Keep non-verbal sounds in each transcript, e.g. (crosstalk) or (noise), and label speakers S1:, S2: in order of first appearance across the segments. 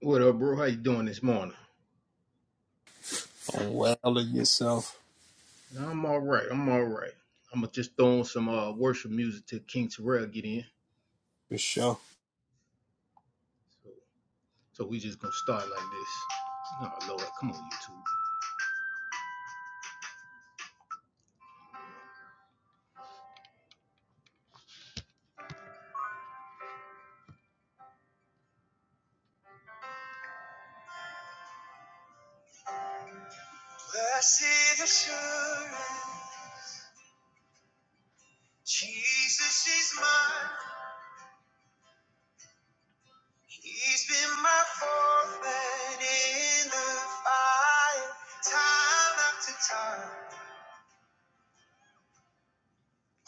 S1: What up, bro? How you doing this morning?
S2: on well yourself
S1: Nah, I'm all right. I'm all right. I'm gonna just throw on some uh, worship music till King Terrell get in.
S2: for sure.
S1: So, so we just gonna start like this. Oh Lord, come on, YouTube. Blessed assurance, Jesus is mine. He's been my forfeit in the fire, time after time.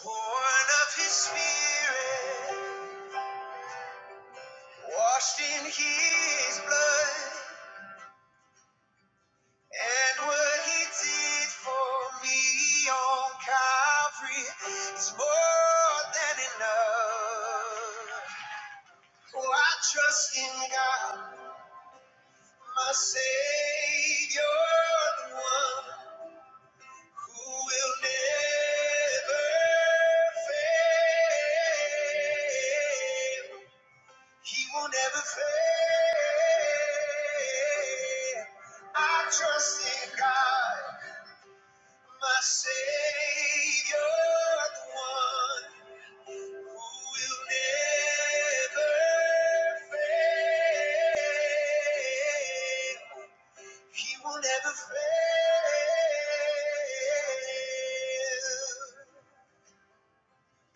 S1: Born of His Spirit, washed in His blood. And what he did for me on Calvary is more than enough. Oh, I trust in God, my Savior, the one who will never fail. He will never fail. I trust in God. My Savior, the one who will never fail. He will never fail.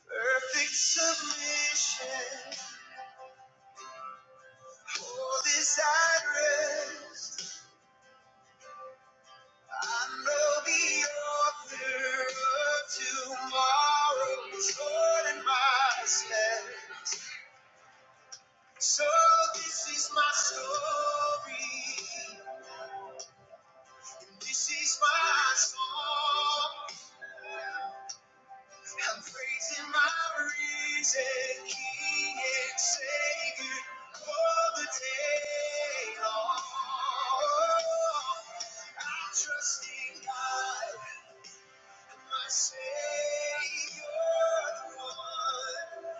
S1: Perfect submission, all desire rest. I know the author of tomorrow is Lord in my stead. So this is my story. and This is my song. I'm praising my risen King and Savior all the day long. I'm trusting God, my Savior, the one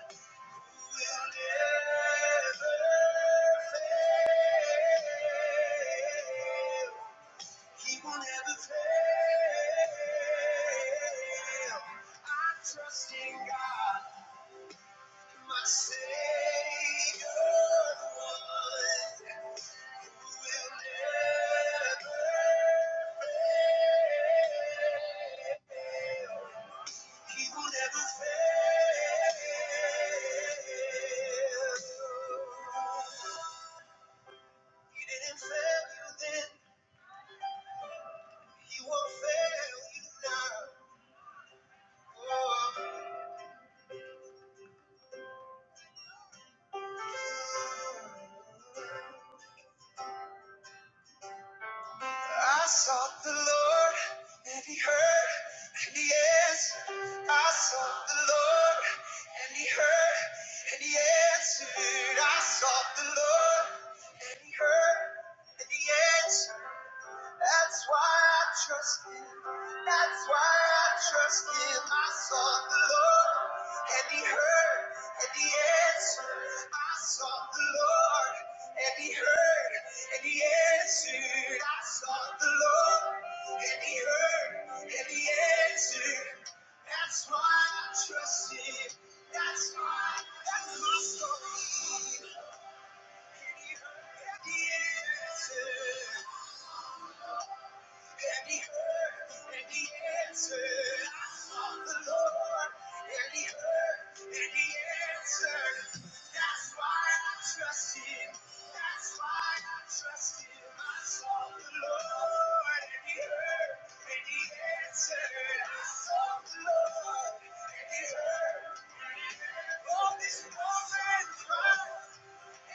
S1: who will never. He will never fail. I trust in God, my Savior, the one who will never, He will never fail. He didn't fail you then, He won't fail you now. Oh. I sought the Lord and he heard and he answered. I sought the Lord and he heard and he answered. I sought the Lord and he heard and he answered. That's why I trust him. That's why I trust him. I sought the Lord, and he heard, and he answered. I sought the Lord, and he heard, and he answered. I sought the Lord, and he heard, and he answered. That's why I trust him. That's why, that's my story. And he heard, and he answered and he heard and he answered. I sought the Lord and he heard and he answered. That's why I trust That's why I trust I sought the Lord and he heard and he answered. I sought the Lord and he heard. and he answered. Oh, this moment, right? Never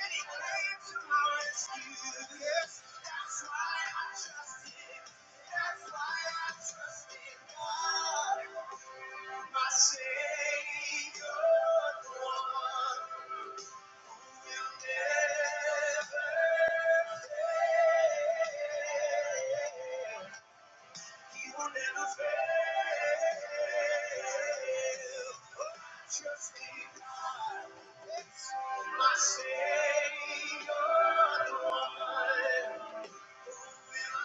S1: fail. You will never fail. Just keep on. It's My Savior, Lord, will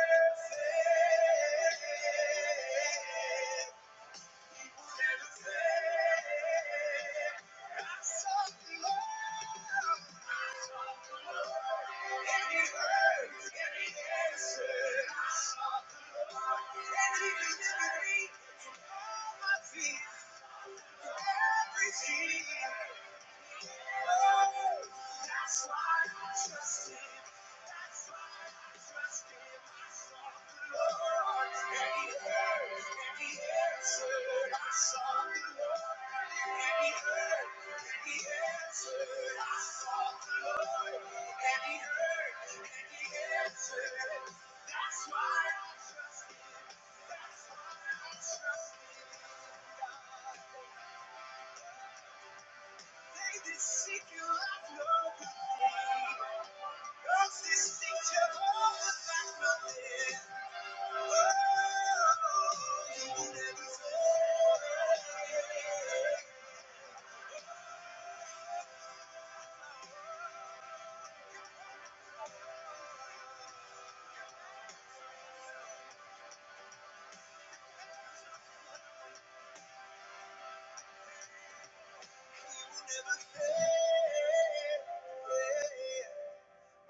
S1: never fail. Everything. That's why I trust him. That's why I trust him. I sought the Lord, and he heard, and he answered. I sought the Lord, and he heard, and he answered. I sought the Lord, and he heard, and he answered. That's why I trust him. That's why I trust him.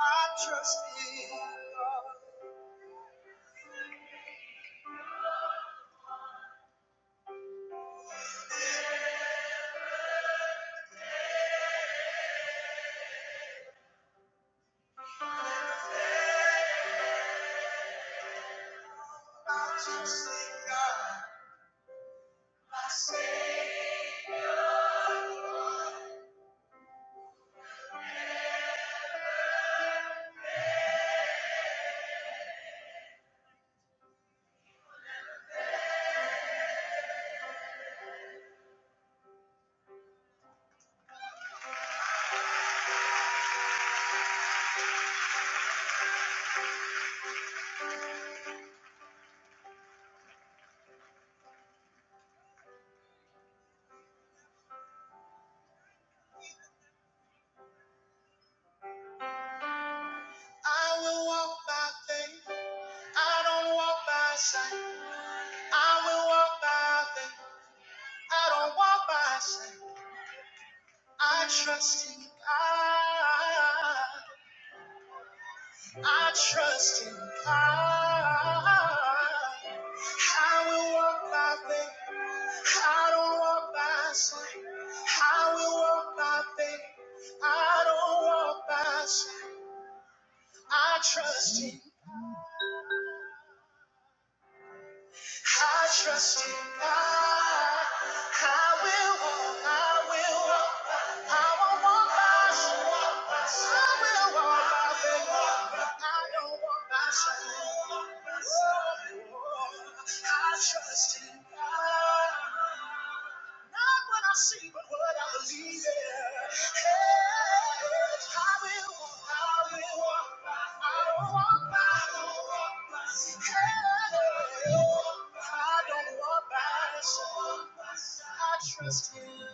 S1: I trust in God. I trust in God. I will walk by faith. I don't walk by sight. I will walk by faith. I don't walk by sight. I trust in God. I trust in God. I will walk by faith. I don't walk by sight. I will walk by faith. I don't walk by sight. I trust in I trust in God. I will walk, I will walk. I won't walk by sight. I will walk by faith. I don't walk by sight. Oh, I trust in God. Not what I see, but what I believe in. Hey, I will walk, I will walk by, I will walk by, I will walk by. Hey, I don't walk by sight. I trust Him.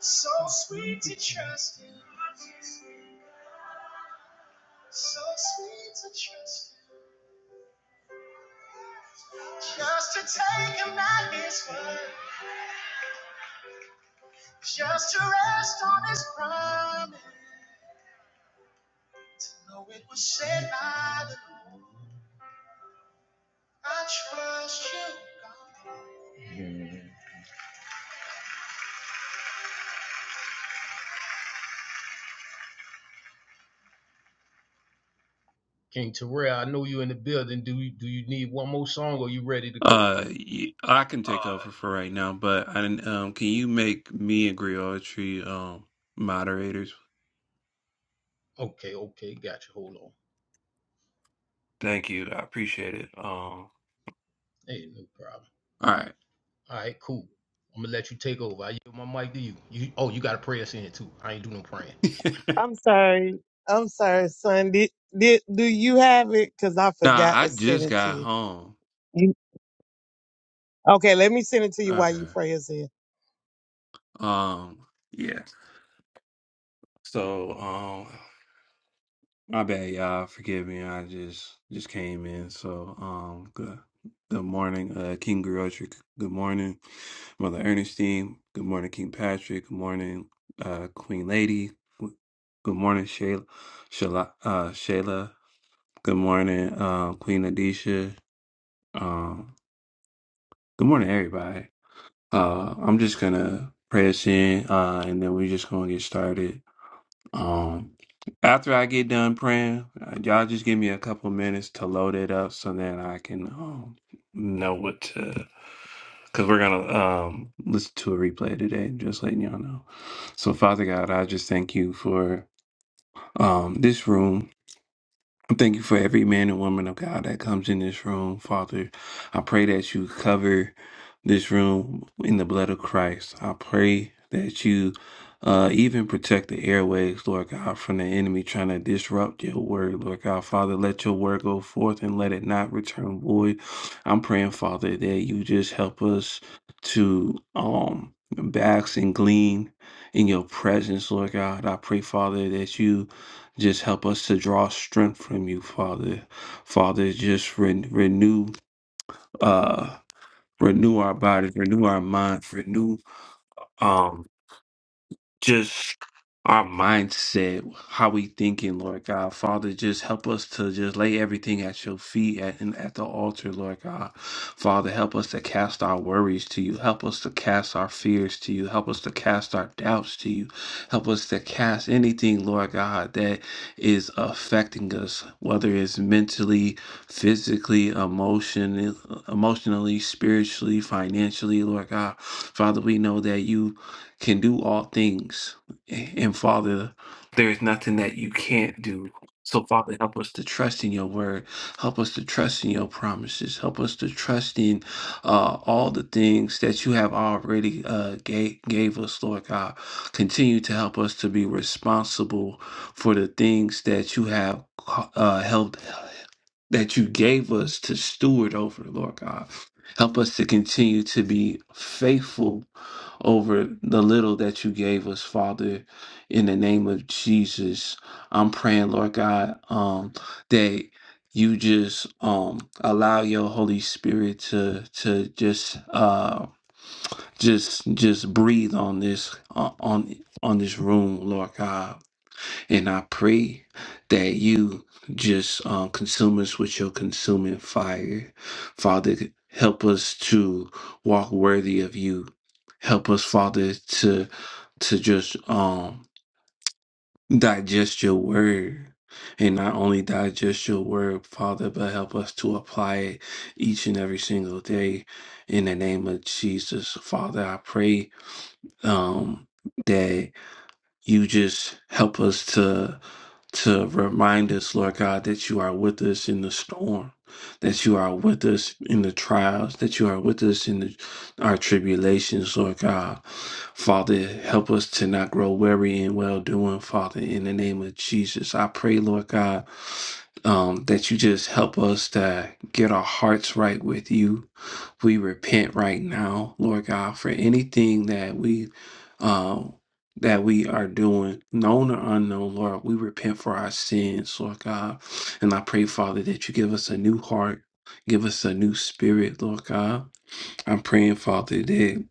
S1: So sweet to trust Him. So sweet to trust Him. Just to take Him at His word. Just to rest on His promise. King Terrell, I know you in the building. Do you do you need one more song or you ready to go?
S3: Uh, y- I can take over for right now, but I didn't, um, can you make me and Griotry um moderators?
S1: Okay, okay, gotcha. Hold on.
S3: Thank you. I appreciate it. Um, all
S1: Hey, no problem.
S3: right.
S1: All right, cool. I'm gonna let you take over. I give my mic to you. You oh, you got a prayer in it too. I ain't do no praying.
S3: (laughs)
S4: I'm sorry. I'm sorry, son. Did, did do you have it? Cause I
S3: Nah,
S4: forgot
S3: I
S4: to send
S3: just
S4: it to
S3: got
S4: you.
S3: home.
S4: you. Okay, let me send it to you while
S3: Okay.
S4: you pray,
S3: Um, yeah. So, um, My bad, y'all. Forgive me. I just just came in. So, um, good good morning, uh, King Griotric. Good morning, Mother Ernestine. Good morning, King Patrick. Good morning, uh, Queen Lady. Good morning, Shayla. Shayla. Uh, Shayla. Good morning, uh, Queen Adisha. Um, good morning, everybody. Uh, I'm just gonna pray us in, uh, and then we're just gonna get started. Um, after I get done praying, uh, y'all just give me a couple of minutes to load it up so that I can um, know what to. Because we're going to um, listen to a replay today, just letting y'all know. So, Father God, I just thank you for um, this room. I Thank you for every man and woman of God that comes in this room, Father. I pray that you cover this room in the blood of Christ. I pray that you uh, even protect the airways, Lord God, from the enemy trying to disrupt your word, Lord God. Father, let your word go forth and let it not return void. I'm praying, Father, that you just help us to um bask and glean in your presence, Lord God. I pray, Father, that you just help us to draw strength from you, Father. Father, just re- renew, uh, renew our bodies, renew our minds, renew. um just our mindset, how we thinking, Lord God. Father, just help us to just lay everything at your feet at, and at the altar, Lord God. Father, help us to cast our worries to you. Help us to cast our fears to you. Help us to cast our doubts to you. Help us to cast anything, Lord God, that is affecting us, whether it's mentally, physically, emotionally, emotionally, spiritually, financially, Lord God. Father, we know that you can do all things. And Father, there is nothing that you can't do. So, Father, help us to trust in your word. Help us to trust in your promises. Help us to trust in uh, all the things that you have already uh, gave, gave us, Lord God. Continue to help us to be responsible for the things that you have uh, helped, that you gave us to steward over, Lord God. Help us to continue to be faithful over the little that you gave us, Father, in the name of Jesus. I'm praying, Lord God, um, that you just um allow your Holy Spirit to to just uh just just breathe on this uh, on on this room, Lord God. And I pray that you just um, consume us with your consuming fire. Father, help us to walk worthy of you. Help us, Father, to to just um digest your word. And not only digest your word, Father, but help us to apply it each and every single day. In the name of Jesus, Father, I pray um, that you just help us to to remind us lord god that you are with us in the storm that you are with us in the trials that you are with us in the, our tribulations lord god father help us to not grow weary in well doing father in the name of jesus i pray lord god um, that you just help us to get our hearts right with you we repent right now lord god for anything that we um, that we are doing, known or unknown, Lord. We repent for our sins, Lord God. And I pray, Father, that you give us a new heart, give us a new spirit, Lord God. I'm praying, Father, that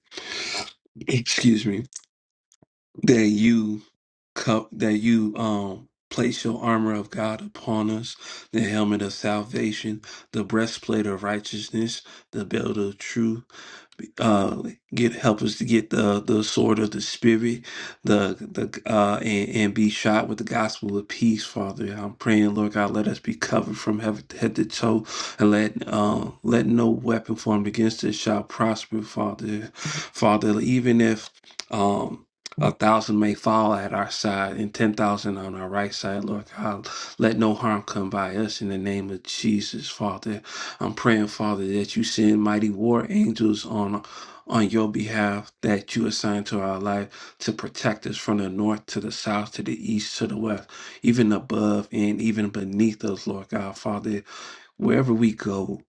S3: excuse me, that you cup that you um place your armor of God upon us, the helmet of salvation, the breastplate of righteousness, the belt of truth uh get help us to get the the sword of the spirit the the uh and, and be shot with the gospel of peace father i'm praying lord god let us be covered from head, head to toe and let uh, let no weapon formed against us shall prosper father father even if um a thousand may fall at our side and ten thousand on our right side, Lord God. Let no harm come by us in the name of Jesus, Father. I'm praying, Father, that you send mighty war angels on on your behalf that you assign to our life to protect us from the north to the south to the east to the west, even above and even beneath us, Lord God, Father wherever we go,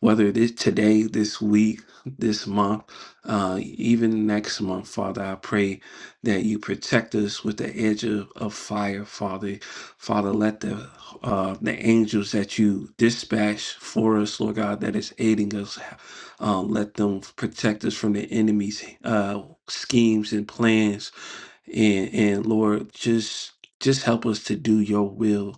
S3: whether it is today, this week, this month, uh, even next month, Father, I pray that you protect us with the edge of, of fire, Father. Father, let the uh, the angels that you dispatch for us, Lord God, that is aiding us, um, let them protect us from the enemy's uh, schemes and plans, and and Lord, just just help us to do your will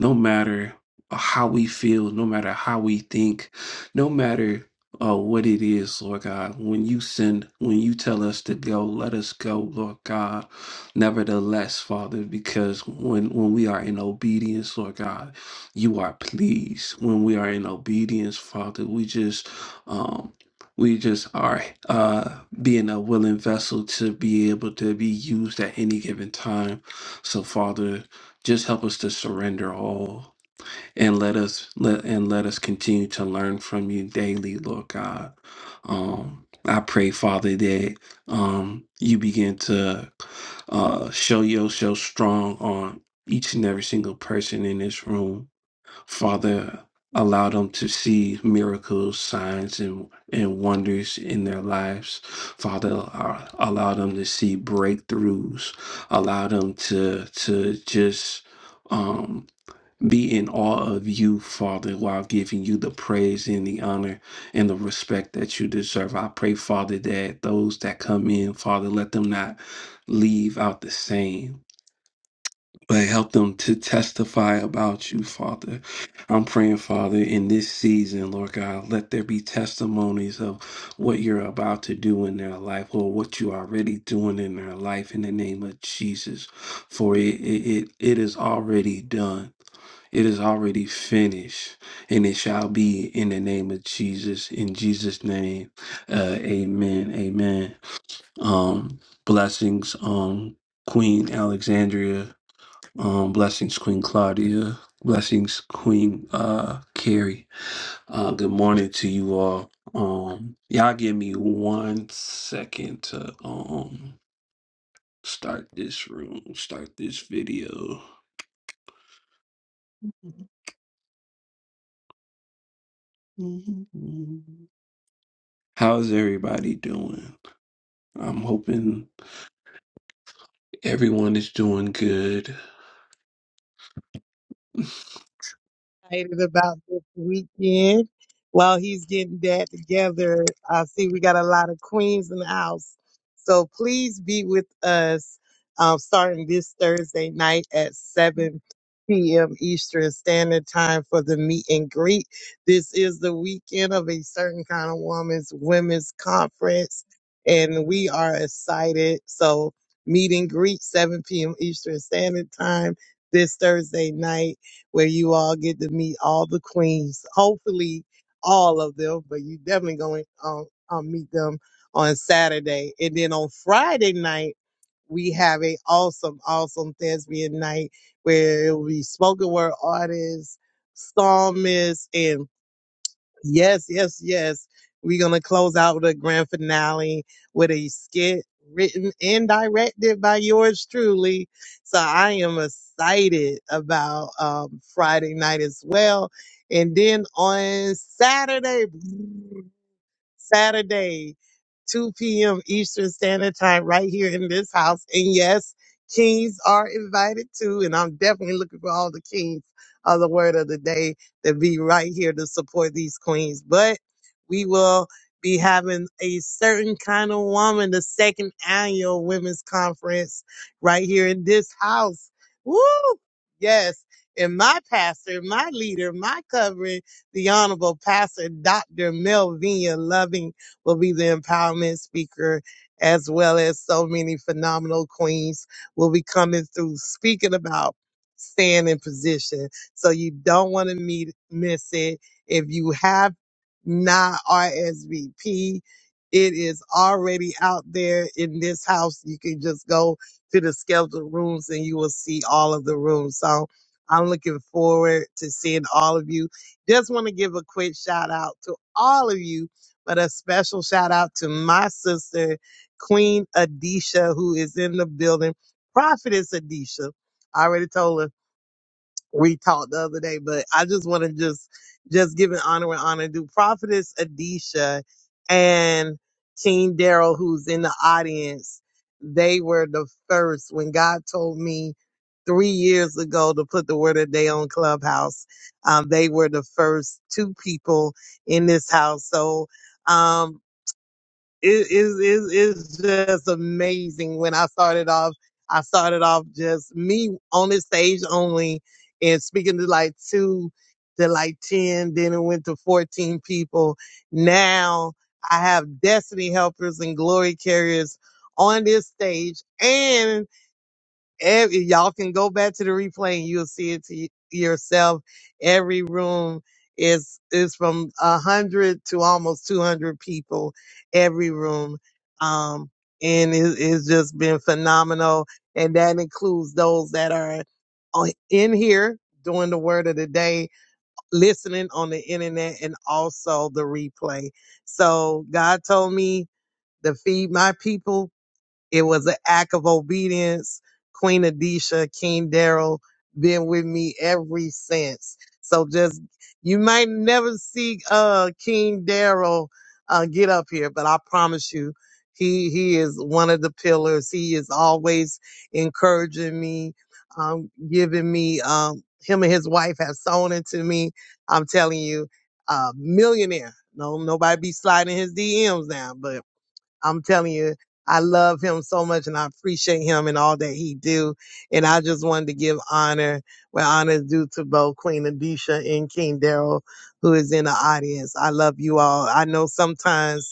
S3: no matter uh, how we feel, no matter how we think, no matter uh, what it is, Lord God, when you send, when you tell us to go, let us go, Lord God. Nevertheless, Father, because when when we are in obedience, Lord God, you are pleased. When we are in obedience, Father, we just um we just are uh being a willing vessel to be able to be used at any given time. So, Father. Just help us to surrender all and let us let and let us continue to learn from you daily, Lord God. Um, I pray, Father, that um, you begin to uh, show yourself strong on each and every single person in this room Father, allow them to see miracles, signs, and, and wonders in their lives. Father, uh, allow them to see breakthroughs. Allow them to to just um, be in awe of you, Father, while giving you the praise and the honor and the respect that you deserve. I pray, Father, that those that come in, Father, let them not leave out the same but help them to testify about you, Father. I'm praying, Father, in this season, Lord God, let there be testimonies of what you're about to do in their life, or what you are already doing in their life in the name of Jesus. For it, it, it, it is already done. It is already finished, and it shall be in the name of Jesus. In Jesus' name, uh, Amen. Amen. Um, blessings, um, Queen Alexandria. Um, blessings, Queen Claudia. Blessings, Queen uh, Carrie. Uh, good morning to you all. Um, y'all give me one second to um start this room, start this video. How's everybody doing? I'm hoping everyone is doing good.
S4: excited about this weekend. While he's getting that together, I see we got a lot of queens in the house. So please be with us um, starting this Thursday night at 7 p.m. Eastern Standard Time for the meet and greet. This is the weekend of a certain kind of woman's women's conference, and we are excited. So meet and greet 7 p.m. Eastern Standard Time this Thursday night where you all get to meet all the queens. Hopefully, all of them, but you definitely going to um, um, meet them on Saturday. And then on Friday night, we have a awesome, awesome thespian night where it will be spoken word artists, psalmists, and Yes, yes, yes. We're going to close out with a grand finale with a skit written and directed by yours truly. So I am excited about um, Friday night as well. And then on Saturday, Saturday, 2 p.m. Eastern Standard Time, right here in this house. And yes, kings are invited too. And I'm definitely looking for all the kings of the word of the day to be right here to support these queens. But we will be having a certain kind of woman, the second annual women's conference right here in this house. Woo! Yes. And my pastor, my leader, my covering the Honorable Pastor Dr. Melvina Loving will be the empowerment speaker, as well as so many phenomenal queens will be coming through speaking about staying in position. So you don't want to meet, miss it. If you have not RSVP, it is already out there in this house. You can just go to the scheduled rooms and you will see all of the rooms. So I'm looking forward to seeing all of you just want to give a quick shout out to all of you, but a special shout out to my sister, Queen Adisha, who is in the building. Prophetess Adisha. I already told her we talked the other day, but I just want to just just give an honor and honor due. Prophetess Adisha and King Daryl, who's in the audience, they were the first when God told me three years ago to put the word of day on Clubhouse. Um, they were the first two people in this house. So um, it is is it's just amazing when i started off i started off just me on the stage only and speaking to like two to like 10 then it went to 14 people now i have destiny helpers and glory carriers on this stage and. Ev- y'all can go back to the replay and you'll see it to y- yourself. Every room is is from a hundred to almost two hundred people. Every room, um, and it, it's just been phenomenal. And that includes those that are on, in here doing the word of the day, listening on the internet, and also the replay. So God told me to feed my people it was an act of obedience. Queen Adisha, King Daryl, been with me every since. So just you might never see uh King Daryl uh get up here, but I promise you, he he is one of the pillars. He is always encouraging me, um, giving me um him and his wife have sown into me. I'm telling you, uh millionaire. No, nobody be sliding his DMs now, but I'm telling you, I love him so much and I appreciate him and all that he do. And I just wanted to give honor where honor is due to both Queen Adisha and King Daryl, who is in the audience. I love you all. I know sometimes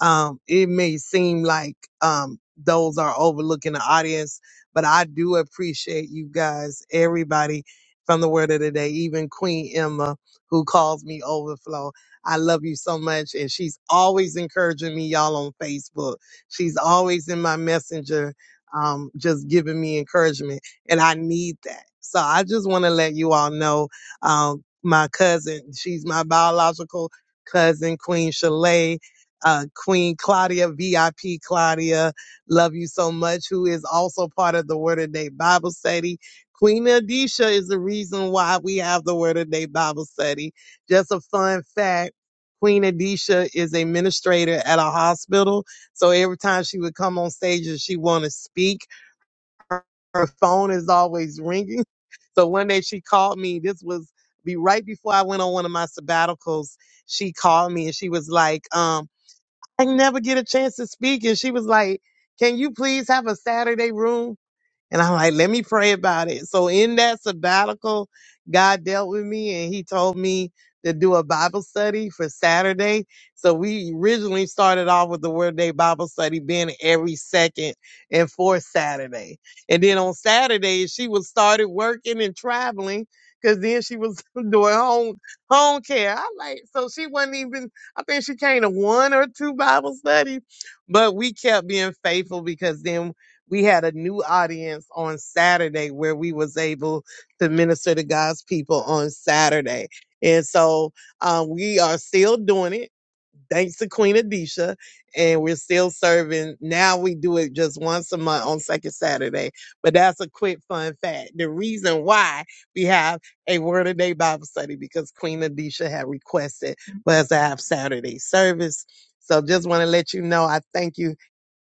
S4: um, it may seem like um, those are overlooking the audience, but I do appreciate you guys, everybody from the word of the day, even Queen Emma, who calls me Overflow. I love you so much. And she's always encouraging me, y'all, on Facebook. She's always in my messenger, um, just giving me encouragement. And I need that. So I just want to let you all know um, my cousin, she's my biological cousin, Queen Shalay uh, Queen Claudia, VIP Claudia. Love you so much, who is also part of the Word of Day Bible study. Queen Adisha is the reason why we have the Word of Day Bible study. Just a fun fact. Queen Adisha is a administrator at a hospital. So every time she would come on stage and she want to speak, her, her phone is always ringing. So one day she called me. This was be right before I went on one of my sabbaticals. She called me and she was like, um, I never get a chance to speak. And she was like, Can you please have a Saturday room? And I'm like, let me pray about it. So in that sabbatical, God dealt with me and he told me to do a Bible study for Saturday. So we originally started off with the Word Day Bible study being every second and fourth Saturday. And then on Saturdays, she was started working and traveling because then she was (laughs) doing home home care. I like so she wasn't even I think she came to one or two Bible studies, but we kept being faithful because then we had a new audience on Saturday where we was able to minister to God's people on Saturday. And so uh, we are still doing it, thanks to Queen Adisha, and we're still serving. Now we do it just once a month on second Saturday. But that's a quick fun fact. The reason why we have a Word of Day Bible study because Queen Adisha had requested for us to have Saturday service. So just want to let you know I thank you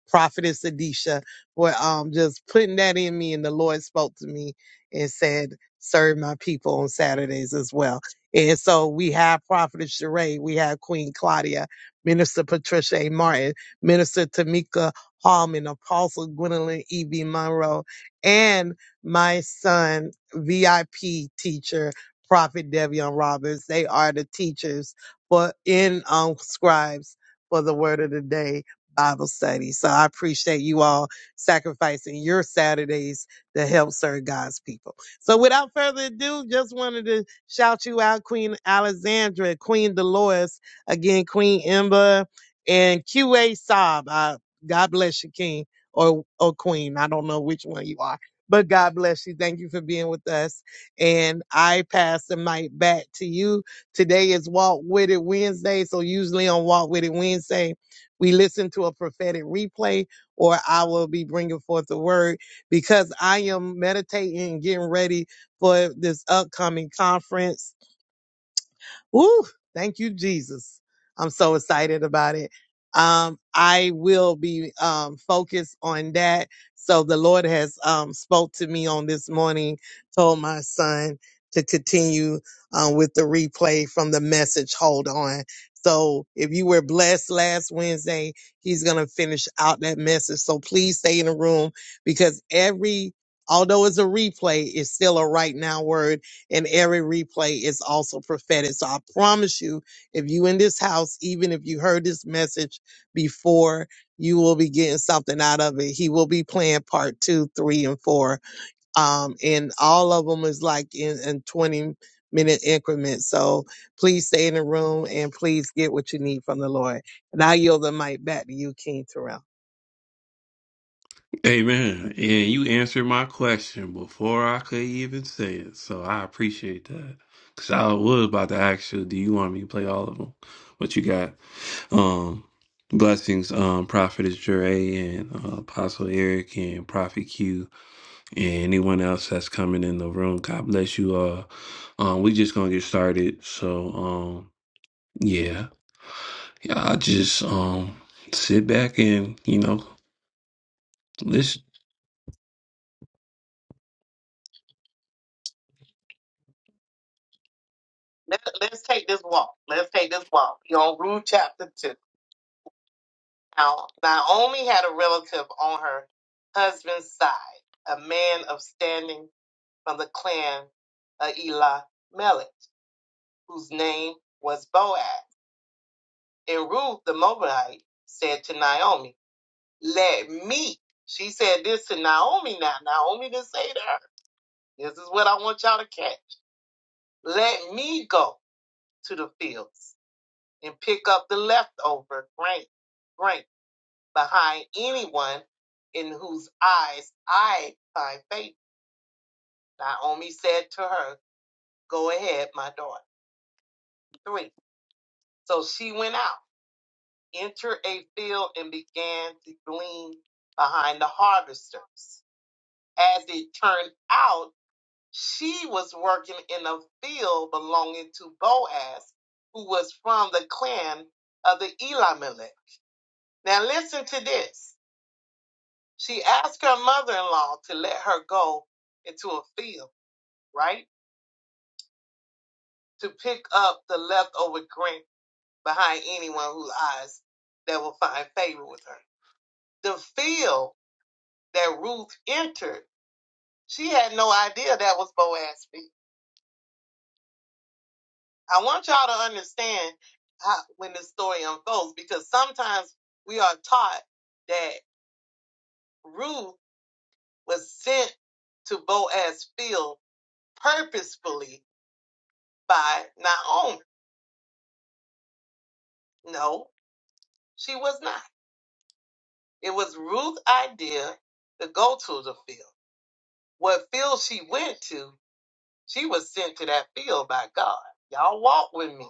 S4: Prophetess Adisha for um, just putting that in me. And the Lord spoke to me and said, serve my people on Saturdays as well. And so we have Prophetess Sheree, we have Queen Claudia, Minister Patricia A. Martin, Minister Tamika Hallman, Apostle Gwendolyn E.B. Monroe, and my son, VIP teacher, Prophet Devion Roberts. They are the teachers for in um, scribes for the word of the day Bible study. So I appreciate you all sacrificing your Saturdays to help serve God's people. So without further ado, just wanted to shout you out, Queen Alexandra, Queen Dolores, again, Queen Ember, and QA Saab. Uh, God bless you, King or, or Queen. I don't know which one you are, but God bless you. Thank you for being with us. And I pass the mic back to you. Today is Walk With It Wednesday. So usually on Walk With It Wednesday, we listen to a prophetic replay, or I will be bringing forth the word because I am meditating and getting ready for this upcoming conference Woo! Thank you, Jesus. I'm so excited about it. Um, I will be um, focused on that. So the Lord has um, spoke to me on this morning, told my son to continue um, with the replay from the message. Hold on. So if you were blessed last Wednesday, he's going to finish out that message. So please stay in the room because every, although it's a replay, it's still a right now word and every replay is also prophetic. So I promise you, if you in this house, even if you heard this message before, you will be getting something out of it. He will be playing part two, three, and four. Um, and all of them is like in, in 20 minute increments. So please stay in the room and please get what you need from the Lord. And I yield the mic back to you, King Terrell.
S3: Amen. And you answered my question before I could even say it. So I appreciate that. Cause I was about to ask you, do you want me to play all of them? What you got? Um blessings, um, Prophet is Jure and uh, Apostle Eric and Prophet Q. And anyone else that's coming in the room, God bless you all. Um, we just gonna get started. So um yeah. Yeah, I just um sit back and, you know, listen. Let, let's take this walk. Let's take this walk. You're on Ruth chapter 2. Now, Naomi had a relative on her husband's side, a man of standing from the clan of Elah Melech, whose name was Boaz. And Ruth the Moabite said to Naomi, Let me. She said this to Naomi now. Naomi didn't say to her, This is what I want y'all to catch. Let me go to the fields and pick up the leftover grain, grain behind anyone in whose eyes I find favor. Naomi said to her, Go ahead, my daughter. Three. So she went out, entered a field, and began to glean behind the harvesters. As it turned out, She was working in a field belonging to Boaz, who was from the clan of the Elimelech. Now listen to this. She asked her mother-in-law to let her go into a field, right? To pick up the leftover grain behind anyone whose eyes that will find favor with her. The field that Ruth entered, she had no idea that was Boaz's field. I want y'all to understand how, when this story unfolds because sometimes we are taught that Ruth was sent to Boaz's field purposefully by Naomi. No, she was not. It was Ruth's idea to go to the field. What field she went to, she was sent to that field by God. Y'all walk with me.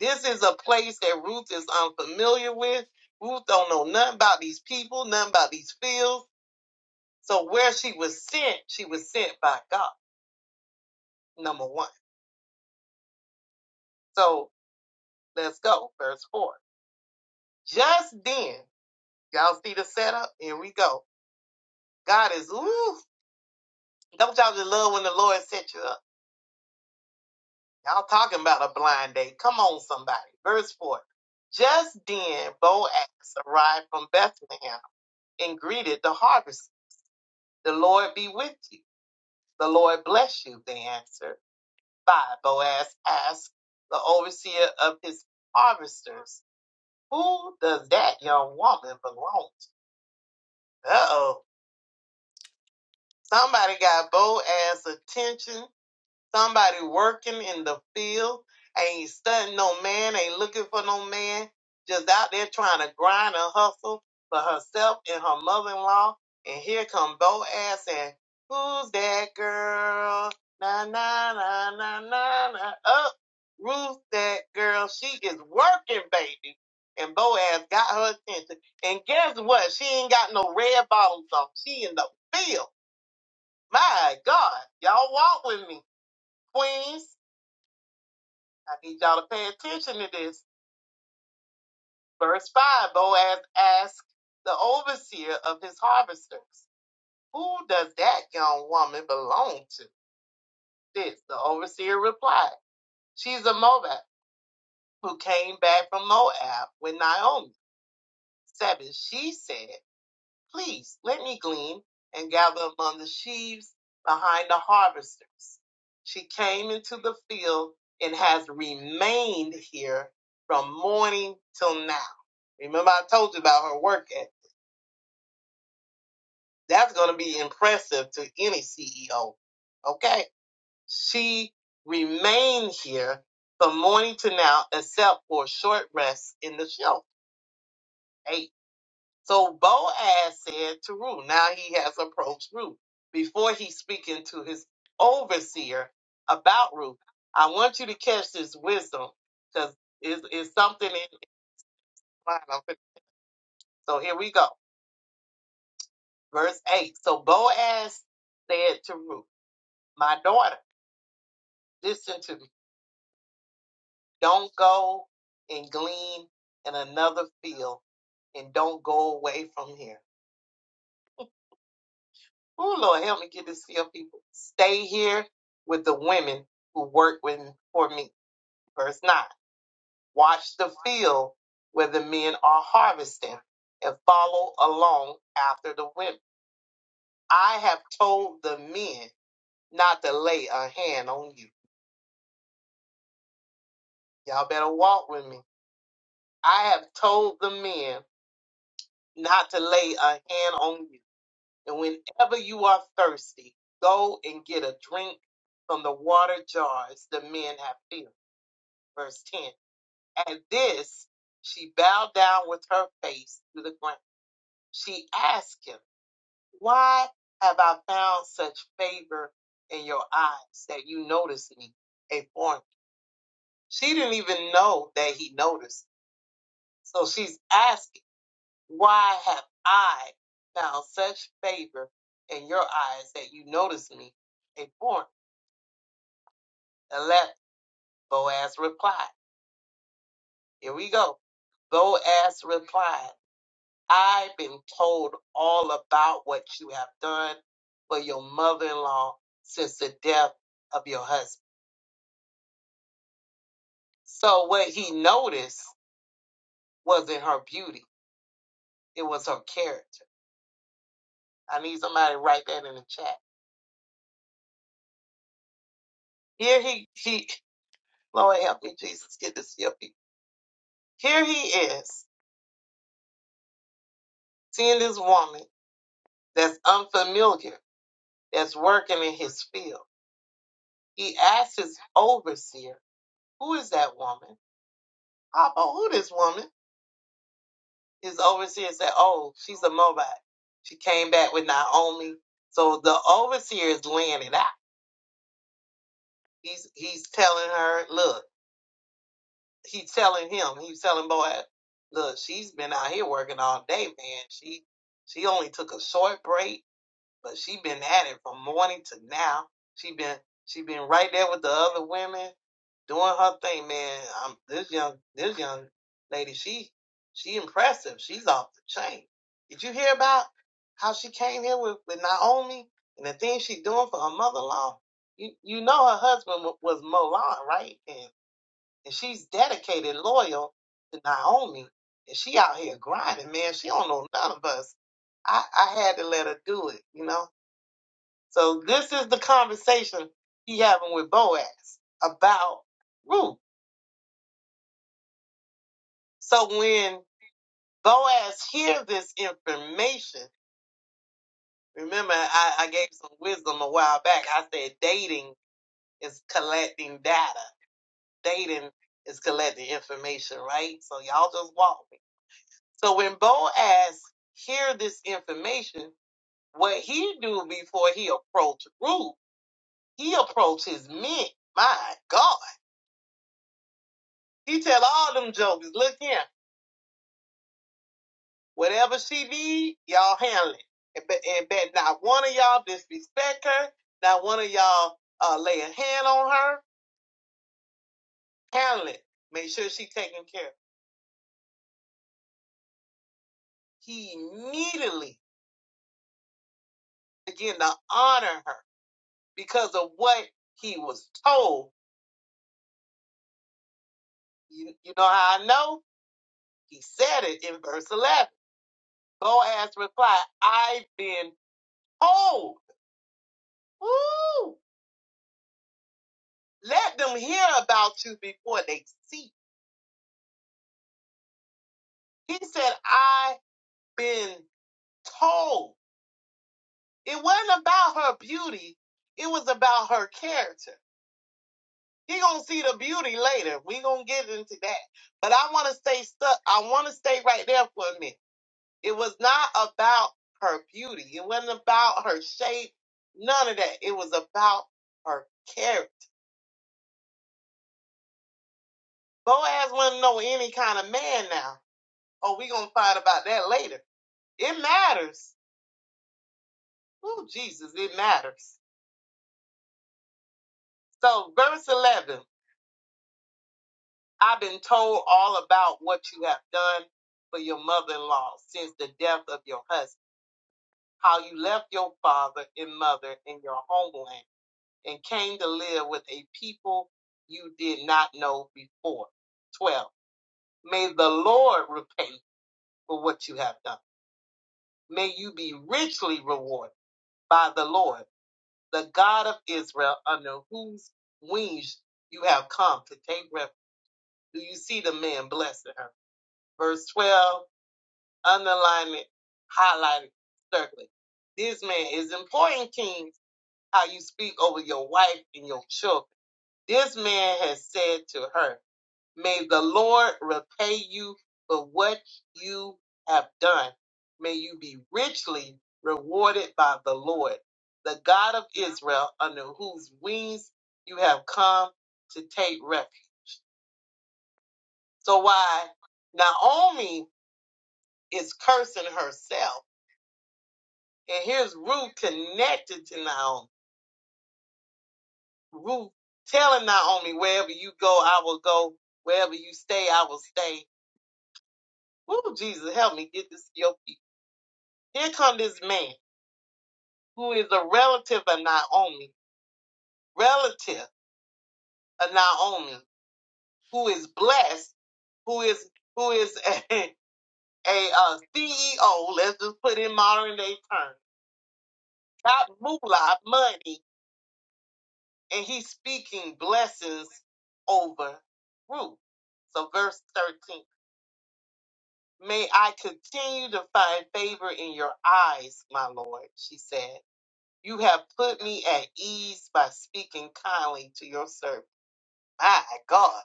S3: This is a place that Ruth is unfamiliar with. Ruth don't know nothing about these people, nothing about these fields So where she was sent, she was sent by God, number one. So let's go, verse four. Just then, y'all see the setup? Here we go. God is, ooh, don't y'all just love when the Lord set you up? Y'all talking about a blind date. Come on, somebody. Verse four. Just then, Boaz arrived from Bethlehem and greeted the harvest. The Lord be with you. The Lord bless you, they answered. Five, Boaz asked the overseer of his harvesters Who does that young woman belong to? Uh oh. Somebody got bold ass attention Somebody working in the field ain't studying no man, ain't looking for no man, just out there trying to grind and hustle for herself and her mother-in-law. And here come Boaz and who's that girl? Na na na na na na. Up, Ruth, that girl. She is working, baby. And Boaz got her attention. And guess what? She ain't got no red bottoms on. She in the field. My God, y'all walk with me, Queens. I need y'all to pay attention to this. Verse 5 Boaz asked the overseer of his harvesters, Who does that young woman belong to? This, the overseer replied, She's a Moab who came back from Moab with Naomi. 7. She said, Please let me glean and gather among the sheaves behind the harvesters. She came into the field and has remained here from morning till now. Remember, I told you about her work ethic. That's going to be impressive to any CEO. Okay? She remained here from morning to now, except for a short rest in the shelter. Hey. So Boaz said to Ruth, now he has approached Ruth. Before he's speaking to his overseer about Ruth, I want you to catch this wisdom because it's, it's something in in mind. So here we go. Verse 8. So Boaz said to Ruth, My daughter, listen to me. Don't go and glean in another field and don't go away from here. Oh Lord, help me get this filled, people. Stay here with the women who work with for me. Verse nine. Watch the field where the men are harvesting and follow along after the women. I have told the men not to lay a hand on you. Y'all better walk with me. I have told the men not to lay a hand on you. And whenever you are thirsty, go and get a drink from the water jars the men have filled. Verse 10 At this, she bowed down with her face to the ground. She asked him, Why have I found such favor in your eyes that you notice me, a foreigner? She didn't even know that he noticed. So she's asking, Why have I found such favor in your eyes that you notice me, a foreigner? Let Boaz replied. Here we go. Boaz replied. I've been told all about what you have done for your mother in law since the death of your husband. So, what he noticed wasn't her beauty, it was her character. I need somebody to write that in the chat. Here he, he (laughs) Lord help me, Jesus, get this help Here he is, seeing this woman that's unfamiliar, that's working in his field. He asked his overseer, Who is that woman? Papa, who this woman? his overseer said, "Oh, she's a Moabite." She came back with Naomi. So the overseer is laying it out. He's he's telling her, "Look," he's telling him, he's telling Boaz, "Look, she's been out here working all day, man. She she only took a short break. but she been at it from morning to now. She been she been right there with the other women doing her thing, man. i this young this young lady, she she impressive. She's off the chain. Did you hear about how she came here with, with Naomi and the things she's doing for her mother-in-law? You you know her husband was Milan, right? And and she's dedicated, loyal to Naomi, and she out here grinding, man. She don't know none of us. I I had to let her do it, you know. So this is the conversation he having with Boaz about Ruth. So when Boaz hears this information, remember I, I gave some wisdom a while back. I said dating is collecting data. Dating is collecting information, right? So y'all just walk me. So when Boaz hear this information, what he do before he approach Ruth, he approach his men. My God. He tell all them jokers, look here. Whatever she need, y'all handle it. And bet, and bet not one of y'all disrespect her. Not one of y'all uh, lay a hand on her. Handle it. Make sure she taken care of. He immediately began to honor her because of what he was told. You, you know how I know? He said it in verse 11. Boaz replied, I've been told. Woo! Let them hear about you before they see. He said, I've been told. It wasn't about her beauty. It was about her character. He gonna see the beauty later. We gonna get into that. But I want to stay stuck. I want to stay right there for a minute. It was not about her beauty. It wasn't about her shape. None of that. It was about her character. Boaz wouldn't know any kind of man now. Oh, we gonna find about that later. It matters. Oh, Jesus, it matters. So verse 11. I've been told all about what you have done for your mother in law since the death of your husband, how you left your father and mother in your homeland and came to live with a people you did not know before. 12. May the Lord repay for what you have done. May you be richly rewarded by the Lord, the God of Israel, under whose wings you have come to take refuge. Do you see the man blessing her? Verse 12 underlining, highlighting, circling. This man is important, Kings, how you speak over your wife and your children. This man has said to her, May the Lord repay you for what you have done. May you be richly rewarded by the Lord, the God of Israel, under whose wings you have come to take refuge. So, why Naomi is cursing herself And here's Ruth connected to Naomi. Ruth telling Naomi, wherever you go, I will go. Wherever you stay, I will stay. Ooh, Jesus, help me get this to your feet. Here come this man who is a relative of Naomi, relative of Naomi, who is blessed, who is who is (laughs) a, uh, CEO. Let's just put in modern day terms. Got moolah money and he's speaking blessings over Ruth. So, verse 13 May I continue to find favor in your eyes, my Lord, she said. You have put me at ease by speaking kindly to your servant. My God.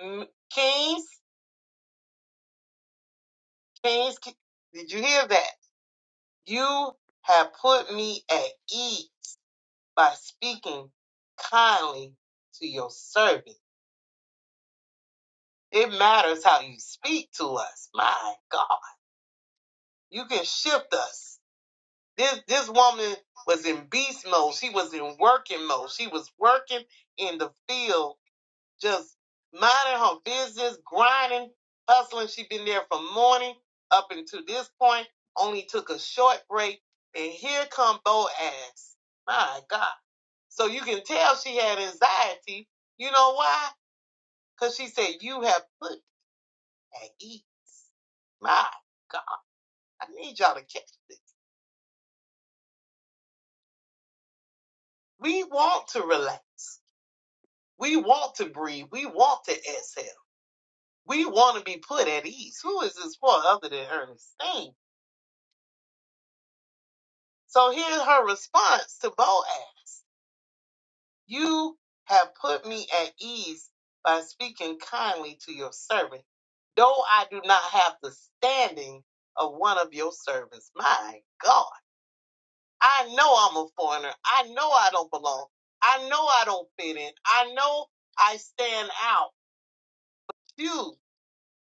S3: M- Kings, Kings, ki- did you hear that? You have put me at ease by speaking kindly to your servant. It matters how you speak to us. My God. You can shift us. This this woman was in beast mode. She was in working mode. She was working in the field, just minding her business, grinding, hustling. She been there from morning up until this point. Only took a short break, and here come Boaz. My God! So you can tell she had anxiety. You know why? Because she said, "You have put at ease." My God! I need y'all to catch this. We want to relax. We want to breathe. We want to exhale. We want to be put at ease. Who is this for other than Ernestine? So here's her response to Boaz. You have put me at ease by speaking kindly to your servant, though I do not have the standing of one of your servants. My God, I know I'm a foreigner. I know I don't belong. I know I don't fit in. I know I stand out. You.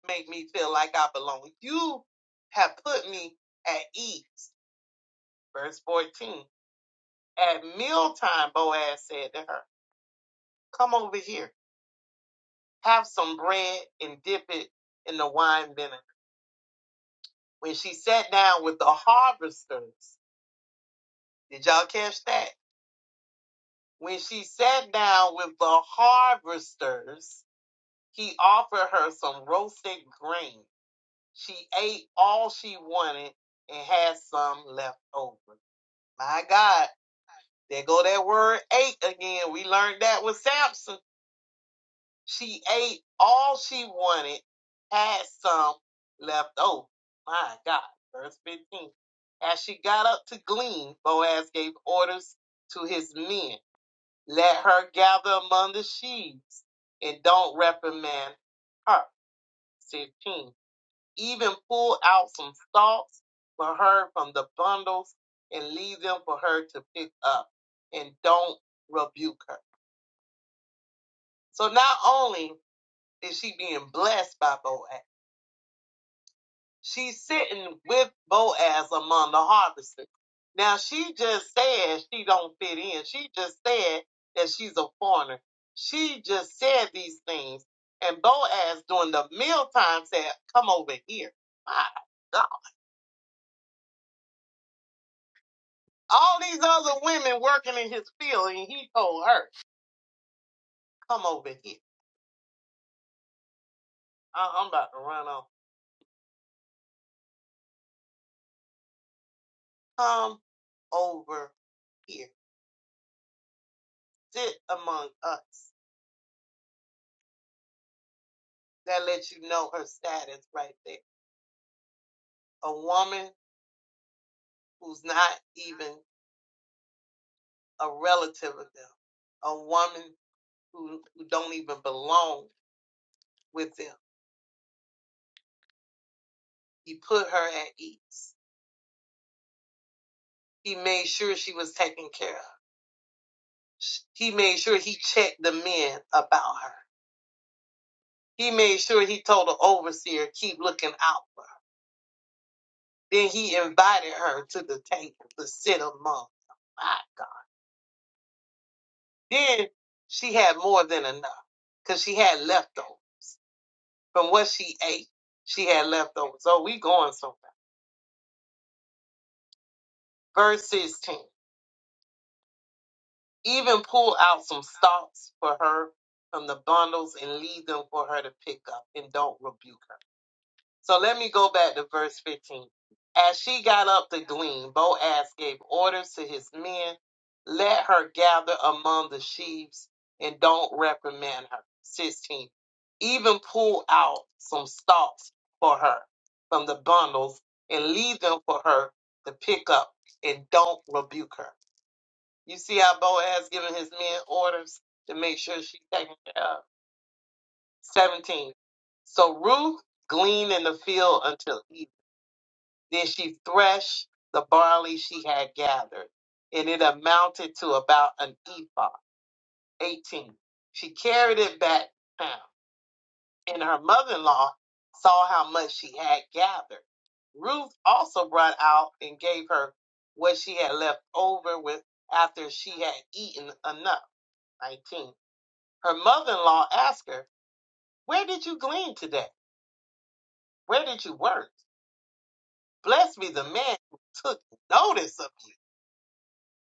S3: make me feel like I belong. You have put me at ease. Verse 14. At mealtime, Boaz said to her, Come over here, have some bread and dip it in the wine vinegar. When she sat down with the harvesters, did y'all catch that? When she sat down with the harvesters, he offered her some roasted grain. She ate all she wanted and had some left over. My God There go that word ate again. We learned that with Samson. She ate all she wanted, had some left over. My God. Verse 15. As she got up to glean, Boaz gave orders to his men let her gather among the sheaves and don't reprimand her. 15. Even pull out some stalks for her from the bundles and leave them for her to pick up and don't rebuke her. So not only is she being blessed by Boaz, she's sitting with Boaz among the harvesters. Now she just said she don't fit in. She just said that she's a foreigner. She just said these things. And Boaz during the mealtime said, Come over here. My God. All these other women working in his field, and he told her, Come over here. I- I'm about to run off. Come over here. Sit among us. That lets you know her status right there. A woman who's not even a relative of them. A woman who, who don't even belong with them. He put her at ease. He made sure she was taken care of. He made sure he checked the men about her. He made sure he told the overseer, keep looking out for her. Then he invited her to the table to sit among. them. My God. Then she had more than enough because she had leftovers. from what she ate, she had leftovers. So we going somewhere. Verse 16. Even pull out some stalks for her from the bundles and leave them for her to pick up and don't rebuke her. So let me go back to verse 15. As she got up to glean, Boaz gave orders to his men let her gather among the sheaves and don't reprimand her. 16. Even pull out some stalks for her from the bundles and leave them for her to pick up and don't rebuke her. You see how Boaz giving his men orders to make sure she's taken care of. 17. So Ruth gleaned in the field until evening. Then she threshed the barley she had gathered, and it amounted to about an ephah, 18. She carried it back town, and her mother in law saw how much she had gathered. Ruth also brought out and gave her what she had left over with after she had eaten enough, 19. Her mother in law asked her, Where did you glean today? Where did you work? Bless me, the man who took notice of you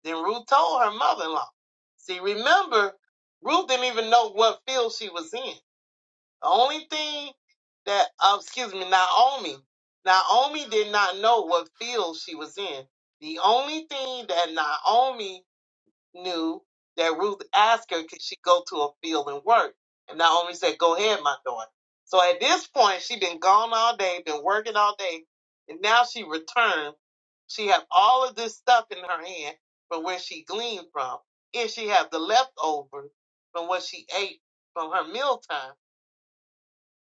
S3: Then Ruth told her mother in law. See, remember, Ruth didn't even know what field she was in. The only thing that, uh, excuse me, Naomi, Naomi did not know what field she was in. The only thing that Naomi knew that Ruth asked her, could she go to a field and work? And Naomi said, go ahead, my daughter. So at this point, she'd been gone all day, been working all day, and now she returned. She had all of this stuff in her hand from where she gleaned from, and she had the leftovers from what she ate from her mealtime.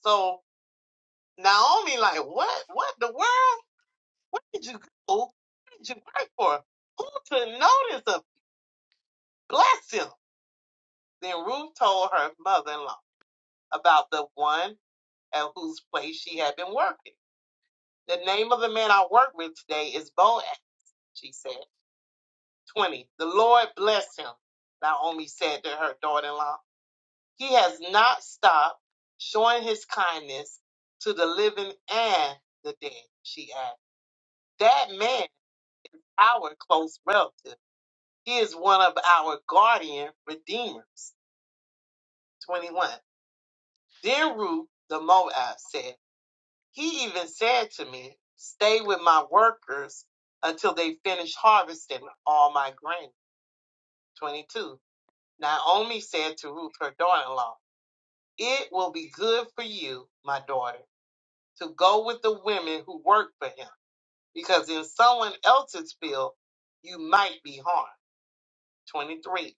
S3: So Naomi, like, what? What the world? Where did you go? What did you work for? Who took notice of? Bless him. Then Ruth told her mother in law about the one at whose place she had been working. The name of the man I work with today is Boaz, she said. 20. The Lord bless him, Naomi said to her daughter in law. He has not stopped showing his kindness to the living and the dead, she added. That man, our close relative, he is one of our guardian redeemers. 21. Then Ruth, the Moabite said. He even said to me, Stay with my workers until they finish harvesting all my grain. 22. Naomi said to Ruth, her daughter in law, It will be good for you, my daughter, to go with the women who work for him, because in someone else's field you might be harmed. 23.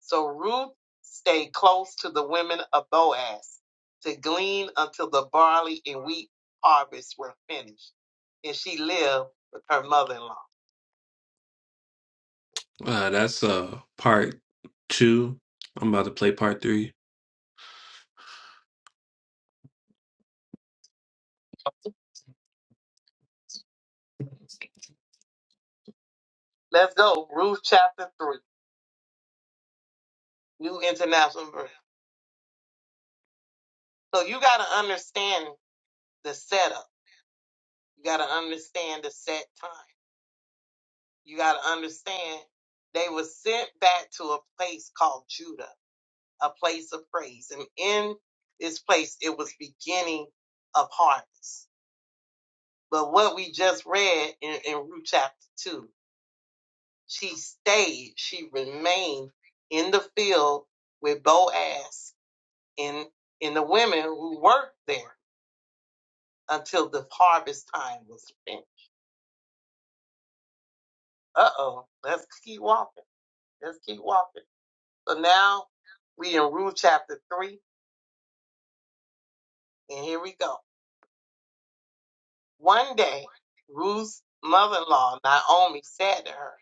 S3: So Ruth stayed close to the women of Boaz to glean until the barley and wheat harvests were finished. And she lived with her mother in law. Uh, that's uh part two. I'm about to play part three. Let's go. Ruth chapter 3, New International Version. So you got to understand the setup. You got to understand the set time. You got to understand they were sent back to a place called Judah. a place of praise. And in this place, it was beginning of harvest. But what we just read in, in Ruth chapter 2, she stayed, she remained in the field with Boaz and, and the women who worked there until the harvest time was spent. Uh oh, let's keep walking. Let's keep walking. So now we in Ruth chapter 3, and here we go. One day, Ruth's mother in law, Naomi, said to her,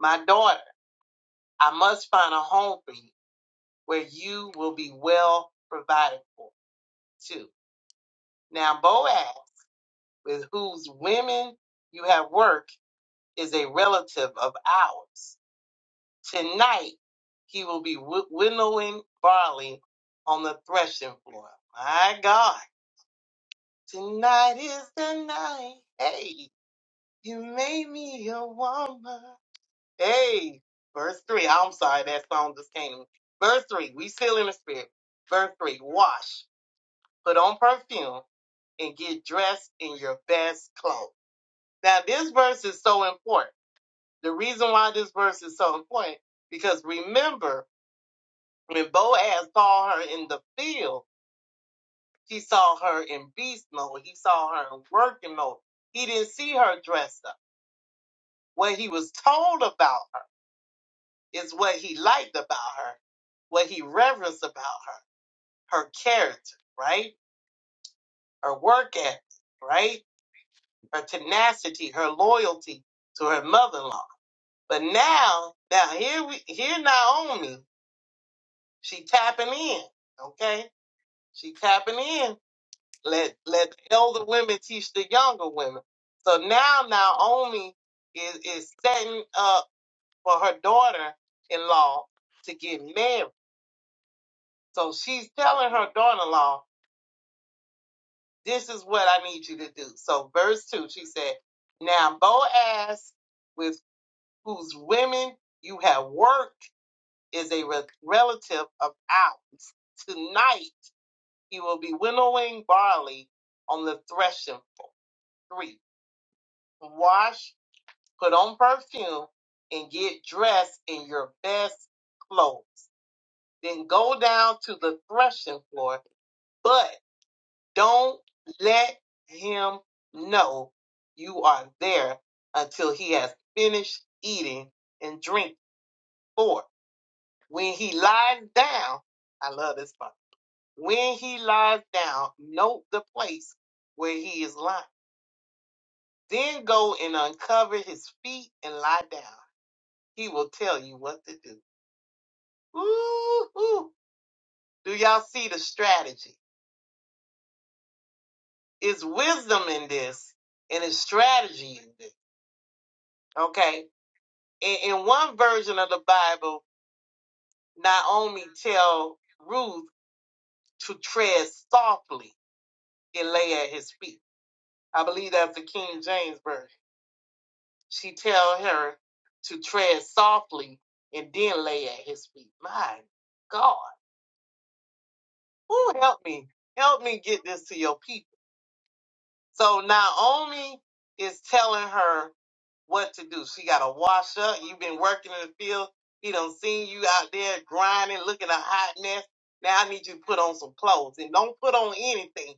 S3: My daughter, I must find a home for you where you will be well provided for, too. Now, Boaz, with whose women you have worked, is a relative of ours. Tonight, he will be wi- winnowing barley on the threshing floor. My God, tonight is the night. Hey, you made me a woman. Hey, verse 3. I'm sorry, that song just came to me. Verse 3. We still in the spirit. Verse 3. Wash, put on perfume, and get dressed in your best clothes. Now, this verse is so important. The reason why this verse is so important, because remember, when Boaz saw her in the field, he saw her in beast mode. He saw her in working mode. He didn't see her dressed up. What he was told about is what he liked about her, what he reverenced about her, her character, right? Her work ethic, right? Her tenacity, her loyalty to her mother-in-law. But now, now here we here Naomi, she tapping in, okay? She tapping in. Let let the elder women teach the younger women. So now Naomi is is setting up for her daughter-in-law to get married. So she's telling her daughter-in-law This is what I need you to do. So, verse 2, she said, Now Boaz, with whose women you have worked, is a re- relative of ours. Tonight he will be winnowing barley on the threshing floor. 3. Wash, put on perfume, and get dressed in your best clothes. Then go down to the threshing floor, But Don't let him know you are there until he has finished eating and drink for. it. When he lies down, I love this part. When he lies down, note the place where he is lying. Then go and uncover his feet and lie down. He will tell you what to do. Ooh, ooh. do y'all see the strategy? It's wisdom in this and it's strategy in this. Okay in, in one version of the Bible, Naomi tell Ruth to tread softly and lay at his feet. I believe that's the King James version. She tell her to tread softly and then lay at his feet. My God, who help me? Help me get this to your people So Naomi is telling her what to do. She got to wash up. You've been working in the field. He done seen you out there grinding, looking a hot mess. Now I need you to put on some clothes and don't put on anything.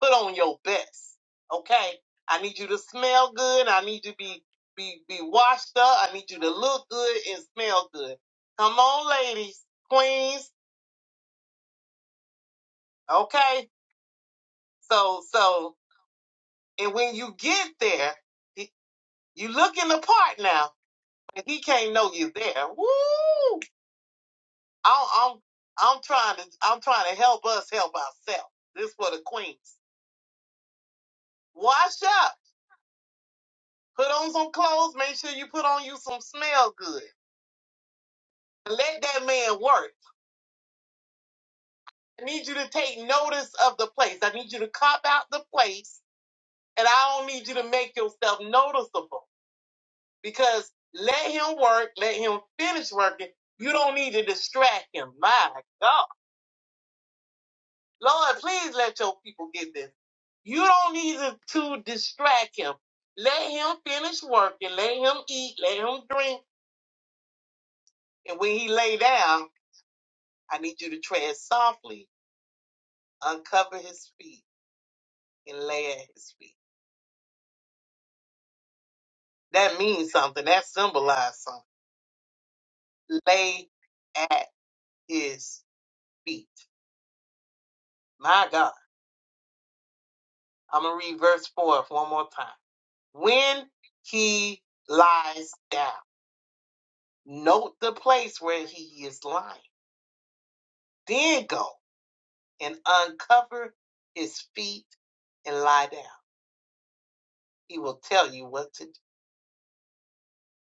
S3: Put on your best. Okay? I need you to smell good. I need you to be be be washed up. I need you to look good and smell good. Come on, ladies, queens. Okay? So so and when you get there, you looking the part now and he can't know you there. Woo! I'm, I'm, I'm trying to, I'm trying to help us help ourselves. This for the queens. Wash up, put on some clothes. Make sure you put on you some smell good. let that man work. I need you to take notice of the place. I need you to cop out the place, and I don't need you to make yourself noticeable because let him work. Let him finish working. You don't need to distract him. My God. Lord, please let your people get this. You don't need to to distract him. Let him finish working. Let him eat. Let him drink. And when he lay down, I need you to tread softly, uncover his feet, and lay at his feet. That means something. That symbolizes something. Lay at his feet. My God. I'm going to read verse 4 one more time. When he lies down, note the place where he is lying Then go and uncover his feet and lie down. He will tell you what to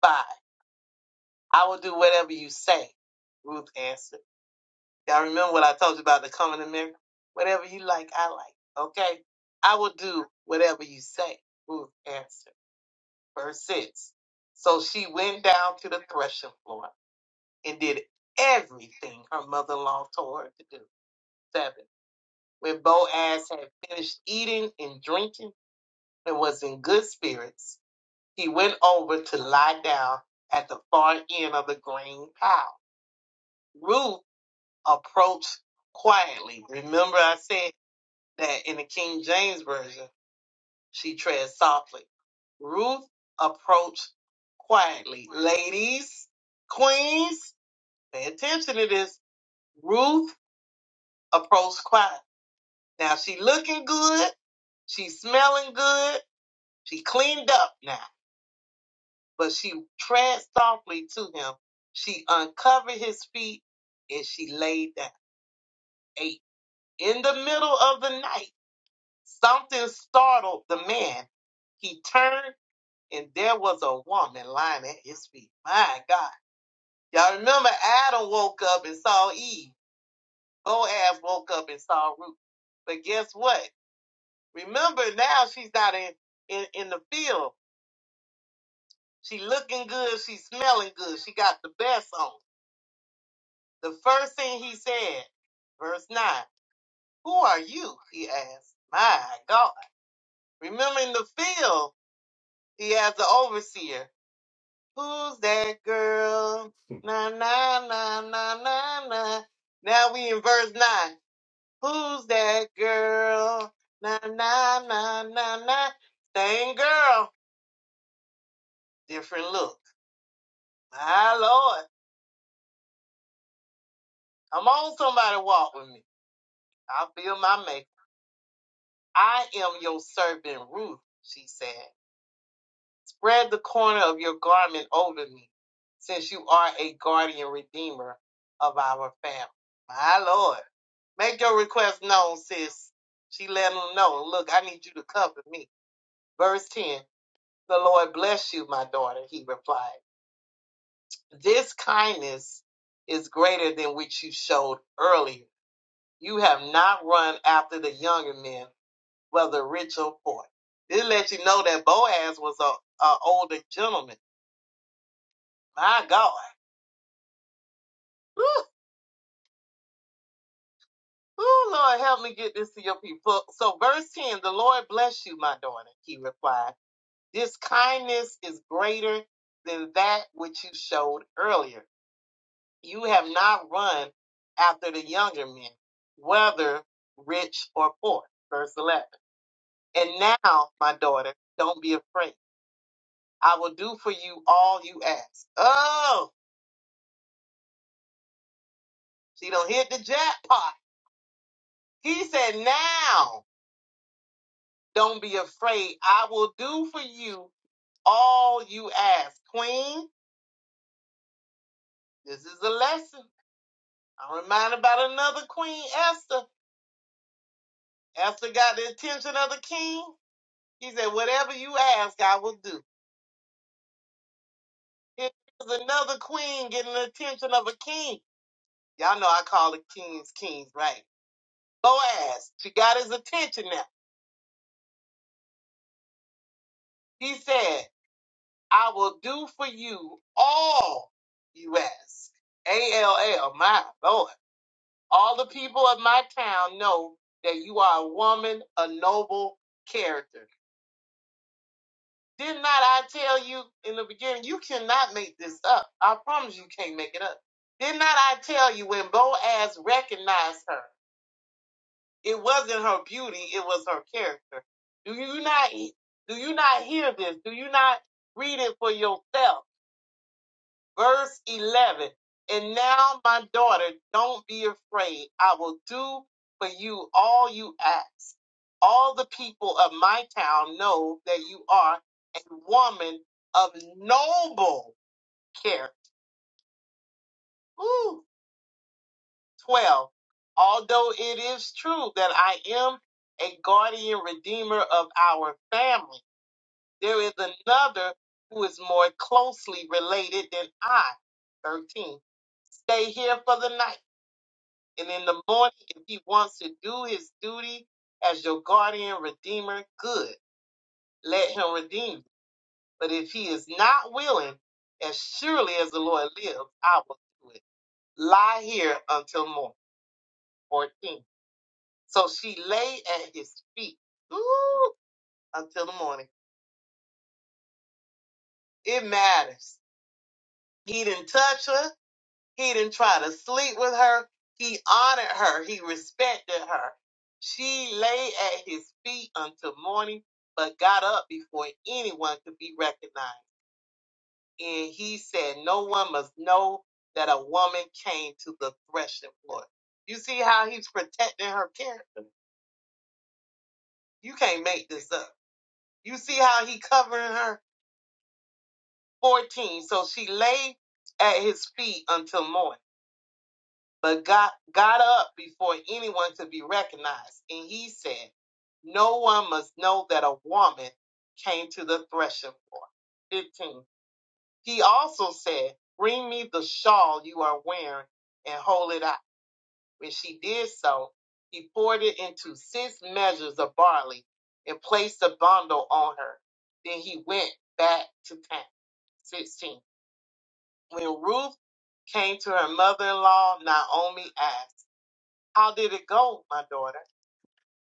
S3: buy. I will do whatever you say, Ruth answered. Y'all remember what I told you about the coming to America? Whatever you like, I like. Okay? I will do whatever you say, Ruth answered. Verse 6. So she went down to the threshing floor and did everything her mother in law told her to do. Seven. When Boaz had finished eating and drinking, and was in good spirits, he went over to lie down at the far end of the green pile. Ruth approached quietly. Remember, I said that in the King James Version, she tread softly. Ruth approached quietly. Ladies, queens, pay attention to this. Ruth approached quiet. Now she looking good. She smelling good. She cleaned up now. but she tread softly to him. She uncovered his feet and she laid down. Eight. In the middle of the night, something startled the man. He turned and there was a woman lying at his feet. My God. Y'all remember Adam woke up and saw Eve. Boaz woke up and saw Ruth. But guess what? Remember now she's not in, in, in the field. She looking good. She smelling good. She got the best on. The first thing he said, verse 9, Who are you? He asked. My God. Remembering the field, he asked the overseer, Who's that girl? Na, na, na, na, na, na. Now we in verse 9. Who's that girl? Na, na, na, na, na. Same girl, different look. My Lord. Come on, somebody walk with me. I feel my make. I am your servant Ruth, she said. Spread the corner of your garment over me, since you are a guardian redeemer of our family. My Lord. Make your request known, sis. She let him know, look, I need you to cover me. Verse 10 The Lord bless you, my daughter, he replied. This kindness is greater than which you showed earlier. You have not run after the younger men, whether rich or poor. This lets you know that Boaz was a, a older gentleman. My God. Ooh, ooh, Lord, help me get this to your people. So, verse 10 The Lord bless you, my daughter, he replied. This kindness is greater than that which you showed earlier. You have not run after the younger men, whether rich or poor. Verse 11. And now, my daughter, don't be afraid. I will do for you all you ask. Oh, she don't hit the jackpot. He said, Now, don't be afraid. I will do for you all you ask. Queen, this is a lesson. I'm reminded about another queen, Esther. Esther got the attention of the king. He said, Whatever you ask, I will do. Here's another queen getting the attention of a king. Y'all know I call the kings kings, right? Boaz, she got his attention now. He said, I will do for you all you ask. A L L, my Lord. All the people of my town know that you are a woman, a noble character. Did not I tell you in the beginning, you cannot make this up. I promise you can't make it up. Did not I tell you when Boaz recognized her, it wasn't her beauty, it was her character. Do you not do you not hear this? Do you not read it for yourself? verse 11 and now my daughter don't be afraid i will do for you all you ask all the people of my town know that you are a woman of noble character Ooh, 12 although it is true that i am a guardian redeemer of our family there is another who is more closely related than i 13 stay here for the night And in the morning, if he wants to do his duty as your guardian redeemer, good. Let him redeem. you. But if he is not willing, as surely as the Lord lives, I will do it. Lie here until morning. 14. So she lay at his feet. Ooh, until the morning. It matters. He didn't touch her. He didn't try to sleep with her. He honored her. He respected her. She lay at his feet until morning, but got up before anyone could be recognized. And he said, No one must know that a woman came to the threshing floor. You see how he's protecting her character. You can't make this up. You see how he covering her 14. So she lay at his feet until morning but got, got up before anyone could be recognized. And he said, No one must know that a woman came to the threshing floor. 15. He also said, Bring me the shawl you are wearing and hold it out. When she did so, he poured it into six measures of barley and placed the bundle on her. Then he went back to town. 16. When Ruth came to her mother in law, Naomi asked, how did it go, my daughter?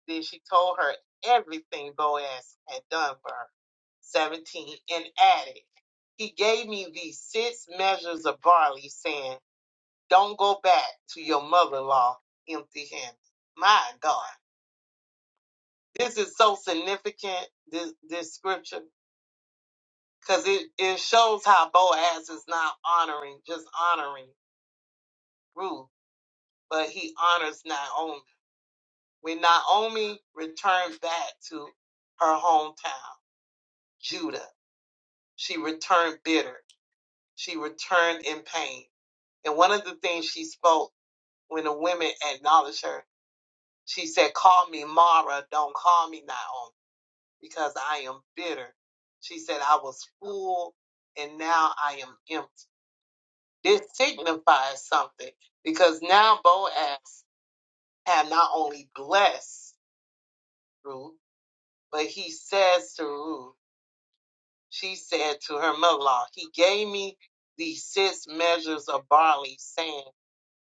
S3: Then she told her everything Boaz had done for her. 17 and added, He gave me these six measures of barley, saying, Don't go back to your mother in law empty handed. My God, this is so significant, this, this scripture, because it, it shows how Boaz is not honoring, just honoring Ruth, but he honors Naomi When Naomi returned back to her hometown, Judah, she returned bitter. She returned in pain. And one of the things she spoke when the women acknowledged her, she said, Call me Mara, don't call me Naomi, because I am bitter. She said, I was full and now I am empty. This signifies something because now Boaz had not only blessed Ruth, but he says to Ruth, She said to her mother in law, He gave me these six measures of barley, saying,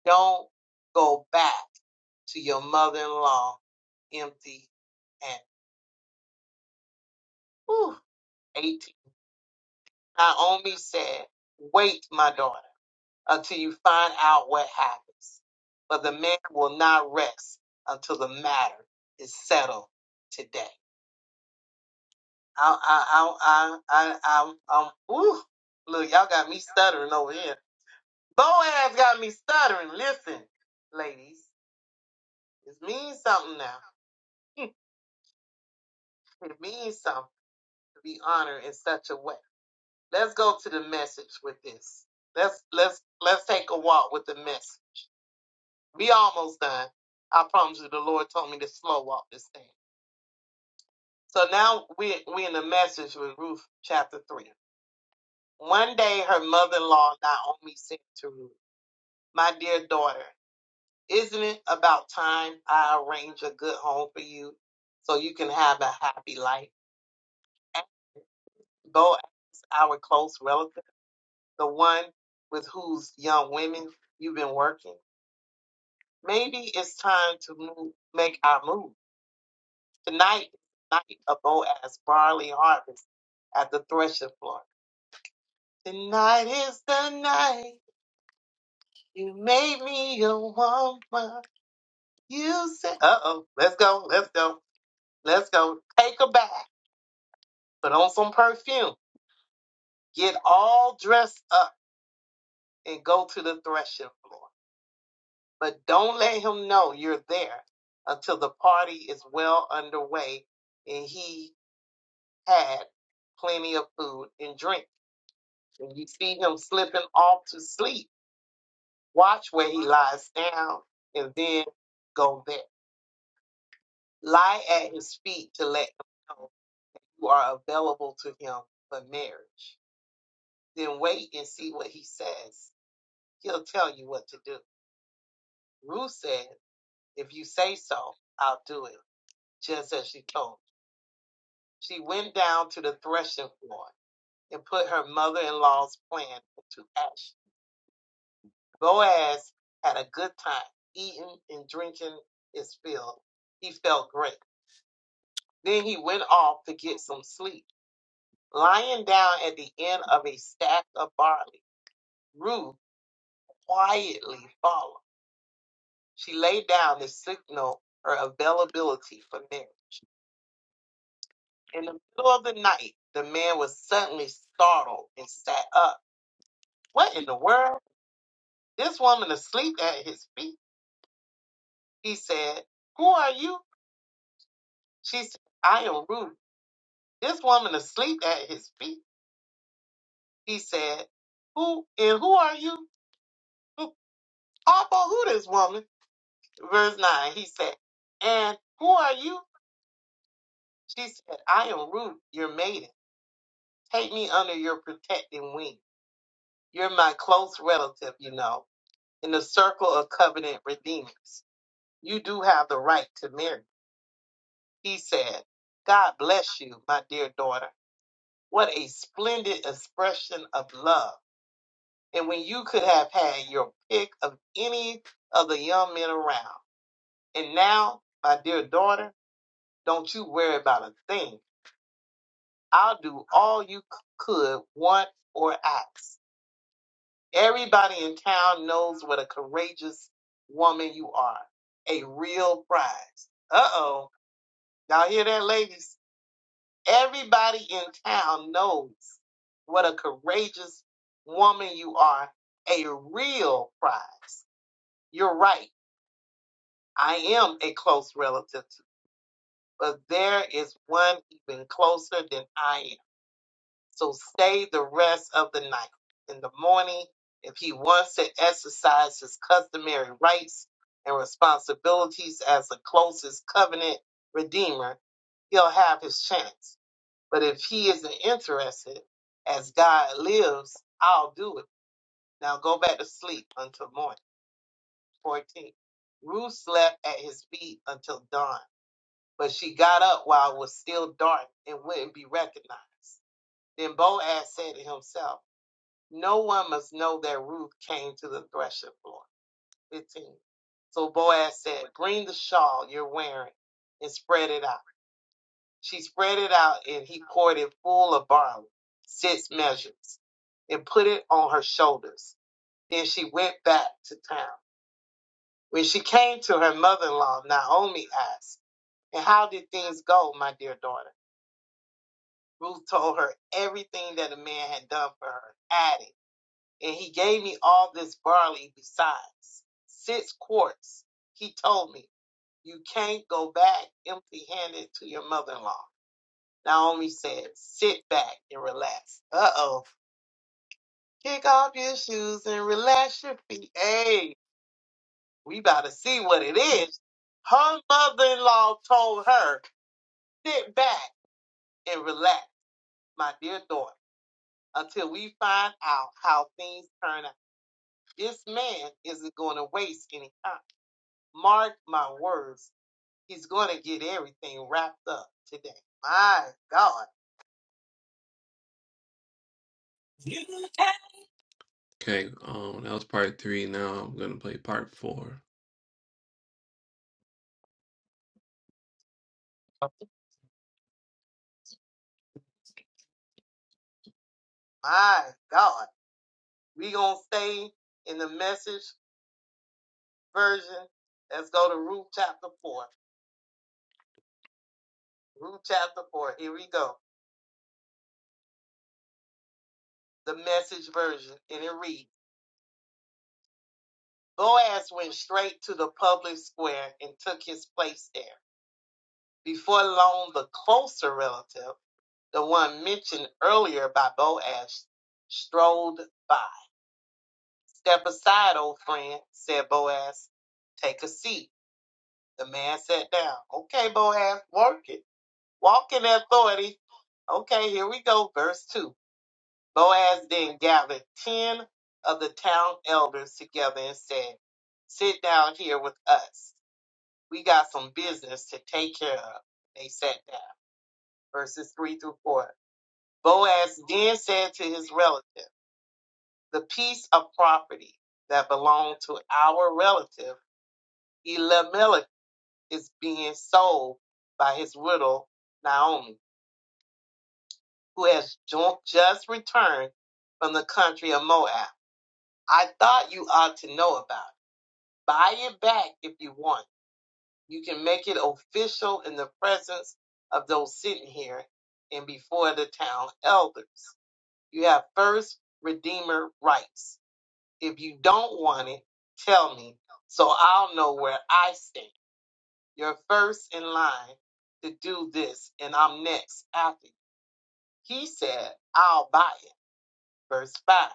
S3: Don't go back to your mother in law empty and whew, 18. Naomi said, Wait, my daughter, until you find out what happens. For the man will not rest until the matter is settled today. I, I, I, I, I, I'm, I'm, whew, look, y'all got me stuttering over here. Boaz got me stuttering. Listen, ladies, it means something now. It means something to be honored in such a way. Let's go to the message with this. Let's let's let's take a walk with the message. We almost done. I promise you, the Lord told me to slow walk this thing. So now we we in the message with Ruth chapter three. One day, her mother-in-law Naomi said to Ruth, "My dear daughter." Isn't it about time I arrange a good home for you so you can have a happy life? And go ask our close relative, the one with whose young women you've been working. Maybe it's time to move, make our move. Tonight is the night of Boaz barley harvest at the threshing floor. Tonight is the night you made me a woman. You said, uh oh, let's go, let's go, let's go. Take her back. Put on some perfume. Get all dressed up and go to the threshing floor. But don't let him know you're there until the party is well underway and he had plenty of food and drink. When you see him slipping off to sleep, watch where he lies down and then go there. Lie at his feet to let him know you are available to him for marriage. Then wait and see what he says. He'll tell you what to do. Ruth said, If you say so, I'll do it, just as she told. She went down to the threshing floor and put her mother in law's plan into action. Boaz had a good time eating and drinking his fill. He felt great. Then he went off to get some sleep. Lying down at the end of a stack of barley, Ruth quietly followed. She lay down to signal her availability for marriage. In the middle of the night, the man was suddenly startled and sat up. What in the world? This woman asleep at his feet. He said, Who are you? She said, I am Ruth. This woman asleep at his feet. He said, Who and who are you? Who- Papa, who this woman? Verse 9, he said, And who are you? She said, I am Ruth, your maiden. Take me under your protecting wing. You're my close relative, you know, in the circle of covenant redeemers. You do have the right to marry. He said, God bless you, my dear daughter. What a splendid expression of love. And when you could have had your pick of any of the young men around. And now, my dear daughter, don't you worry about a thing. I'll do all you c- could want or ask. Everybody in town knows what a courageous woman you are. A real prize. Uh oh. Y'all hear that, ladies? Everybody in town knows what a courageous woman you are, a real prize. You're right. I am a close relative, to- but there is one even closer than I am. So stay the rest of the night. In the morning, if he wants to exercise his customary rights and responsibilities as the closest covenant redeemer, he'll have his chance. But if he isn't interested, as God lives, I'll do it. Now go back to sleep until morning. 14. Ruth slept at his feet until dawn, but she got up while it was still dark and wouldn't be recognized. Then Boaz said to himself, No one must know that Ruth came to the threshing floor. 15. So Boaz said, Bring the shawl you're wearing and spread it out. She spread it out, and he poured it full of barley, six measures, and put it on her shoulders. Then she went back to town. When she came to her mother in law, Naomi asked, And how did things go, my dear daughter? Ruth told her everything that the man had done for her, adding, And he gave me all this barley besides six quarts. He told me, You can't go back empty handed to your mother in law. Naomi said, sit back and relax. Uh oh. Kick off your shoes and relax your feet. Hey, we about to see what it is. Her mother in law told her, sit back and relax, my dear daughter, until we find out how things turn out. This man isn't going to waste any time. Mark my words, he's going to get everything wrapped up today. My God. Okay, um, that was part three. Now I'm gonna play part four. My God. We gonna stay in the message version. Let's go to Ruth chapter four. Ruth chapter four. Here we go. The message version. And it reads Boaz went straight to the public square and took his place there. Before long, the closer relative, the one mentioned earlier by Boaz, strolled by. Step aside, old friend, said Boaz. Take a seat. The man sat down. Okay, Boaz, work it. Walk in authority. Okay, here we go. Verse 2. Boaz then gathered 10 of the town elders together and said, Sit down here with us. We got some business to take care of. They sat down. Verses 3 through 4. Boaz then said to his relative, The piece of property that belonged to our relative Elimelech is being sold by his widow Naomi who has jo- just returned from the country of Moab. I thought you ought to know about it. Buy it back if you want. You can make it official in the presence of those sitting here and before the town elders. You have first redeemer rights. If you don't want it, tell me so I'll know where I stand. You're first in line to do this, and I'm next after you. He said, I'll buy it. Verse 5.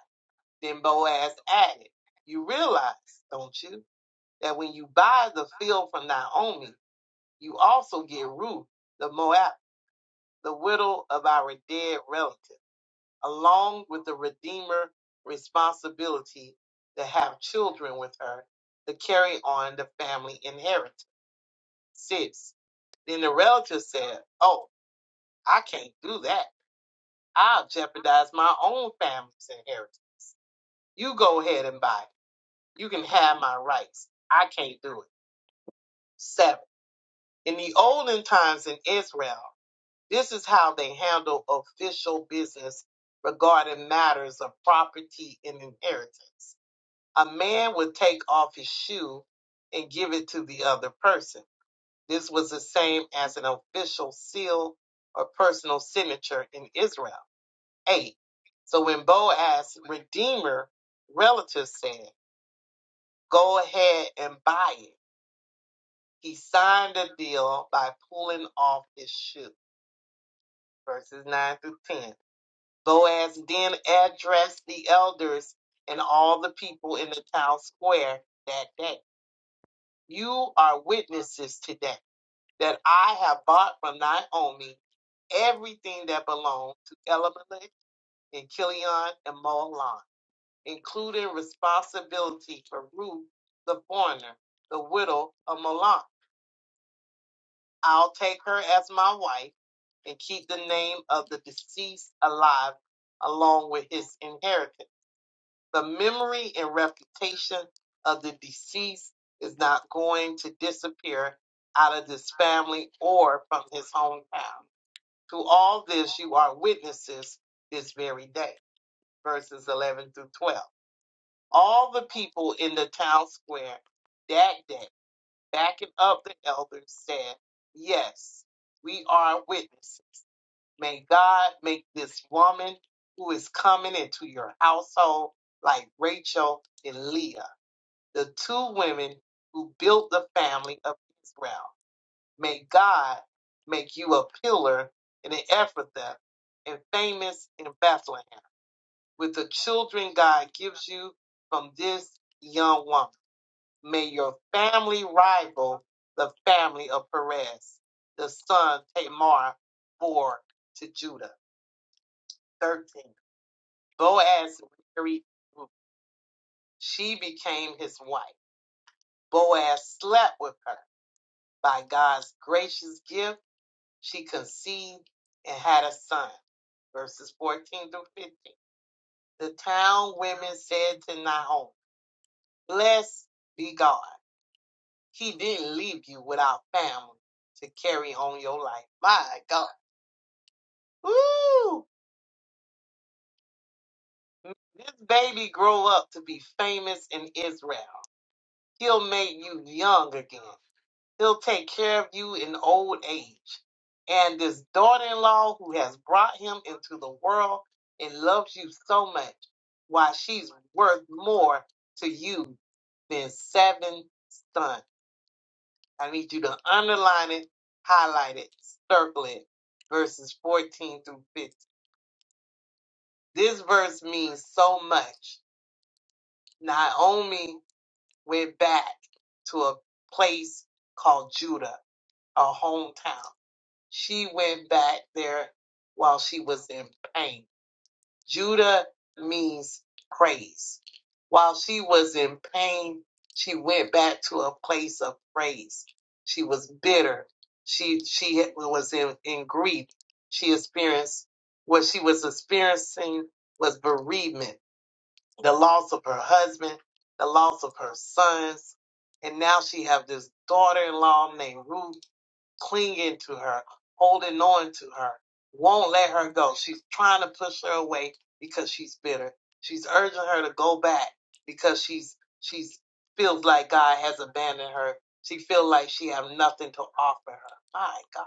S3: Then Boaz added, You realize, don't you, that when you buy the field from Naomi, you also get Ruth, the Moab, the widow of our dead relative, along with the Redeemer responsibility to have children with her to carry on the family inheritance. Six. Then the relative said, Oh, I can't do that. I'll jeopardize my own family's inheritance. You go ahead and buy it You can have my rights. I can't do it. Seven. In the olden times in Israel, this is how they handled official business regarding matters of property and inheritance. A man would take off his shoe and give it to the other person. This was the same as an official seal or personal signature in Israel. Eight. So when Boaz, redeemer, relative said, Go ahead and buy it He signed a deal by pulling off his shoe. Verses 9 through 10. Boaz then addressed the elders and all the people in the town square that day. You are witnesses today that I have bought from Naomi everything that belonged to Elimelech and Kilion and Mahlon, including responsibility for Ruth the foreigner, the widow of Mahlon. I'll take her as my wife and keep the name of the deceased alive along with his inheritance. The memory and reputation of the deceased is not going to disappear out of this family or from his hometown. To all this, you are witnesses this very day. Verses 11 through 12. All the people in the town square that day. Backing up the elders said, Yes, we are witnesses. May God make this woman who is coming into your household like Rachel and Leah, the two women who built the family of Israel. May God make you a pillar in the Ephrathah and famous in Bethlehem with the children God gives you from this young woman. May your family rival the family of Perez, the son Tamar bore to Judah. 13. Boaz married Ruth. She became his wife. Boaz slept with her. By God's gracious gift, she conceived and had a son. Verses 14 through 15. The town women said to Nahum, Blessed be God He didn't leave you without family to carry on your life. My God. Woo! This baby grow up to be famous in Israel. He'll make you young again. He'll take care of you in old age. And this daughter-in-law who has brought him into the world and loves you so much, why she's worth more to you than seven sons. I need you to underline it, highlight it, circle it. Verses 14 through 15. This verse means so much. Naomi went back to a place called Judah, her hometown. She went back there while she was in pain. Judah means praise. While she was in pain, she went back to a place of praise. She was bitter. She she was in, in grief. She experienced what she was experiencing was bereavement, the loss of her husband, the loss of her sons, and now she have this daughter-in-law named Ruth clinging to her, holding on to her, won't let her go. She's trying to push her away because she's bitter. She's urging her to go back because she's she's feels like God has abandoned her. She feels like she have nothing to offer her. My God,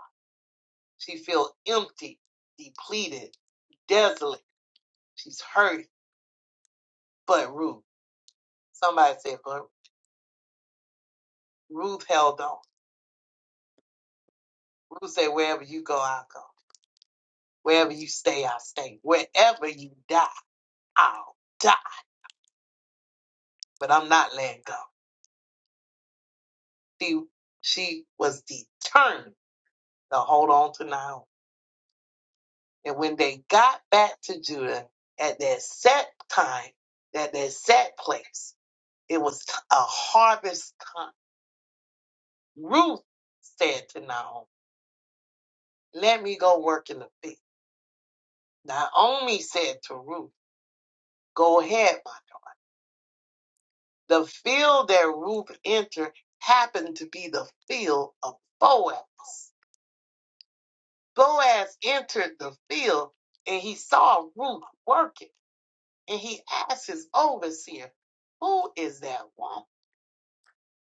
S3: she feels empty, depleted, desolate. She's hurt, but Ruth. Somebody said, but Ruth held on. Ruth said, wherever you go, I'll go. Wherever you stay, I'll stay. Wherever you die, I'll die. but I'm not letting go. She she was determined to hold on to Naomi. And when they got back to Judah at that set time, at that set place, it was t- a harvest time. Ruth said to Naomi, "Let me go work in the field." Naomi said to Ruth, "Go ahead, my daughter." The field that Ruth entered happened to be the field of Boaz. Boaz entered the field and he saw Ruth working, and he asked his overseer, Who is that woman?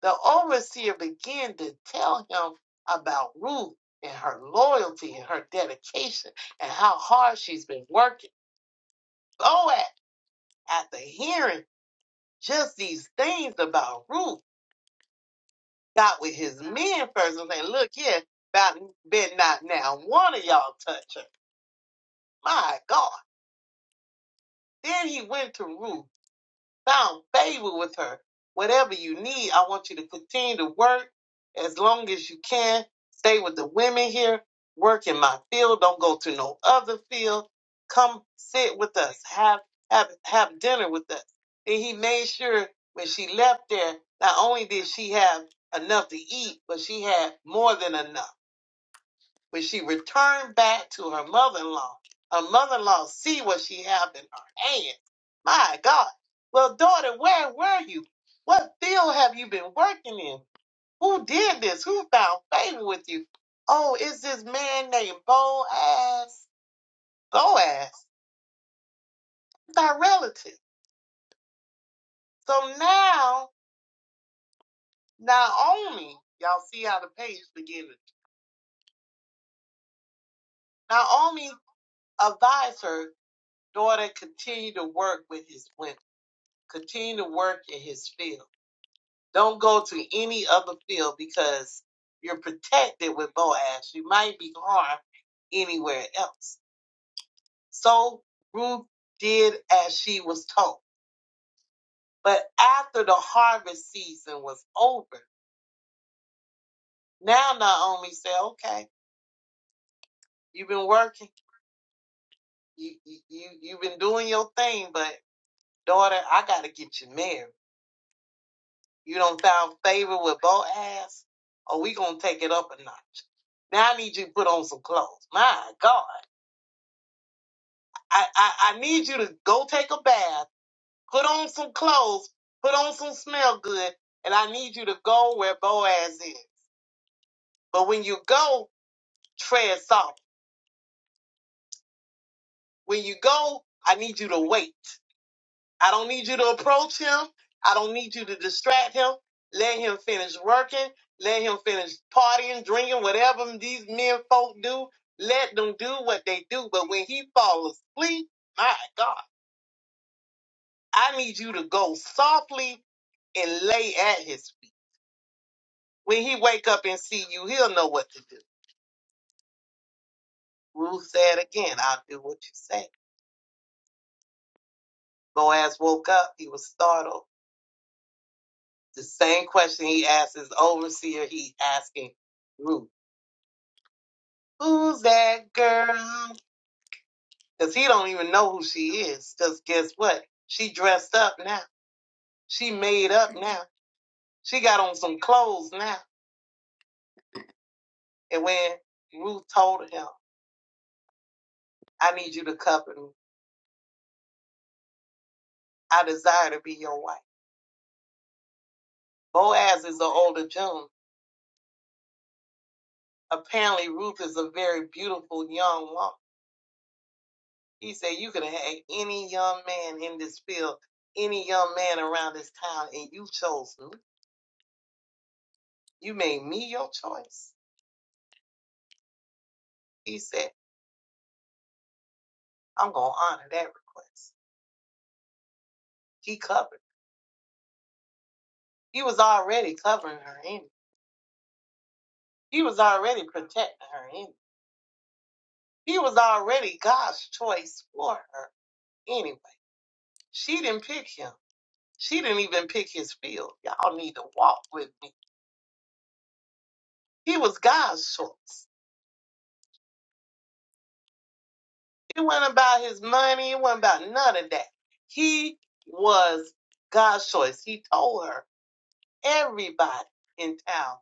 S3: The overseer began to tell him about Ruth and her loyalty and her dedication and how hard she's been working. Boaz, after hearing just these things about Ruth, got with his men first and said, Look here, about bet not now one of y'all touch her. My God. Then he went to Ruth found favor with her. Whatever you need, I want you to continue to work as long as you can. Stay with the women here. Work in my field. Don't go to no other field. Come sit with us. Have have have dinner with us. And he made sure when she left there, not only did she have enough to eat, but she had more than enough. When she returned back to her mother-in-law, her mother-in-law see what she had in her hand. My God. Well, daughter, where were you? What field have you been working in? Who did this? Who found favor with you? Oh, it's this man named Boaz. Boaz. It's our relative. So now Naomi, y'all see how the page beginning. Naomi advised her daughter continue to work with his women, continue to work in his field. Don't go to any other field because you're protected with Boaz. You might be harmed anywhere else. So Ruth did as she was told. But after the harvest season was over, now Naomi said, okay, you've been working. You, you, you, you've been doing your thing, but daughter, I got to get you married. You don't found favor with Boaz, or we going to take it up a notch. Now I need you to put on some clothes. My God. I, I, I need you to go take a bath, put on some clothes, put on some smell good, and I need you to go where Boaz is. But when you go, tread soft. When you go, I need you to wait. I don't need you to approach him. I don't need you to distract him. Let him finish working. Let him finish partying, drinking, whatever these men folk do. Let them do what they do. But when he falls asleep, my God, I need you to go softly and lay at his feet. When he wake up and see you, he'll know what to do. Ruth said again, I'll do what you say. Boaz woke up, he was startled. The same question he asked his overseer, he asking Ruth, who's that girl? Because he don't even know who she is. Because guess what? She dressed up now. She made up now. She got on some clothes now. And when Ruth told him, I need you to cover me. I desire to be your wife. Boaz is the older gentleman. Apparently, Ruth is a very beautiful young woman. He said, You could have had any young man in this field, any young man around this town, and you chose me. You made me your choice. He said, I'm going to honor that request. He covered. He was already covering her in. He was already protecting her in. He was already God's choice for her anyway. She didn't pick him. She didn't even pick his field. Y'all need to walk with me. He was God's choice. It wasn't about his money. It wasn't about none of that. He was God's choice. He told her, everybody in town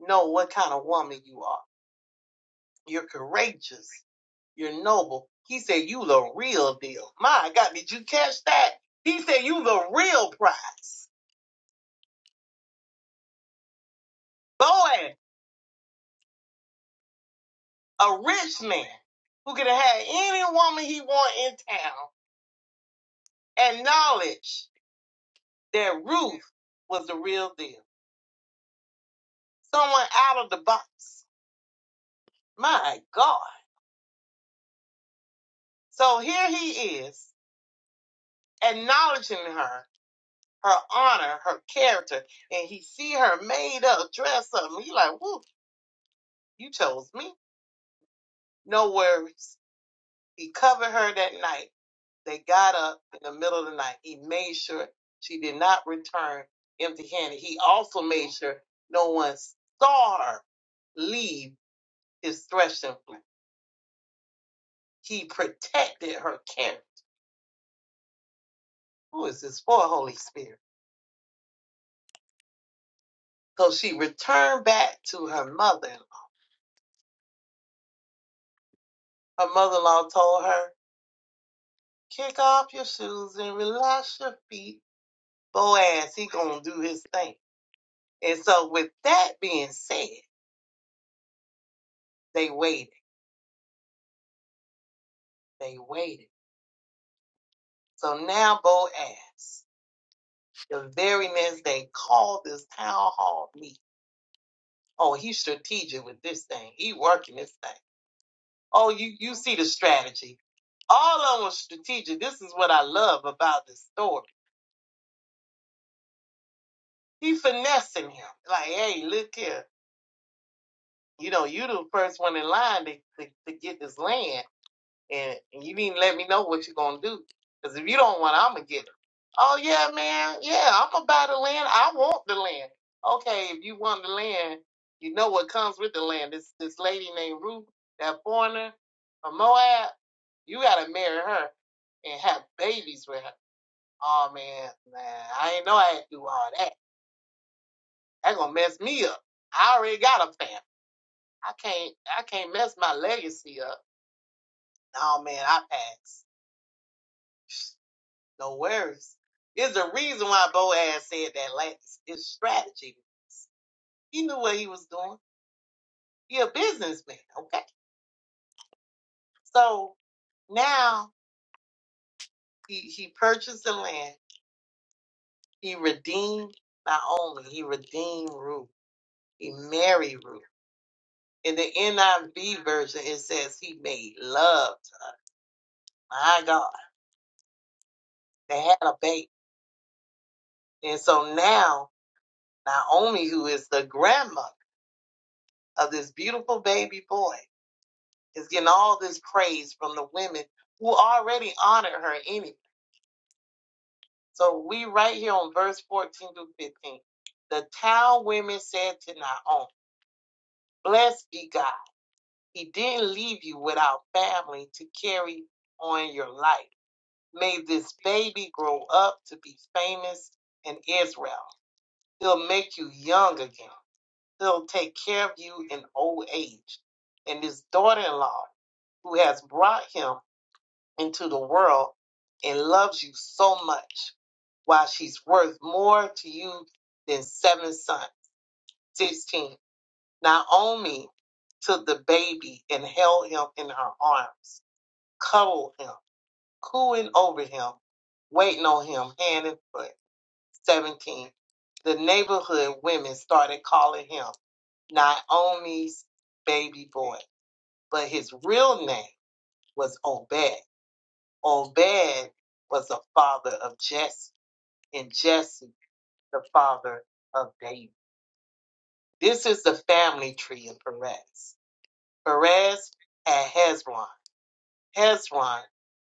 S3: know what kind of woman you are. You're courageous. You're noble. He said, you the real deal. My God, did you catch that? He said, you the real prize. Boy, a rich man who could have had any woman he want in town acknowledge that Ruth was the real deal. Someone out of the box My God. So here he is acknowledging her, her honor, her character, and he see her made up, dressed up. and He like, whoo, you chose me. No worries. He covered her that night. They got up in the middle of the night. He made sure she did not return empty handed. He also made sure no one saw her leave his threshing floor. He protected her character. Who is this for, Holy Spirit? So she returned back to her mother. Her mother-in-law told her, "Kick off your shoes and relax your feet. Boaz, he gonna do his thing." And so, with that being said, they waited. They waited. So now Boaz, the very next day, called this town hall meeting. Oh, he's strategic with this thing. He working this thing. Oh, you you see the strategy. All of them was strategic. This is what I love about this story He finessing him. Like, hey, look here. You know, you the first one in line to, to, to get this land, and, and you didn't let me know what you're gonna do. Cause if you don't want, it, I'm gonna get it. Oh yeah, man. Yeah, I'm gonna buy the land. I want the land. Okay, if you want the land, you know what comes with the land. This this lady named Ruth, that foreigner from Moab. You gotta marry her and have babies with her. Oh man, man, I ain't know I had to do all that. That gonna mess me up. I already got a family. I can't I can't mess my legacy up. No man, I pass. No worries. There's a reason why Boaz said that last. His strategy. He knew what he was doing. He a businessman, okay? So now he he purchased the land. He redeemed Naomi. He redeemed Ruth. He married Ruth. In the NIV version, it says he made love to her. My God, they had a baby And so now Naomi, who is the grandmother of this beautiful baby boy, is getting all this praise from the women who already honored her anyway. So we right here on verse 14 through 15. The town women said to Naomi, Blessed be God. He didn't leave you without family to carry on your life. May this baby grow up to be famous in Israel. He'll make you young again He'll take care of you in old age. And his daughter in law, who has brought him into the world and loves you so much, while she's worth more to you than seven sons. 16. Naomi took the baby and held him in her arms, cuddled him, cooing over him, waiting on him hand and foot. 17. The neighborhood women started calling him Naomi's baby boy. but his real name was Obed. Obed was the father of Jesse, and Jesse the father of David. This is the family tree of Perez. Perez had Hezron, Hezron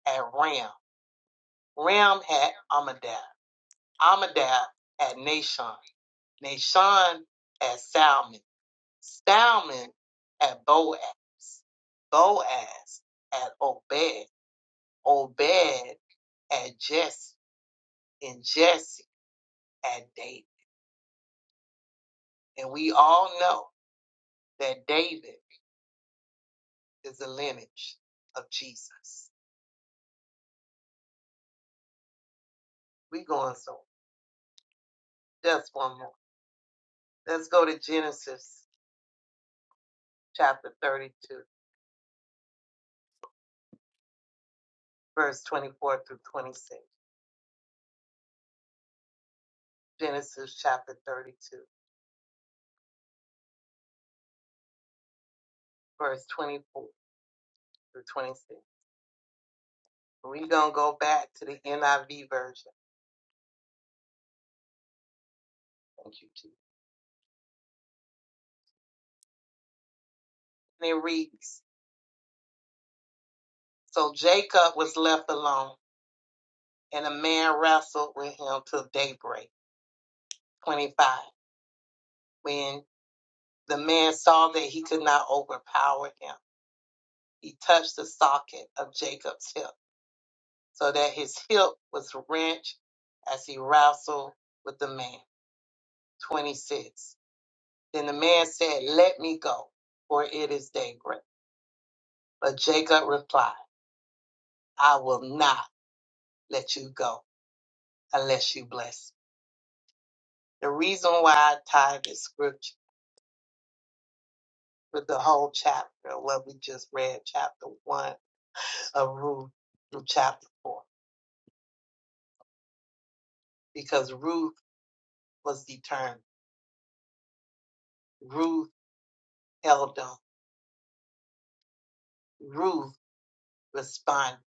S3: had Ram, Ram had Amadab, Amadab had Nashon, Nashon had Salmon, Salmon had Boaz, Boaz had Obed, Obed at Jesse and Jesse at David. And we all know that David is a lineage of Jesus. We going so just one more. Let's go to Genesis chapter 32, verse 24 through 26. Genesis chapter 32, verse 24 through 26. We're going to go back to the NIV version. Thank you, Jesus. And it reads, So Jacob was left alone and the man wrestled with him till daybreak. 25. When the man saw that he could not overpower him, he touched the socket of Jacob's hip, so that his hip was wrenched as he wrestled with the man. 26. Then the man said, Let me go, for it is daybreak. But Jacob replied, I will not let you go unless you bless. me." The reason why I tied this scripture with the whole chapter, what we just read, chapter one of Ruth through chapter four, because Ruth was determined. Ruth held on. Ruth responded.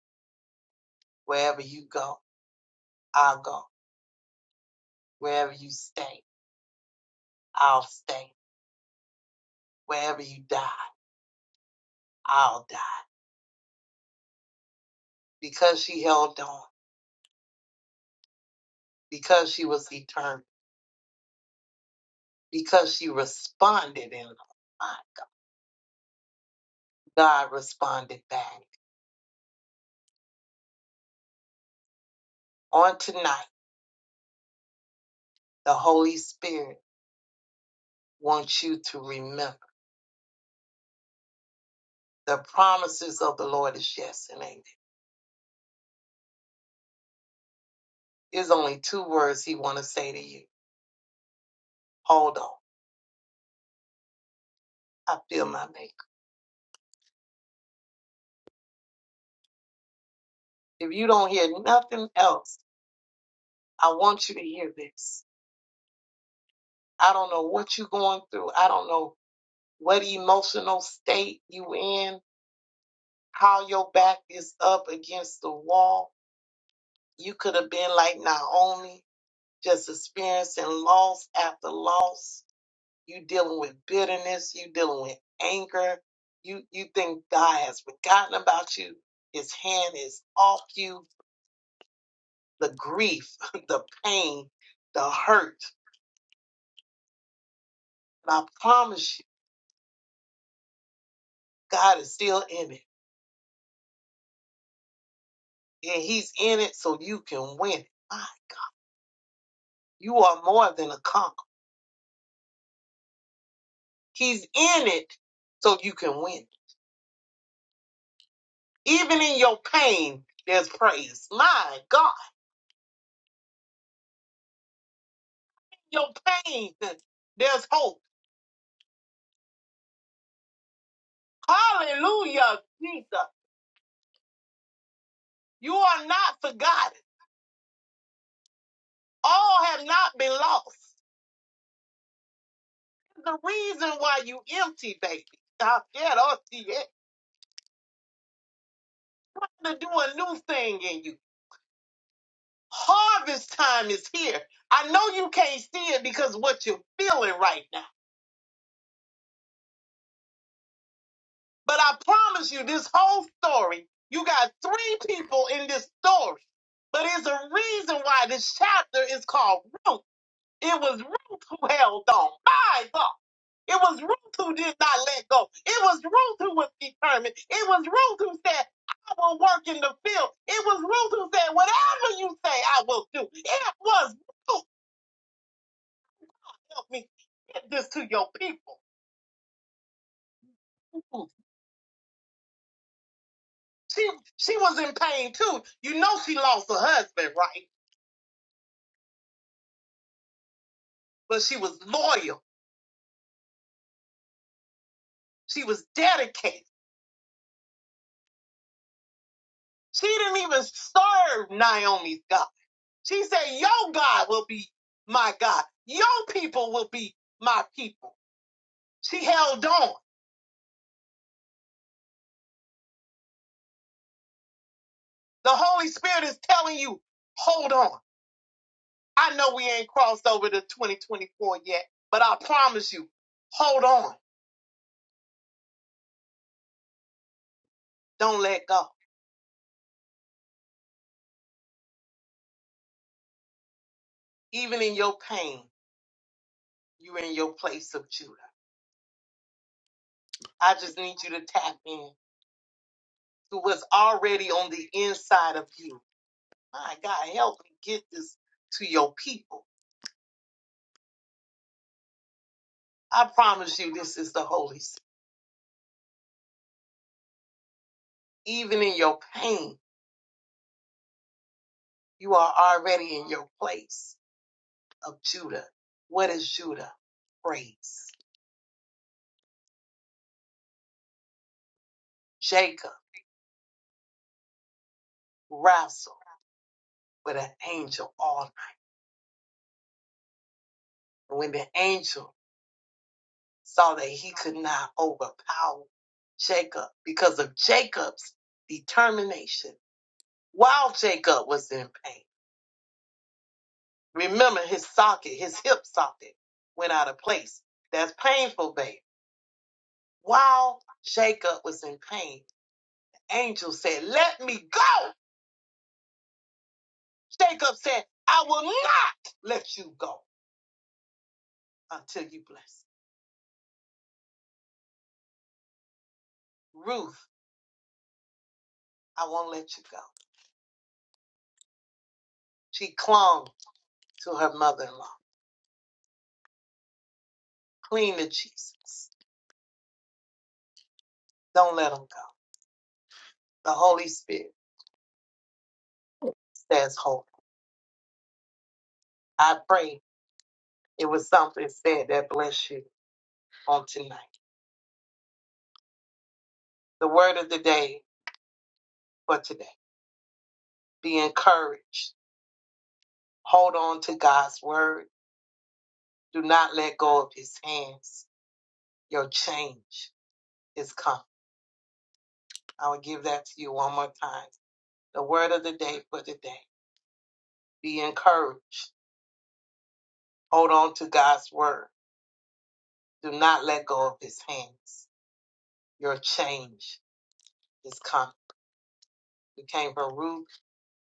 S3: Wherever you go, I'll go. Wherever you stay, I'll stay. Wherever you die, I'll die. Because she held on, because she was determined, because she responded in line, God responded back. On tonight, the Holy Spirit wants you to remember. The promises of the Lord is yes and amen. There's only two words he want to say to you. Hold on. I feel my maker. If you don't hear nothing else, I want you to hear this. I don't know what you're going through. I don't know what emotional state you in, how your back is up against the wall. You could have been like Naomi, just experiencing loss after loss you dealing with bitterness, you dealing with anger, you you think God has forgotten about you, his hand is off you, the grief, (laughs) the pain, the hurt. And I promise you, God is still in it. And he's in it so you can win it. My, You are more than a conqueror. He's in it so you can win. Even in your pain, there's praise. My God, in your pain, (laughs) there's hope. Hallelujah, Jesus. You are not forgotten. All have not been lost. The reason why you empty, baby. I get off the air. To do a new thing in you. Harvest time is here. I know you can't see it because of what you're feeling right now. But I promise you, this whole story, you got three people in this story. But it's a reason why this chapter is called Ruth. It was Ruth who held on. My God. It was Ruth who did not let go. It was Ruth who was determined. It was Ruth who said, I will work in the field. It was Ruth who said, whatever you say, I will do. It was Ruth. Help me get this to your people. Ooh. She, she was in pain too. You know she lost her husband, right? But she was loyal. She was dedicated. She didn't even serve Naomi's God. She said, your God will be my God. Your people will be my people. She held on. The Holy Spirit is telling you, hold on. I know we ain't crossed over to 2024 yet, but I promise you, hold on. Don't let go. Even in your pain, you're in your place of Judah. I just need you to tap in to what's already on the inside of you. My God, help me get this to your people. I promise you, this is the Holy Spirit. Even in your pain, you are already in your place. of Judah. What is Judah? Praise. Jacob wrestled with an angel all night. And when the angel saw that he could not overpower Jacob because of Jacob's determination, while Jacob was in pain, remember his socket, his hip socket went out of place. That's painful, babe. While Jacob was in pain, the angel said, Let me go. Jacob said, I will not let you go. until you bless. Ruth, I won't let you go. She clung to her mother in law. Cling to Jesus. Don't let him go. The Holy Spirit says, Hold. I pray it was something said that bless you on tonight. The word of the day for today be encouraged. Hold on to God's word. Do not let go of his hands. Your change is coming. I will give that to you one more time. The word of the day for today. Be encouraged Hold on to God's word. Do not let go of his hands. Your change is coming. We came from Ruth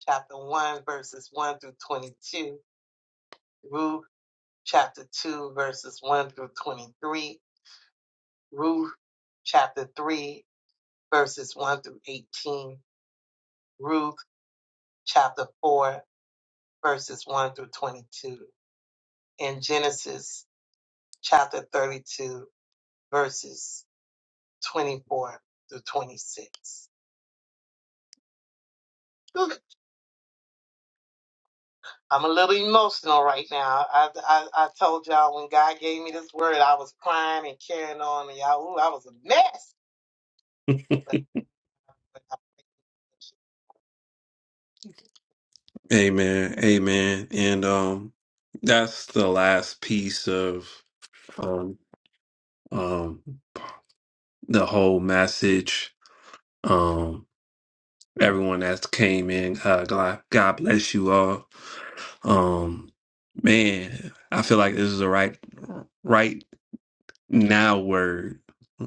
S3: chapter 1, verses 1 through 22, Ruth chapter 2, verses 1 through 23, Ruth chapter 3, verses 1 through 18, Ruth chapter 4, verses 1 through 22, and Genesis chapter 32, verses 24 through 26. Whew. I'm a little emotional right now. I, I I told y'all when God gave me this word, I was crying and carrying on, and y'all, ooh, I was a mess. But, (laughs) Amen. Amen. And um that's the last piece of um um the whole message. Um everyone that's came in, uh God, God bless you all. Um man, I feel like this is the right right now word.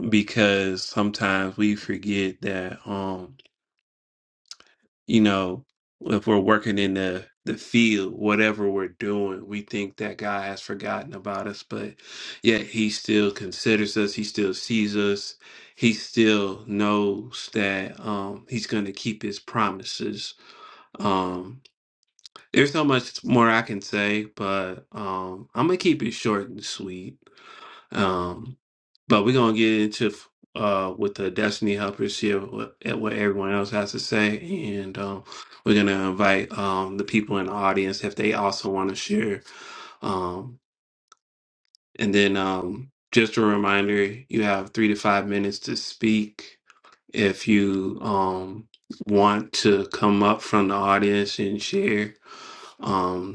S3: because sometimes we forget that um you know if we're working in the the field whatever we're doing we think that god has forgotten about us but yet he still considers us he still sees us he still knows that um he's going to keep his promises um there's so much more i can say but um i'm gonna keep it short and sweet um, but we're gonna get into uh with the Destiny Helpers here what, eh, what everyone else has to say, and um, we're gonna invite um the people in the audience if they also want to share. Um, and then um, just a reminder, you have three to five minutes to speak. If you um want to come up from the audience and share, Um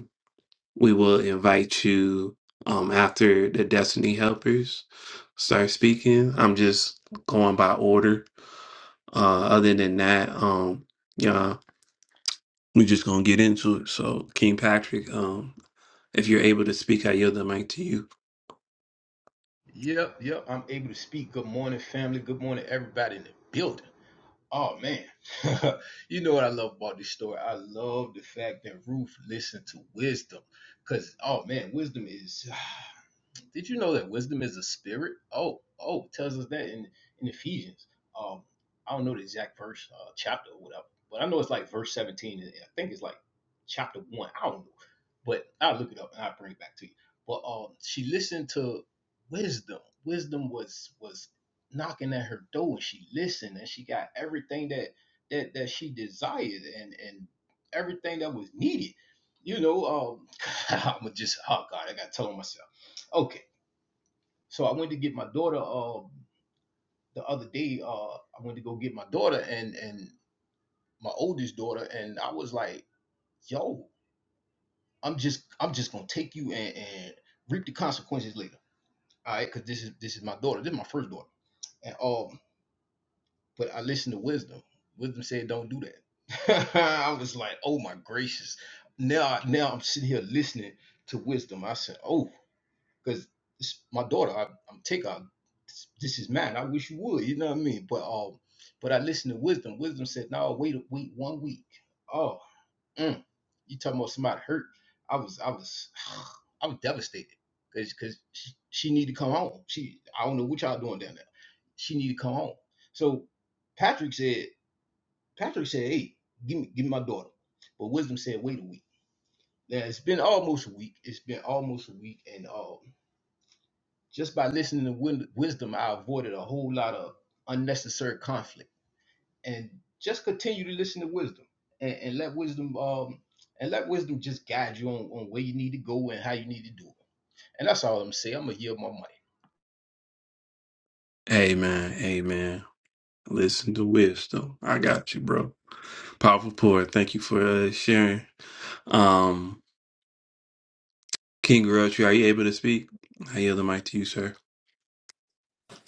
S3: we will invite you um, after the Destiny Helpers start speaking. I'm just going by order. Uh, other than that, um, yeah, we're just gonna get into it. So, King Patrick, um, if you're able to speak, I yield the mic to you.
S1: Yep, yep. I'm able to speak. Good morning, family. Good morning, everybody in the building. Oh man, (laughs) you know what I love about this story? I love the fact that Ruth listened to wisdom, because oh man, wisdom is did you know that wisdom is a spirit? Oh, oh, it tells us that in in Ephesians. Um, I don't know the exact verse, uh, chapter, or whatever, but I know it's like verse seventeen. and I think it's like chapter one. I don't know, but I'll look it up and I'll bring it back to you. But um, she listened to wisdom. Wisdom was was knocking at her door, and she listened, and she got everything that that that she desired, and and everything that was needed. You know, um, (laughs) I'm just oh god, I gotta tell myself. Okay so I went to get my daughter uh, the other day. Uh, I went to go get my daughter and and my oldest daughter, and I was like, "Yo, I'm just I'm just gonna take you and, and reap the consequences later, all right? Because this is this is my daughter. This is my first daughter, and um, but I listened to wisdom. Wisdom said, "Don't do that." (laughs) I was like, "Oh my gracious!" Now I- now I'm sitting here listening to wisdom. I said, "Oh." because my daughter. I, I'm take her. This, is mine. I wish you would. You know what I mean? But um, but I listened to wisdom. Wisdom said, "No, wait, wait one week." Oh, mm, you talking about somebody hurt? I was, I was, (sighs) I was devastated because because she, she need to come home. She, I don't know what y'all doing down there. She need to come home. So Patrick said, Patrick said, "Hey, give me, give me my daughter." But wisdom said, "Wait a week." Now it's been almost a week. It's been almost a week, and uh. Just by listening to win- wisdom, I avoided a whole lot of unnecessary conflict. And just continue to listen to wisdom, and, and let wisdom um and let wisdom just guide you on, on where you need to go and how you need to do it. And that's all I'm saying. I'm gonna yield my mic.
S3: Amen. Amen. Listen to wisdom. I got you, bro. Powerful poor. Thank you for uh, sharing. Um, King Grouchy, are you able to speak? I yield the mic to you, sir.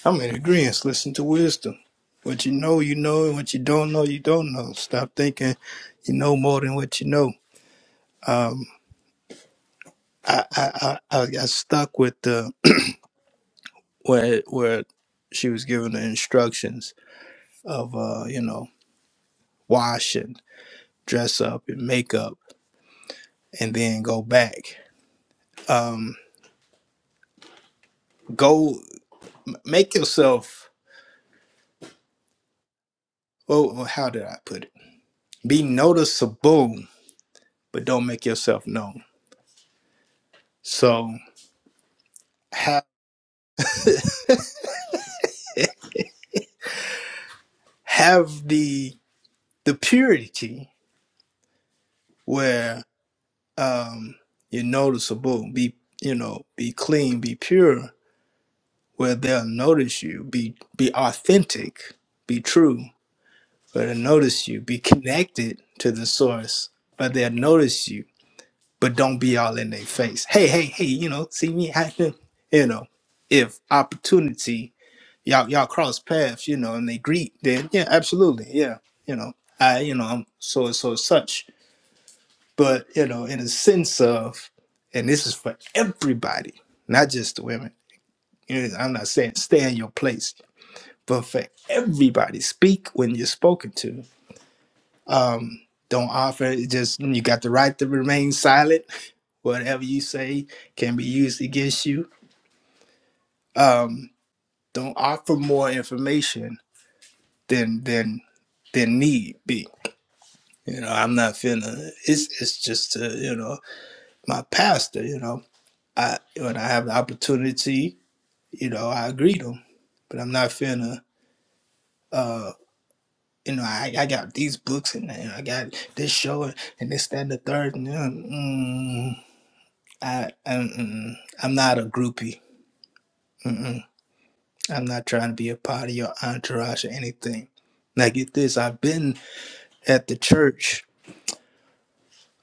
S2: I'm in agreement. Listen to wisdom. What you know, you know, and what you don't know, you don't know. Stop thinking you know more than what you know. Um, I I I, I got stuck with the (clears throat) where where she was giving the instructions of uh you know wash and dress up and make up and then go back. Um, go make yourself. Oh, oh, how did I put it? Be noticeable, but don't make yourself known. So have have the the purity where um you're noticeable be you know be clean be pure where they'll notice you be be authentic be true where they'll notice you be connected to the source but they'll notice you but don't be all in their face hey hey hey you know see me happen you know if opportunity y'all y'all cross paths you know and they greet then yeah absolutely yeah you know I, you know, I'm so and so such. but you know, in a sense of, and this is for everybody, not just the women. You know, I'm not saying stay in your place, but for everybody, speak when you're spoken to. Um, don't offer. it, Just you got the right to remain silent. Whatever you say can be used against you. Um, don't offer more information than than than need be. You know, I'm not finna. It's it's just uh, you know my pastor. You know, I when I have the opportunity. you know, I agreed them, but I'm not finna, you know, I, I got these books and, and I got this show and, and this, that, and the third. And, uh, mm, I, I'm, mm, I'm not a groupie. Mm-mm. I'm not trying to be a part of your entourage or anything. Now, get this I've been at the church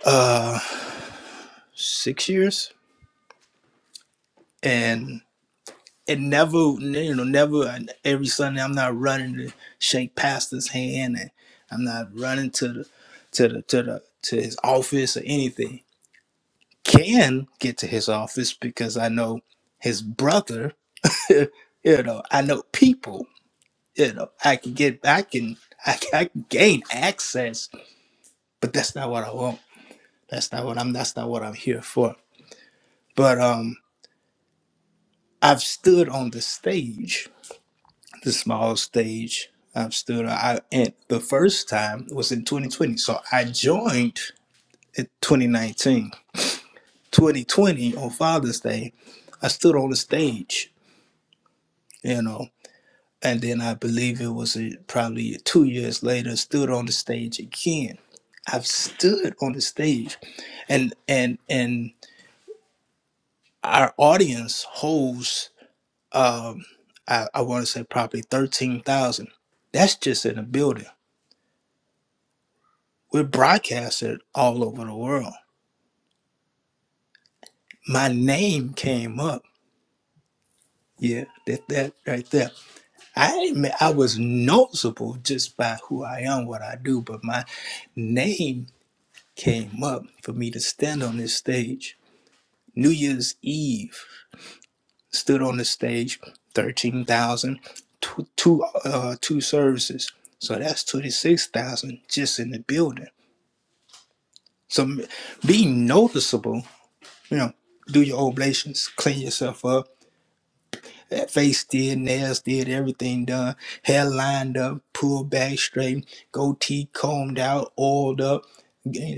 S2: uh six years, and. it never you know never every sunday i'm not running to shake pastor's hand and i'm not running to the to the to the to his office or anything can get to his office because i know his brother (laughs) you know i know people you know i can get i can (laughs) i can, I can gain access but that's not what i want that's not what i'm that's not what i'm here for but um i've stood on the stage the small stage I've stood on. I, and the first time was in 2020. So I joined in 2019. 2020 on Father's Day, I stood on the stage, you know, and then I believe it was uh probably two years later, stood on the stage again. I've stood on the stage, and and and our audience holds, um, I, I want to say probably thirteen thousand. That's just in a building We're broadcasted all over the world. My name came up. Yeah, that that right there. I admit I was noticeable just by who I am, what I do, but my name came up for me to stand on this stage. New Year's Eve stood on the stage, 13,000, two, two uh, two services. So that's 26,000 just in the building. So m- be noticeable, you know, do your oblations, clean yourself up, That face did, nails did, everything done. Hair lined up, pulled back straight, goatee combed out, oiled up,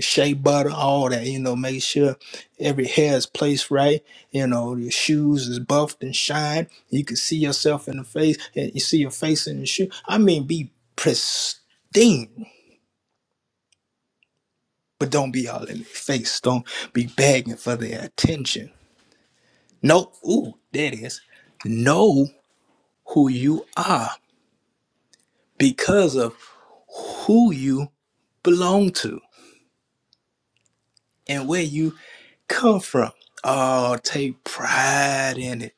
S2: shea butter, all that, you know, make sure every hair is placed right, you know, your shoes is buffed and shined. You can see yourself in the face, and you see your face in the shoe. I mean, be pristine, but don't be all in the face. Don't be begging for their attention. No, ooh, that is. Know who you are because of who you belong to and where you come from. Oh, take pride in it.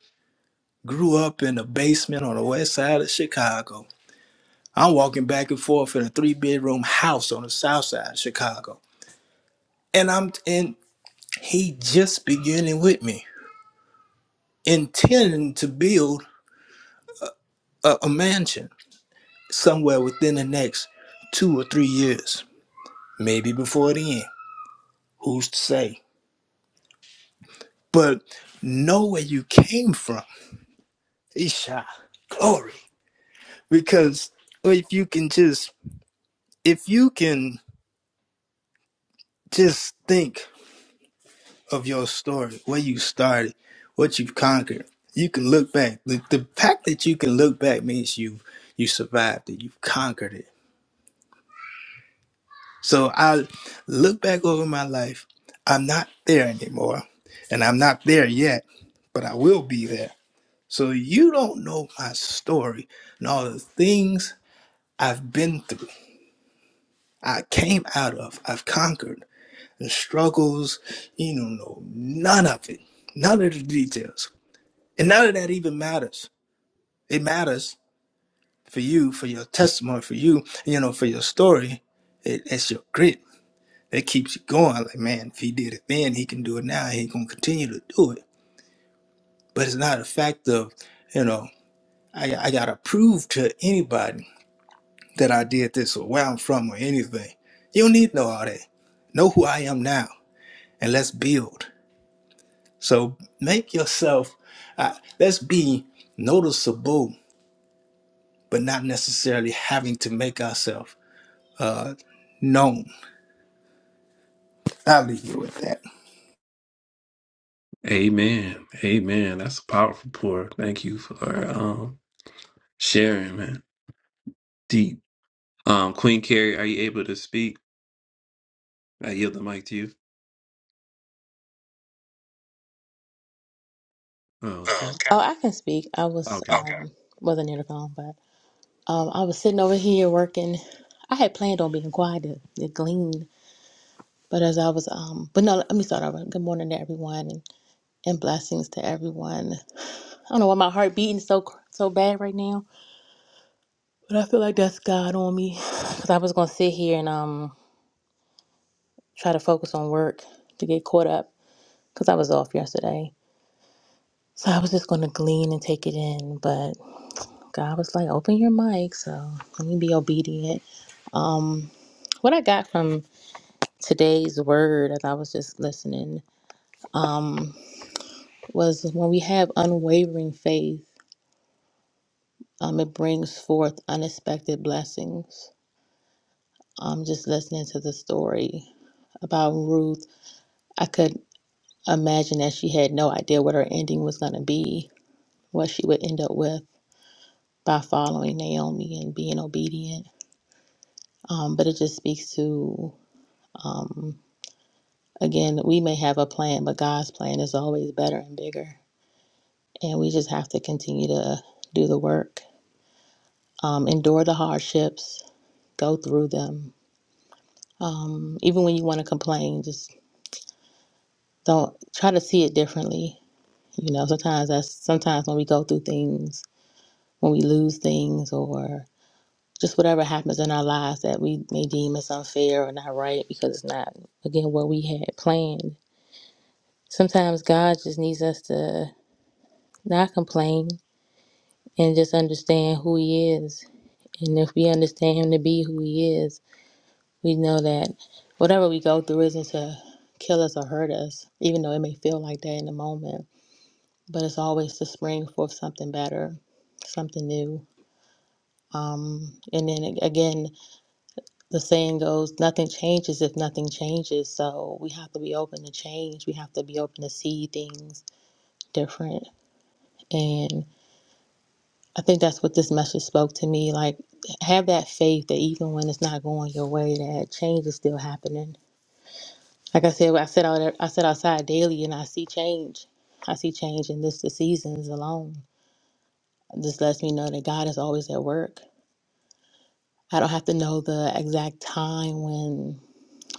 S2: Grew up in the basement on the west side of Chicago. I'm walking back and forth in a three bedroom house on the south side of Chicago. And I'm and he just beginning with me, intending to build a, a mansion somewhere within the next two or three years, maybe before the end. Who's to say? But know where you came from Isha, glory. Because if you can just, if you can just think of your story, where you started, what you've conquered, you can look back. The, the fact that you can look back means you you survived it, you've conquered it. So I look back over my life. I'm not there anymore, and I'm not there yet, but I will be there. So you don't know my story and all the things I've been through I came out of, I've conquered, the struggles, you don't know, no, none of it, none of the details. And none of that even matters. It matters for you, for your testimony, for you, you know, for your story. It, it's your grit that keeps you going. Like, man, if he did it then, he can do it now. He going to continue to do it. But it's not a fact of, you know, I, I got to prove to anybody that I did this or where I'm from or anything. You don't need to know all that. Know who I am now and let's build. So make yourself, uh, let's be noticeable, but not necessarily having to make ourselves uh, known. I'll leave you with that.
S3: Amen. Amen. That's a powerful pour. Thank you for um sharing, man. Deep. Um, Queen Carrie, are you able to speak? I yield the mic to you.
S5: Oh,
S3: Okay.
S5: okay. Oh, I can speak. I was
S3: Okay.
S5: Okay. um wasn't near the phone, but um I was sitting over here working. I had planned on being quiet to, to glean, but as I was um but no, let me start over. Good morning to everyone and, and blessings to everyone. I don't know why my heart beating so cr- so bad right now, but I feel like that's God on me because I was gonna sit here and um try to focus on work to get caught up because I was off yesterday. So I was just gonna glean and take it in, but God was like, "Open your mic," so let me be obedient Um, what I got from today's word as I was just listening um, was when we have unwavering faith, um, it brings forth unexpected blessings. Um, just listening to the story about Ruth, I could imagine that she had no idea what her ending was going to be, what she would end up with by following Naomi and being obedient. Um, but it just speaks to, um, again, we may have a plan, but God's plan is always better and bigger. And we just have to continue to do the work, um, endure the hardships, go through them. Um, even when you want to complain, just don't try to see it differently. You know, sometimes that's sometimes when we go through things, when we lose things, or just whatever happens in our lives that we may deem as unfair or not right because it's not, again, what we had planned. Sometimes God just needs us to not complain and just understand who He is. And if we understand Him to be who He is, We know that whatever we go through isn't to kill us or hurt us, even though it may feel like that in the moment. But it's always to spring forth something better, something new. Um, and then a- again, the saying goes, nothing changes if nothing changes. So we have to be open to change. We have to be open to see things different. And I think that's what this message spoke to me. Like, have that faith that even when it's not going your way, that change is still happening Like I said, I sit out I sit outside daily and I see change. I see change in this the seasons alone. This lets me know that God is always at work. I don't have to know the exact time when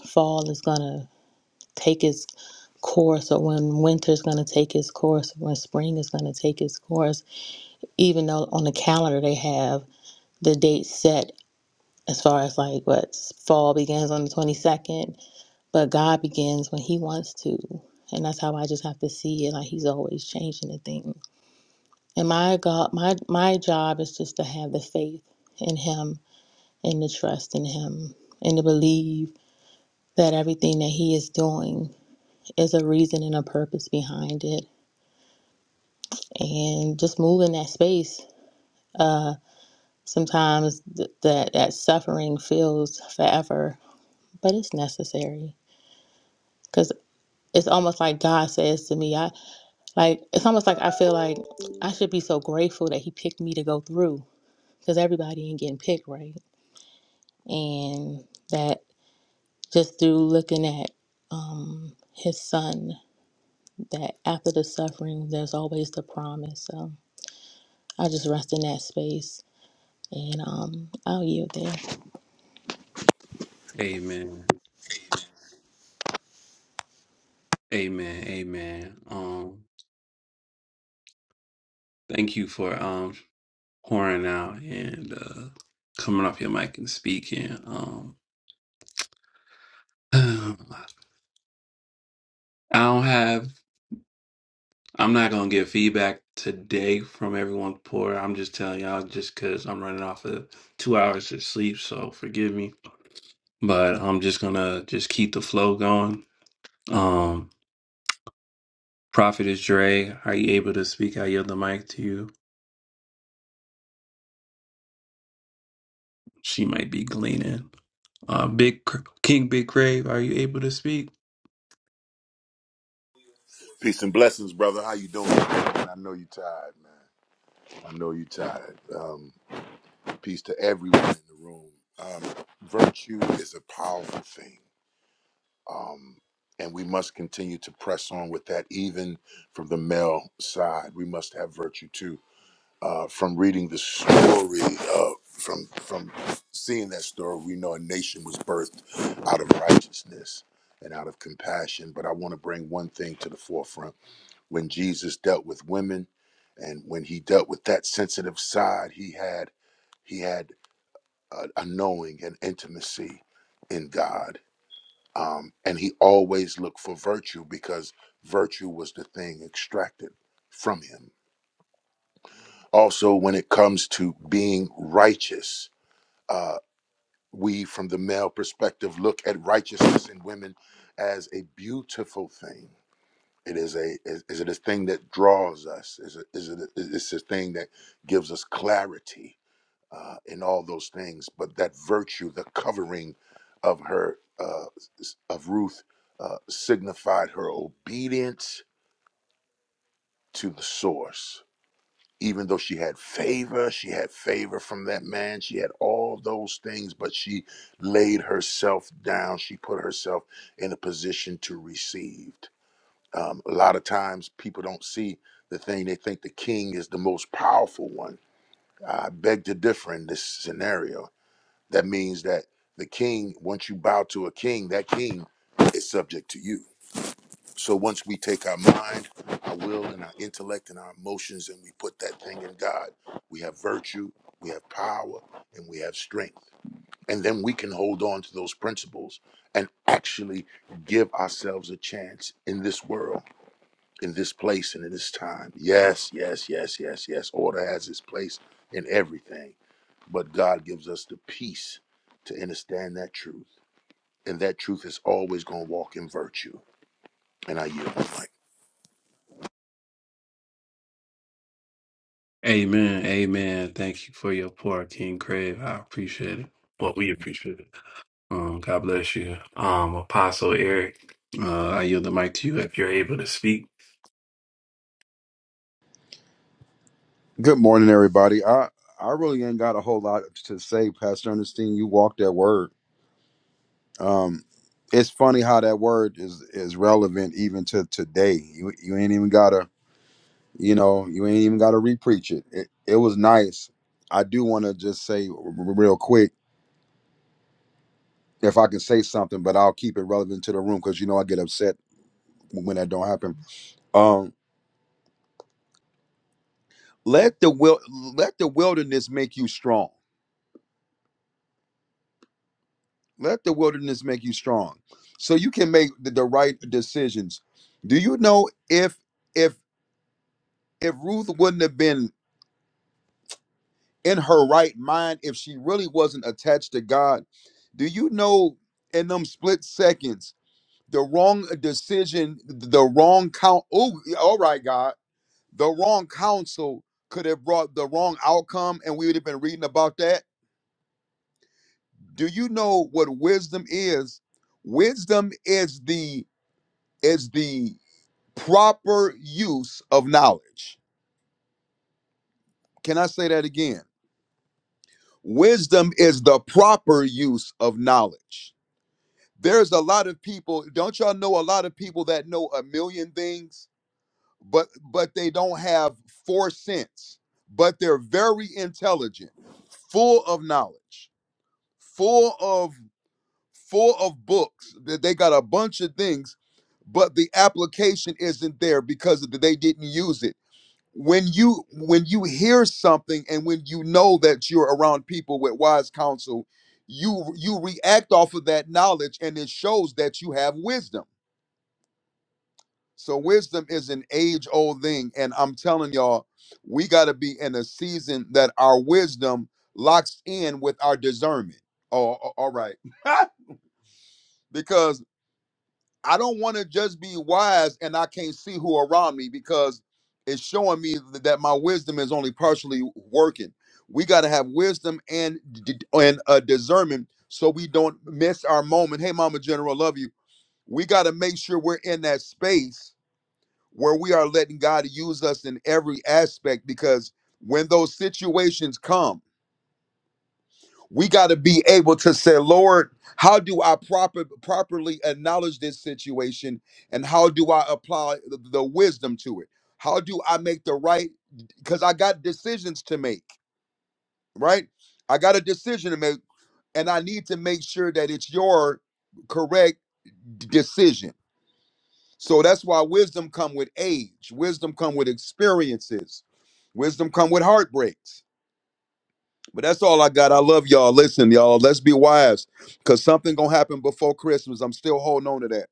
S5: fall is gonna take its course or when winter's gonna take its course, when spring is gonna take its course, even though on the calendar they have the date set as far as like what fall begins on the 22nd But God begins when He wants to. And that's how I just have to see it. Like He's always changing the thing. And my God my my job is just to have the faith in Him and the trust in Him and to believe that everything that He is doing is a reason and a purpose behind it. And just move in that space. Uh sometimes th- that that suffering feels forever, but it's necessary. Because it's almost like God says to me, I. Like it's almost like I feel like I should be so grateful that he picked me to go through because everybody ain't getting picked right, and that just through looking at um, his son, that after the suffering, there's always the promise. So I just rest in that space, and um, I'll yield there.
S3: Amen. Amen. Amen. Um, thank you for um pouring out and uh coming off your mic and speaking. Um, (sighs) I don't have I'm not gonna get feedback today from everyone poor. I'm just telling y'all just because I'm running off of two hours of sleep, so forgive me. But I'm just gonna just keep the flow going. Um Prophet is Dre. Are you able to speak? I yield the mic to you. She might be gleaning. Uh Big Cr- King Big Crave, are you able to speak?
S6: Peace and blessings, brother. How you doing? Man, I know you tired, man. I know you tired. Um, peace to everyone in the room. Um, virtue is a powerful thing, um, and we must continue to press on with that. Even from the male side, we must have virtue too. Uh, from reading the story, uh, from from seeing that story, we know a nation was birthed out of righteousness and out of compassion. But I want to bring one thing to the forefront when Jesus dealt with women and when he dealt with that sensitive side he had he had a, a knowing and intimacy in God um, and he always looked for virtue because virtue was the thing extracted from him also when it comes to being righteous uh, we from the male perspective look at righteousness in women as a beautiful thing It is a is, is it a thing that draws us? Is it is it it's a thing that gives us clarity uh, in all those things? But that virtue, the covering of her uh, s- of Ruth, uh, signified her obedience to the source. Even though she had favor, she had favor from that man. She had all those things, but she laid herself down. She put herself in a position to receive. Um, a lot of times people don't see the thing. They think the king is the most powerful one. I beg to differ in this scenario. That means that the king, once you bow to a king, that king is subject to you. So once we take our mind, our will, and our intellect and our emotions and we put that thing in God, we have virtue, we have power, and we have strength. And then we can hold on to those principles and actually give ourselves a chance in this world in this place and in this time. Yes, yes, yes, yes, yes. Order has its place in everything, but God gives us the peace to understand that truth, and that truth is always going to walk in virtue. And I yield the mic.
S3: Amen. Amen. Thank you for your poor King Crave. I appreciate it. Well, we appreciate it. Um, God bless you. Um, Apostle Eric, uh, I yield the mic to you if you're able to speak.
S7: Good morning, everybody. I I really ain't got a whole lot to say, Pastor Ernestine. You walked that word. Um, it's funny how that word is is relevant even to today. You you ain't even gotta you know you ain't even gotta repreach it. It it was nice. I do want to just say r- r- real quick if I can say something, but I'll keep it relevant to the room because you know I get upset when that don't happen. Um, let the will let the wilderness make you strong. Let the wilderness make you strong, so you can make the, the right decisions. Do you know if if if Ruth wouldn't have been in her right mind, if she really wasn't attached to God, do you know in them split seconds the wrong decision, the wrong count? Oh, all right, God, the wrong counsel could have brought the wrong outcome, and we would have been reading about that. Do you know what wisdom is? Wisdom is the is the proper use of knowledge. Can I say that again? Wisdom is the proper use of knowledge. There's a lot of people, don't y'all know a lot of people that know a million things, but but they don't have four sense, but they're very intelligent, full of knowledge, full of full of books. That they got a bunch of things, but the application isn't there because they didn't use it when you when you hear something and when you know that you're around people with wise counsel you you react off of that knowledge and it shows that you have wisdom so wisdom is an age old thing and i'm telling y'all we got to be in a season that our wisdom locks in with our discernment oh a- all right (laughs) because I don't want to just be wise and I can't see who around me because it's showing me th- that my wisdom is only partially working. We got to have wisdom and d- d- and uh, discernment so we don't miss our moment. Hey, Mama General, love you. We got to make sure we're in that space where we are letting God use us in every aspect because when those situations come we got to be able to say lord how do i proper, properly acknowledge this situation and how do i apply the, the wisdom to it how do i make the right because i got decisions to make right i got a decision to make and i need to make sure that it's your correct d- decision so that's why wisdom come with age wisdom come with experiences wisdom come with heartbreaks But that's all I got. I love y'all. Listen, y'all, let's be wise because something going to happen before Christmas. I'm still holding on to that.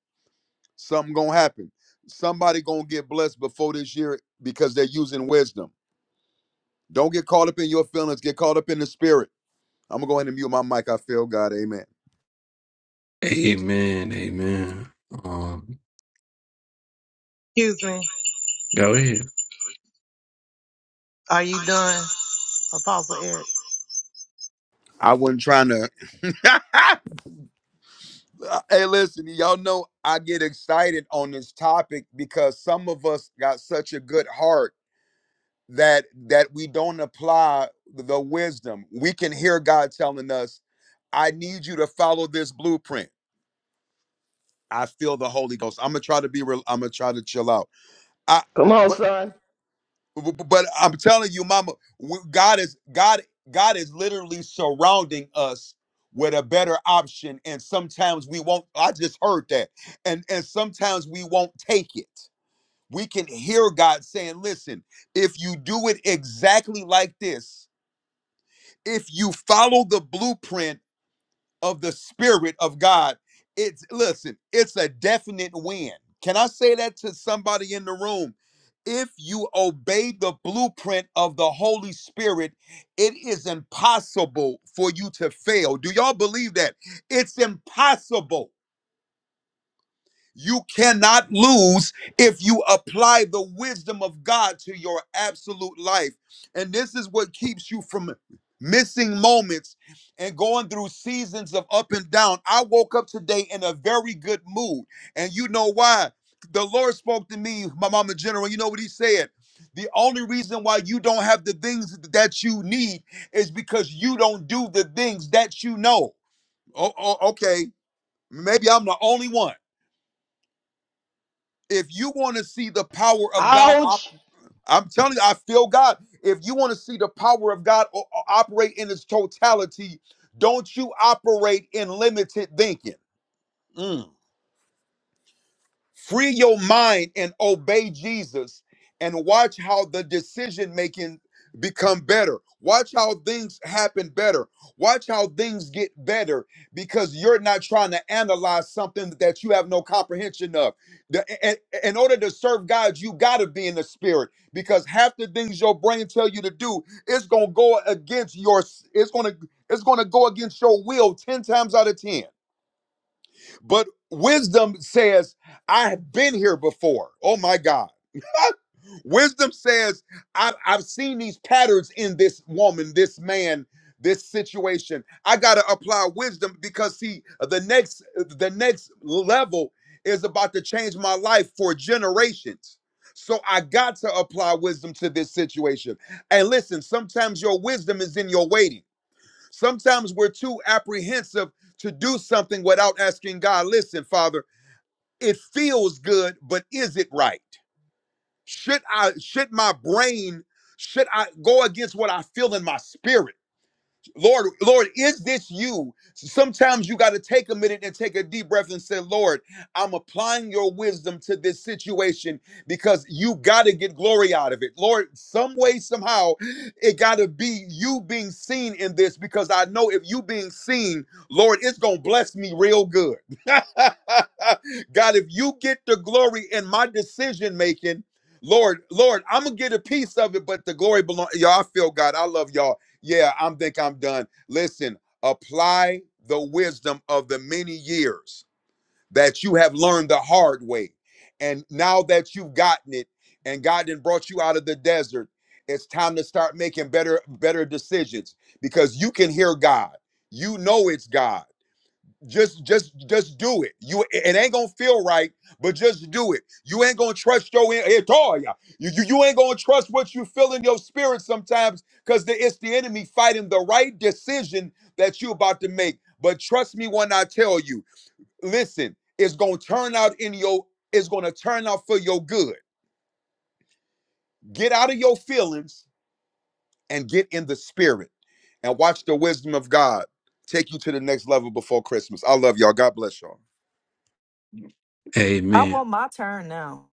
S7: Something going to happen. Somebody going to get blessed before this year because they're using wisdom. Don't get caught up in your feelings. Get caught up in the spirit. I'm going to go ahead and mute my mic. I feel God. Amen.
S3: Amen. Amen. Um,
S8: Excuse me.
S3: go ahead.
S8: Are you done, Apostle Eric?
S7: I wasn't trying to. Uh, Hey, listen, y'all know I get excited on this topic because some of us got such a good heart that that we don't apply the wisdom we can hear god telling us i need you to follow this blueprint i feel the holy ghost i'm gonna try to be real i'm gonna try to chill out i
S9: Come on,
S7: but
S9: son.
S7: but but i'm telling you mama w- god is god god is literally surrounding us with a better option and sometimes we won't i just heard that and and sometimes we won't take it we can hear god saying listen if you do it exactly like this if you follow the blueprint of the spirit of God, it's listen, it's a definite win. Can I say that to somebody in the room? If you obey the blueprint of the Holy Spirit, it is impossible for you to fail. Do y'all believe that? It's impossible. You cannot lose if you apply the wisdom of God to your absolute life. And this is what keeps you from missing moments and going through seasons of up and down. I woke up today in a very good mood. And you know why? The Lord spoke to me, my mama general. You know what he said? The only reason why you don't have the things that you need is because you don't do the things that you know. Oh, oh, okay. Maybe I'm the only one if you want to see the power of God, op-
S9: Ouch!
S7: I'm telling you, I feel God. If you want to see the power of God o- o- operate in its totality, don't you operate in limited thinking. Mm. Free your mind and obey Jesus and watch how the decision making become better. Watch how things happen better. Watch how things get better because you're not trying to analyze something that you have no comprehension of. The- a- a- in order to serve God, you got to be in the spirit because half the things your brain tell you to do, it's going to go against your it's going to it's going to go against your will 10 times out of 10 but wisdom says, I have been here before. Oh my God. (laughs) wisdom says, I've, I've seen these patterns in this woman, this man, this situation. I got to apply wisdom because see, the next the next level is about to change my life for generations. So I got to apply wisdom to this situation. And listen, sometimes your wisdom is in your waiting. Sometimes we're too apprehensive to do something without asking God, listen, Father, it feels good, but is it right? Should I should my brain should I go against what I feel in my spirit? Lord, Lord, is this you? Sometimes you got to take a minute and take a deep breath and say, Lord, I'm applying your wisdom to this situation because you got to get glory out of it. Lord, some way, somehow, it got to be you being seen in this because I know if you being seen, Lord, it's going to bless me real good. (laughs) God, if you get the glory in my decision making, Lord, Lord, I'm gonna get a piece of it, but the glory belongs. Y'all, I feel God. I love y'all. Yeah, I'm think I'm done. Listen, apply the wisdom of the many years that you have learned the hard way. And now that you've gotten it and God then brought you out of the desert, it's time to start making better better decisions because you can hear God. You know it's God just just just do it you it ain't gonna feel right but just do it you ain't gonna trust your in- it all yeah. you, you you ain't gonna trust what you feel in your spirit sometimes because it's the enemy fighting the right decision that you about to make but trust me when i tell you listen it's gonna turn out in your it's gonna turn out for your good get out of your feelings and get in the spirit and watch the wisdom of god take you to the next level before christmas i love y'all god bless y'all
S10: I
S3: Amen.
S10: want my turn now.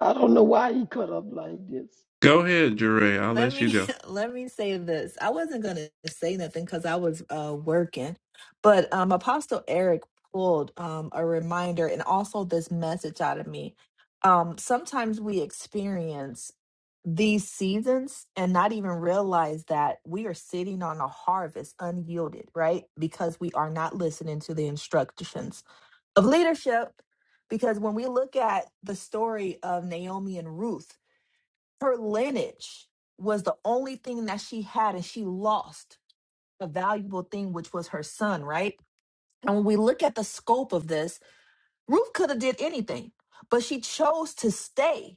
S9: I don't know why he cut up like this.
S3: Go ahead, Jure. I'll
S10: Let
S3: let you
S10: me
S3: go.
S10: (laughs) let me say this. I wasn't gonna say nothing because I was uh working, but um Apostle Eric pulled um a reminder and also this message out of me. Um sometimes we experience these seasons and not even realize that we are sitting on a harvest unyielded, right? Because we are not listening to the instructions of leadership. Because when we look at the story of Naomi and Ruth, her lineage was the only thing that she had and she lost a valuable thing which was her son right and when we look at the scope of this ruth could have did anything but she chose to stay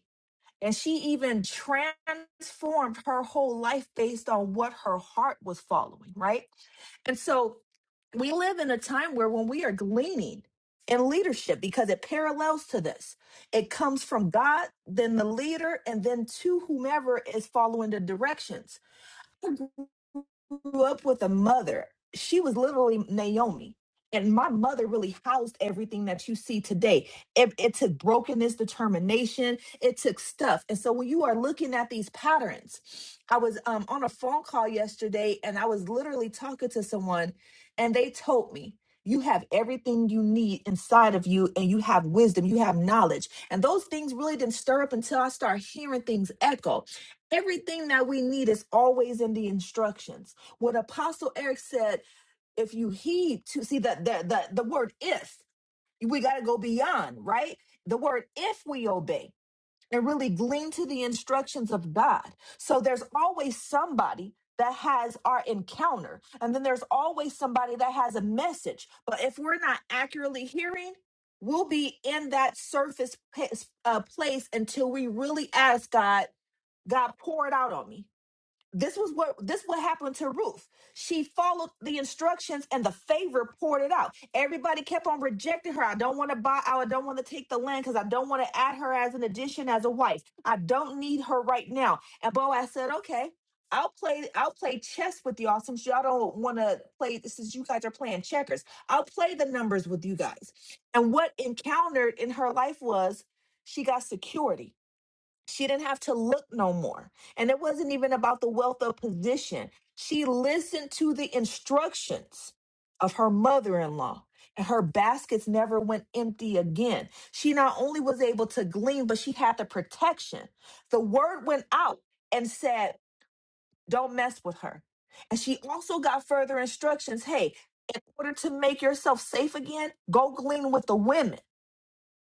S10: and she even transformed her whole life based on what her heart was following right and so we live in a time where when we are gleaning in leadership because it parallels to this it comes from god then the leader and then to whomever is following the directions grew up with a mother. She was literally Naomi. And my mother really housed everything that you see today. It, it took brokenness, determination, it took stuff. And so when you are looking at these patterns, I was um, on a phone call yesterday and I was literally talking to someone, and they told me, You have everything you need inside of you, and you have wisdom, you have knowledge. And those things really didn't stir up until I started hearing things echo. Everything that we need is always in the instructions. What Apostle Eric said, if you heed to see that the, the, the word if, we got to go beyond, right? The word if we obey and really glean to the instructions of God. So there's always somebody that has our encounter, and then there's always somebody that has a message. But if we're not accurately hearing, we'll be in that surface pa- uh, place until we really ask God, God, pour it out on me this was what this what happened to Ruth. She followed the instructions and the favor poured it out. Everybody kept on rejecting her. I don't want to buy I don't want to take the land because I don't want to add her as an addition as a wife. I don't need her right now. And Boaz said, okay. I'll play I'll play chess with y'all since y'all don't want to play since you guys are playing checkers. I'll play the numbers with you guys. And what encountered in her life was she got security she didn't have to look no more. And it wasn't even about the wealth of position. She listened to the instructions of her mother in law, and her baskets never went empty again. She not only was able to glean, but she had the protection. The word went out and said, Don't mess with her. And she also got further instructions hey, in order to make yourself safe again, go glean with the women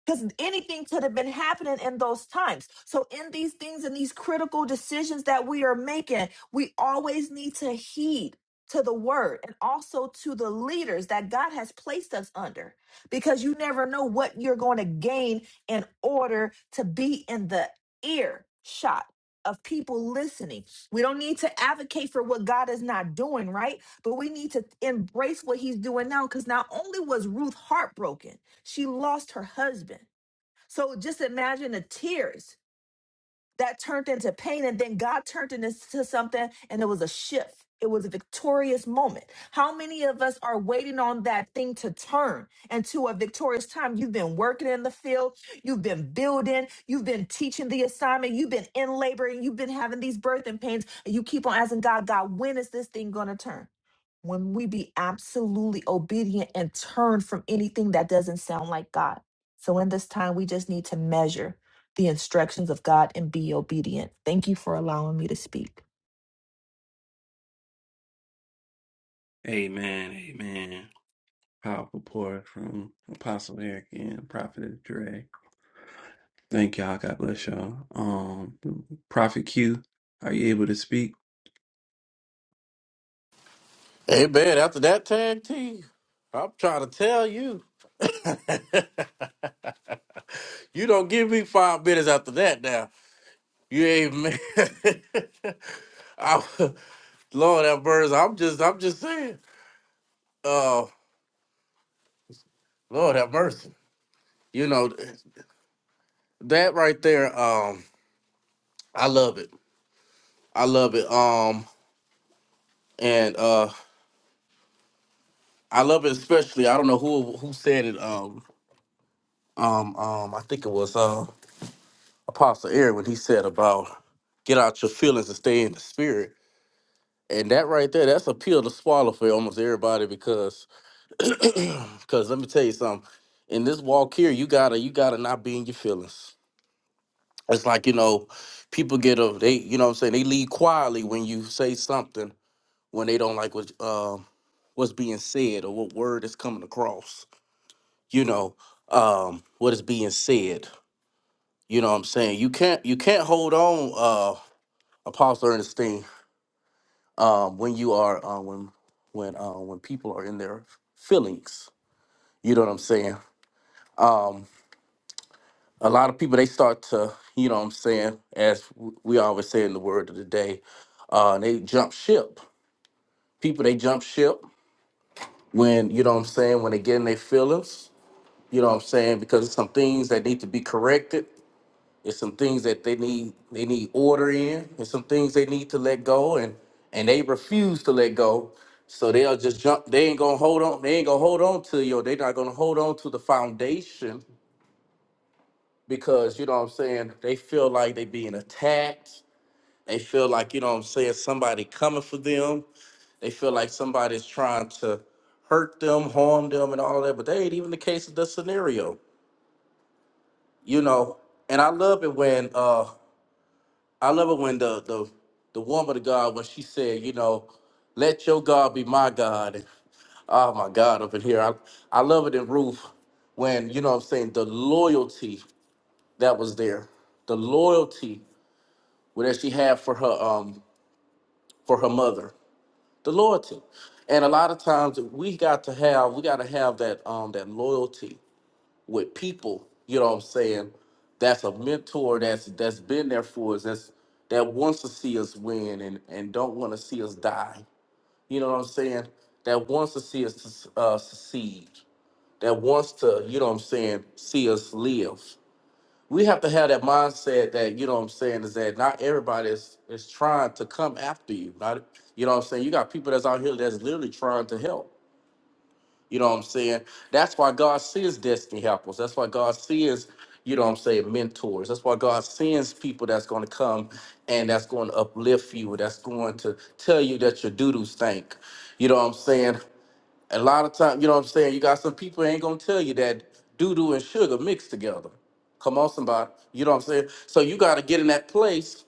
S10: because anything could have been happening in those times. So, in these things and these critical decisions that we are making, we always need to heed to the word and also to the leaders that God has placed us under because you never know what you're going to gain in order to be in the ear shot of people listening. We don't need to advocate for what God is not doing, right? But we need to embrace what he's doing now cuz not only was Ruth heartbroken, she lost her husband. So just imagine the tears that turned into pain and then god turned it into something and it was a shift it was a victorious moment how many of us are waiting on that thing to turn into a victorious time you've been working in the field you've been building you've been teaching the assignment you've been in labor and you've been having these birthing pains and you keep on asking god god when is this thing going to turn when we be absolutely obedient and turn from anything that doesn't sound like god so in this time we just need to measure the instructions of God and be obedient. Thank you for allowing me to speak.
S3: Amen. Amen. Powerful pour from Apostle Eric and Prophet Jure. Thank y'all. God bless y'all. Um, Prophet Q, are you able to speak?
S11: Hey man, after that tag team, I'm trying to tell you, you don't give me five minutes after that. Now you ain't man. (laughs) I, Lord have mercy. I'm just, I'm just saying. Uh, Lord have mercy. You know that right there. Um, I love it. I love it. Um, and uh, I love it especially. I don't know who who said it. Um, um, um. I think it was uh, Apostle Eric when he said about get out your feelings and stay in the spirit And that right there, that's a pill to swallow for almost everybody because (clears throat) because let me tell you something. In this walk here, you gotta you gotta not be in your feelings. It's like, you know, people get a they you know what I'm saying, they leave quietly when you say something when they don't like what um what's being said or what word is coming across, you know, um, what is being said. You know what I'm saying? You can't you can't hold on, uh Apostle Ernestine um, when you are uh, when when uh, when people are in their feelings. You know what I'm saying? Um, a lot of people they start to, you know what I'm saying, as w- we always say in the word of the day, uh, they jump ship. People they jump ship when you know what I'm saying when they get in their feelings. You know what I'm saying because there's some things that need to be corrected It's some things that they need they need order in, and some things they need to let go, and and they refuse to let go. So they'll just jump. They ain't gonna hold on. They ain't gonna hold on to you. They're not gonna hold on to the foundation because you know what I'm saying. They feel like they being attacked. They feel like you know what I'm saying. Somebody coming for them. They feel like somebody's trying to hurt them, harm them, and all that. But that ain't even the case of the scenario, you know. And I love it when uh I love it when the the the woman of God when she said, you know, let your God be my God. oh my God, up in here. I I love it in Ruth when, you know what I'm saying, the loyalty that was there. The loyalty that she had for her um for her mother. The loyalty. And a lot of times we got to have we gotta have that um that loyalty with people, you know what I'm saying, that's a mentor that's that's been there for us, that's that wants to see us win and and don't want to see us die. You know what I'm saying? That wants to see us uh, succeed. That wants to, you know what I'm saying, see us live. We have to have that mindset that, you know what I'm saying, is that not everybody is, is trying to come after you. Not, you know what I'm saying? You got people that's out here that's literally trying to help. You know what I'm saying? That's why God sends destiny helpers. That's why God sends, you know what I'm saying, mentors. That's why God sends people that's going to come and that's going to uplift you, that's going to tell you that your doo-doo stink. You know what I'm saying? A lot of time, you know what I'm saying, you got some people ain't going to tell you that doo-doo and sugar mixed together. Come on, somebody. You know what I'm saying? So you got to get in that place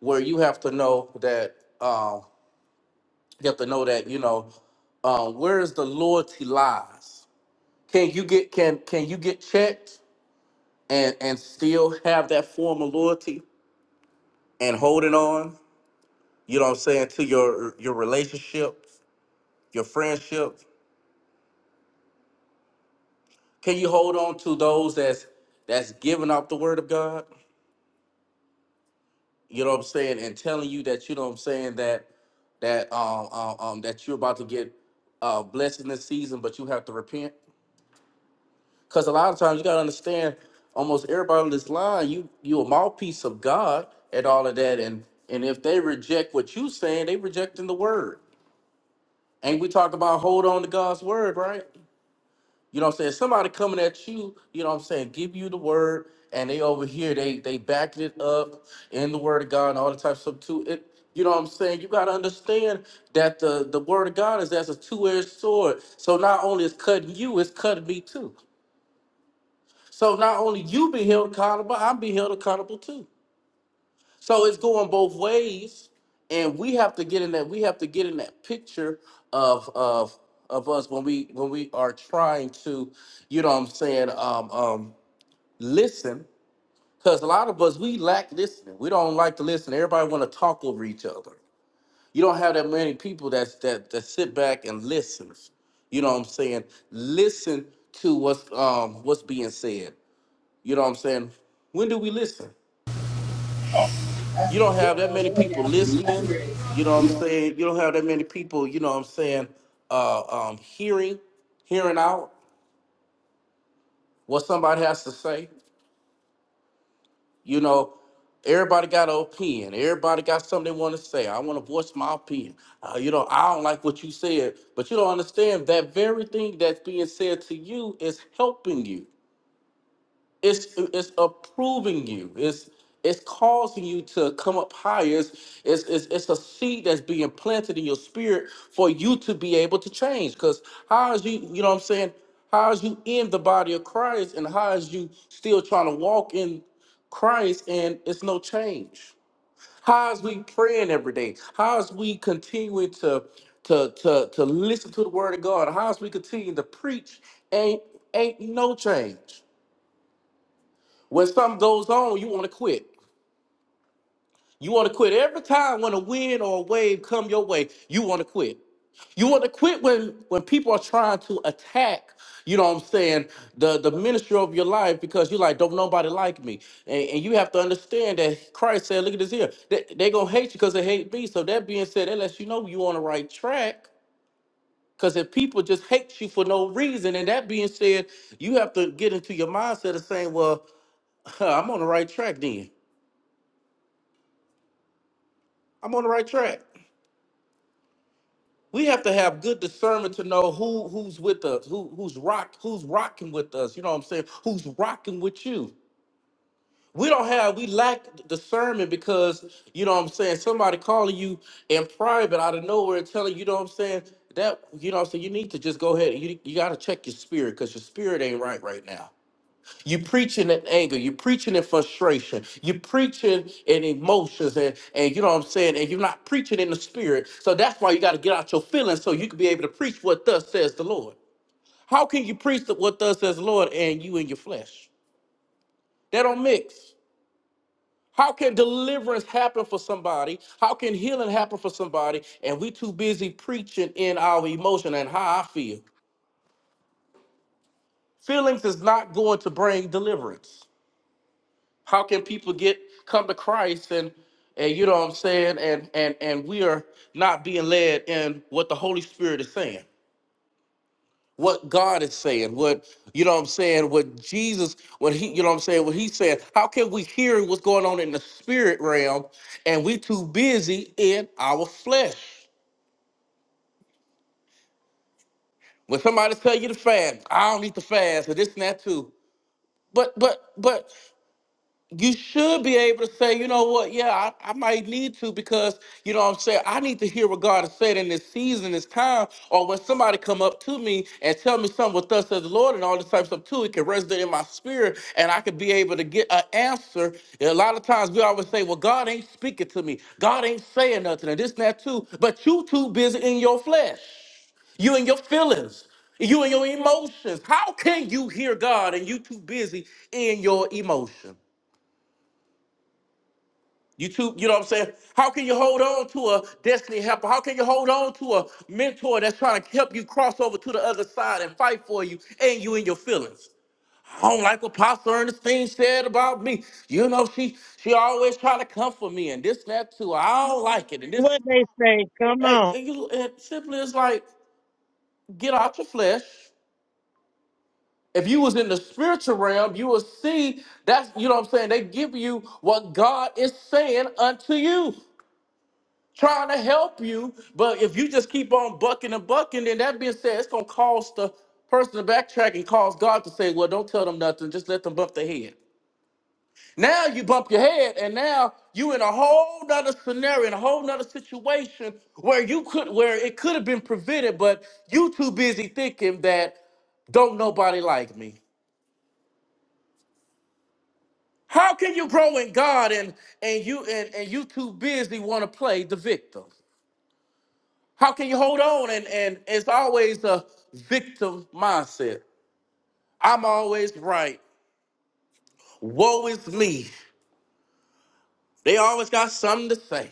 S11: where you have to know that, um, you have to know that, you know, um, where is the loyalty lies? Can you get can can you get checked and and still have that form of loyalty and holding on? You know what I'm saying to your your relationship, your friendship. Can you hold on to those that's that's giving up the word of God? You know what I'm saying and telling you that you know what I'm saying that that um um, um that you're about to get uh blessed in this season, but you have to repent. Because a lot of times you gotta understand, almost everybody on this line, you you a mouthpiece of God and all of that, and and if they reject what you saying, they rejecting the word. And we talk about hold on to God's word, right? You know what I'm saying? Somebody coming at you, you know what I'm saying, give you the word, and they over here, they they backing it up in the word of God and all the types of stuff too. It you know what I'm saying? You gotta understand that the the word of God is as a two-edged sword. So not only it's cutting you, it's cutting me too. So not only you be held accountable, I'm be held accountable too. So it's going both ways, and we have to get in that. We have to get in that picture of of of us when we when we are trying to, you know, what I'm saying, um, um, listen, because a lot of us we lack listening. We don't like to listen. Everybody want to talk over each other. You don't have that many people that's that that sit back and listens. You know what I'm saying? Listen to what's um what's being said. You know what I'm saying? When do we listen? You don't
S12: You
S11: have
S12: don't
S11: that
S12: have
S11: many
S12: any
S11: people
S12: after nothing.
S11: listening.
S12: really.
S11: You know what I'm saying? You don't have that many people, you know what I'm saying, uh, um, hearing, hearing out what somebody has to say. You know, everybody got an opinion. Everybody got something they want to say. I want to voice my opinion. Uh, you know, I don't like what you said, but you don't understand that very thing that's being said to you is helping you. it's it's approving you it's it's causing you to come up higher it's, it's it's it's a seed that's being planted in your spirit for you to be able to change because how is you you know what i'm saying how is you in the body of christ and how is you still trying to walk in christ and it's no change how is we praying every day how is we continuing to to to to listen to the word of god how is we continuing to preach ain't ain't no change when something goes on, you want to quit. You want to quit every time when a wind or a wave come your way. You want to quit. You want to quit when when people are trying to attack. You know what I'm saying? The the ministry of your life because you're like, don't nobody like me, and, and you have to understand that Christ said, look at this here. They they gonna hate you because they hate me. So that being said, that lets you know you on the right track. Because if people just hate you for no reason, and that being said, you have to get into your mindset of saying, well, (laughs) I'm on the right track then I'm on the right track. We have to have good discernment to know who who's with us, who who's rock, who's rocking with us. You know what I'm saying? Who's rocking with you? We don't have we lack discernment because you know what I'm saying. Somebody calling you in private out of nowhere, and telling you, you know what I'm saying that you know what I'm saying. You need to just go ahead. You you got to check your spirit because your spirit ain't right right now. You're preaching in anger. You're preaching in frustration. You're preaching in emotions, and, and you know what I'm saying. And you're not preaching in the spirit. So that's why you got to get out your feelings so you can be able to preach what thus says the Lord. How can you preach the- what thus says the Lord and you in your flesh? They don't mix. How can deliverance happen for somebody? How can healing happen for somebody? And we too busy preaching in our emotion and how I feel. Feelings is not going to bring deliverance. How can people get come to Christ and and you know what I'm saying and and and we are not being led in what the Holy Spirit is saying, what God is saying, what you know what I'm saying, what Jesus, what he you know what I'm saying, what he said. How can we hear what's going on in the spirit realm and we too busy in our flesh? When somebody tell you to fast, I don't need to fast, and this and that too. But but but you should be able to say, you know what, yeah, I, I might need to because, you know what I'm saying, I need to hear what God has said in this season, this time, or when somebody come up to me and tell me something with us as the Lord and all this type of stuff too, it can resonate in my spirit and I could be able to get an answer. And a lot of times we always say, well, God ain't speaking to me. God ain't saying nothing and this and that too, but you too busy in your flesh. You and your feelings. You and your emotions. How can you hear God and you too busy in your emotions? You too, you know what I'm saying? How can you hold on to a destiny helper? How can you hold on to a mentor that's trying to help you cross over to the other side and fight for you and you in your feelings? I don't like what Pastor Ernestine said about me. You know, she she always try to come for me and this and that too. I don't like it. And this
S4: What they say, come
S11: hey,
S4: on.
S11: and you and simply it's like get out your flesh. If you was in the spiritual realm, you will see that's you know what I'm saying, they give you what God is saying unto you. trying to help you. But if you just keep on bucking and bucking, then that being said, it's gonna cause the person to backtrack and cause God to say, "Well, don't tell them nothing. Just let them bump their head." Now you bump your head, and now you in a whole nother scenario, in a whole nother situation where you could, where it could have been prevented, but you too busy thinking that don't nobody like me. How can you grow in God and and you and, and you too busy want to play the victim? How can you hold on? And and it's always a victim mindset. I'm always right. Woe is me. They always got something to say.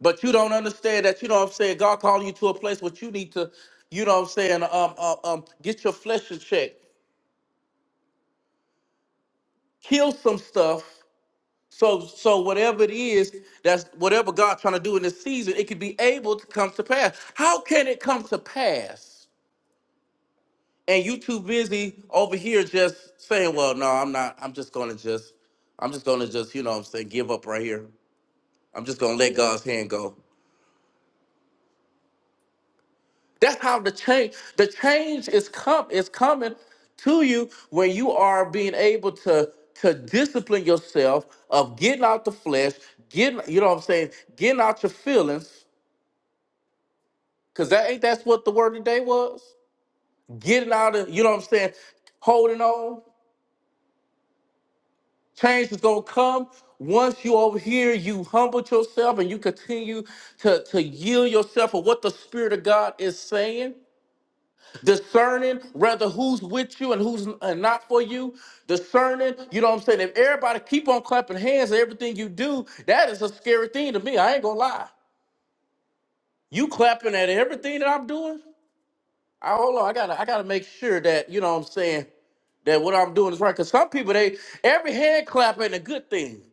S11: But you don't understand that, you know what I'm saying? God calling you to a place where you need to, you know what I'm saying, um, um, um, get your flesh in check. Kill some stuff. So so whatever it is, that's whatever God trying to do in this season, it could be able to come to pass. How can it come to pass? and you too busy over here just saying, "Well, no, I'm not. I'm just gonna just, I'm just gonna just, you know, what I'm saying, give up right here. I'm just gonna let God's hand go." That's how the change, the change is come, is coming to you when you are being able to to discipline yourself of getting out the flesh, getting, you know, what I'm saying, getting out your feelings, because that ain't that's what the word today was. Getting out of, you know, what I'm saying, holding on Change is gonna come once you over here, you humble yourself and you continue to, to yield yourself for what the Spirit of God is saying, discerning rather who's with you and who's and not for you, discerning, you know what I'm saying? If everybody keep on clapping hands at everything you do, that is a scary thing to me. I ain't gonna lie. You clapping at everything that I'm doing? I hold on, I gotta I gotta make sure that, you know what I'm saying, that what I'm doing is right. Cause some people they every hand clap ain't a good thing.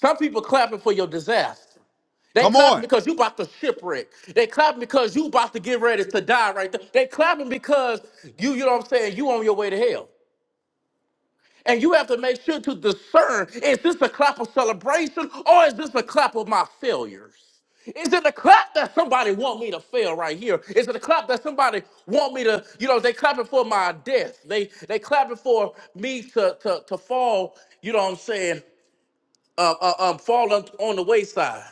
S11: Some people clapping for your disaster. They
S7: come on
S11: clapping because you about to shipwreck. They clapping because you about to get ready to die right there. They clapping because you, you know what I'm saying, you on your way to hell. And you have to make sure to discern, is this a clap of celebration or is this a clap of my failures? Is it a clap that somebody want me to fail right here? Is it a clap that somebody want me to, you know, they clapping for my death. They they clapping for me to to to fall, you know what I'm saying, uh, uh, um, fall on on the wayside.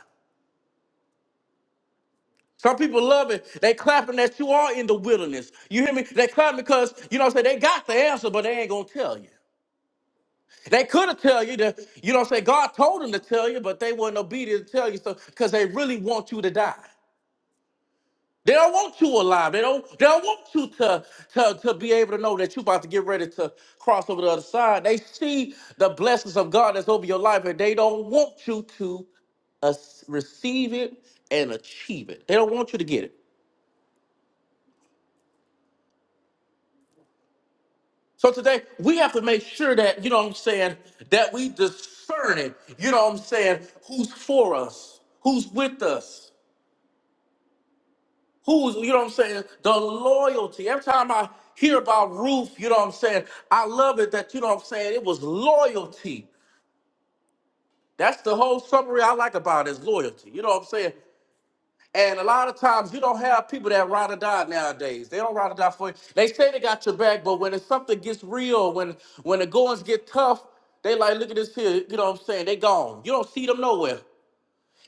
S11: Some people love it. They clapping that you are in the wilderness. You hear me? They clapping because, you know what I'm saying, they got the answer, but they ain't gonna tell you. They could have tell you that, you know what I'm saying, God told them to tell you, but they weren't obedient to tell you so because they really want you to die. They don't want you alive. They don't they don't want you to, to, to be able to know that you're about to get ready to cross over the other side. They see the blessings of God that's over your life, and they don't want you to uh, receive it and achieve it. They don't want you to get it. So today we have to make sure that, you know what I'm saying, that we discern it. You know what I'm saying? Who's for us? Who's with us? Who's, you know what I'm saying? The loyalty. Every time I hear about Ruth, you know what I'm saying? I love it that, you know what I'm saying? It was loyalty. That's the whole summary I like about it is loyalty. You know what I'm saying? And a lot of times you don't have people that ride or die nowadays. They don't ride or die for you. They say they got your back, but when it's something gets real, when when the goings get tough, they like, look at this here. You know what I'm saying? They gone. You don't see them nowhere.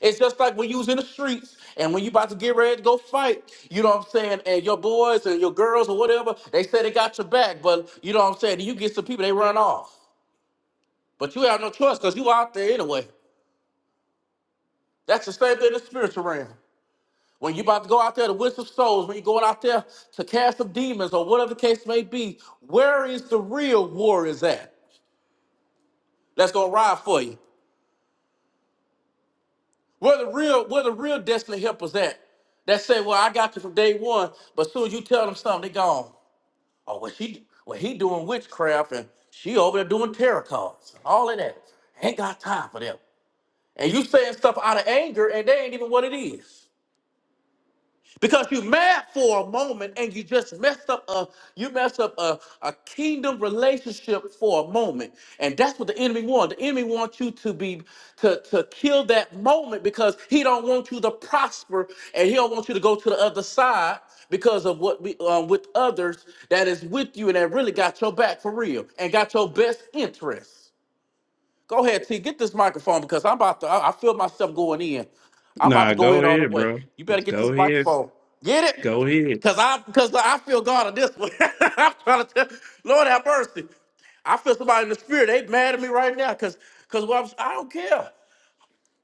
S11: It's just like when you was in the streets and when you about to get ready to go fight, you know what I'm saying? And your boys and your girls or whatever, they say they got your back, but you know what I'm saying? You get some people, they run off. But you have no choice because you out there anyway. That's the same thing in the spiritual realm. When you're about to go out there to win some souls, when you're going out there to cast some demons or whatever the case may be, where is the real warriors at? That's gonna ride for you. Where the real, where the real destiny helpers at? That say, well, I got you from day one, but soon as you tell them something, they gone. Oh, well, she, well, he doing witchcraft and she over there doing tarot cards, and all of that. Ain't got time for them. And you saying stuff out of anger, and they ain't even what it is. Because you mad for a moment and you just messed up a you messed up a, a kingdom relationship for a moment. And that's what the enemy wants. The enemy wants you to be to, to kill that moment because he don't want you to prosper and he don't want you to go to the other side because of what we um, with others that is with you and that really got your back for real and got your best interest. Go ahead, T. Get this microphone because I'm about to. I, I feel myself going in. I'm about
S3: Nah,
S11: to go
S3: go
S11: in all the
S3: ahead,
S11: way.
S3: bro.
S11: You better get
S3: Go
S11: this
S3: ahead.
S11: microphone. Get it?
S3: Go ahead.
S11: Cause I, cause I feel God on this one. (laughs) I'm trying to tell. Lord have mercy. I feel somebody in the spirit. They mad at me right now. Cause, cause what I'm, I don't care.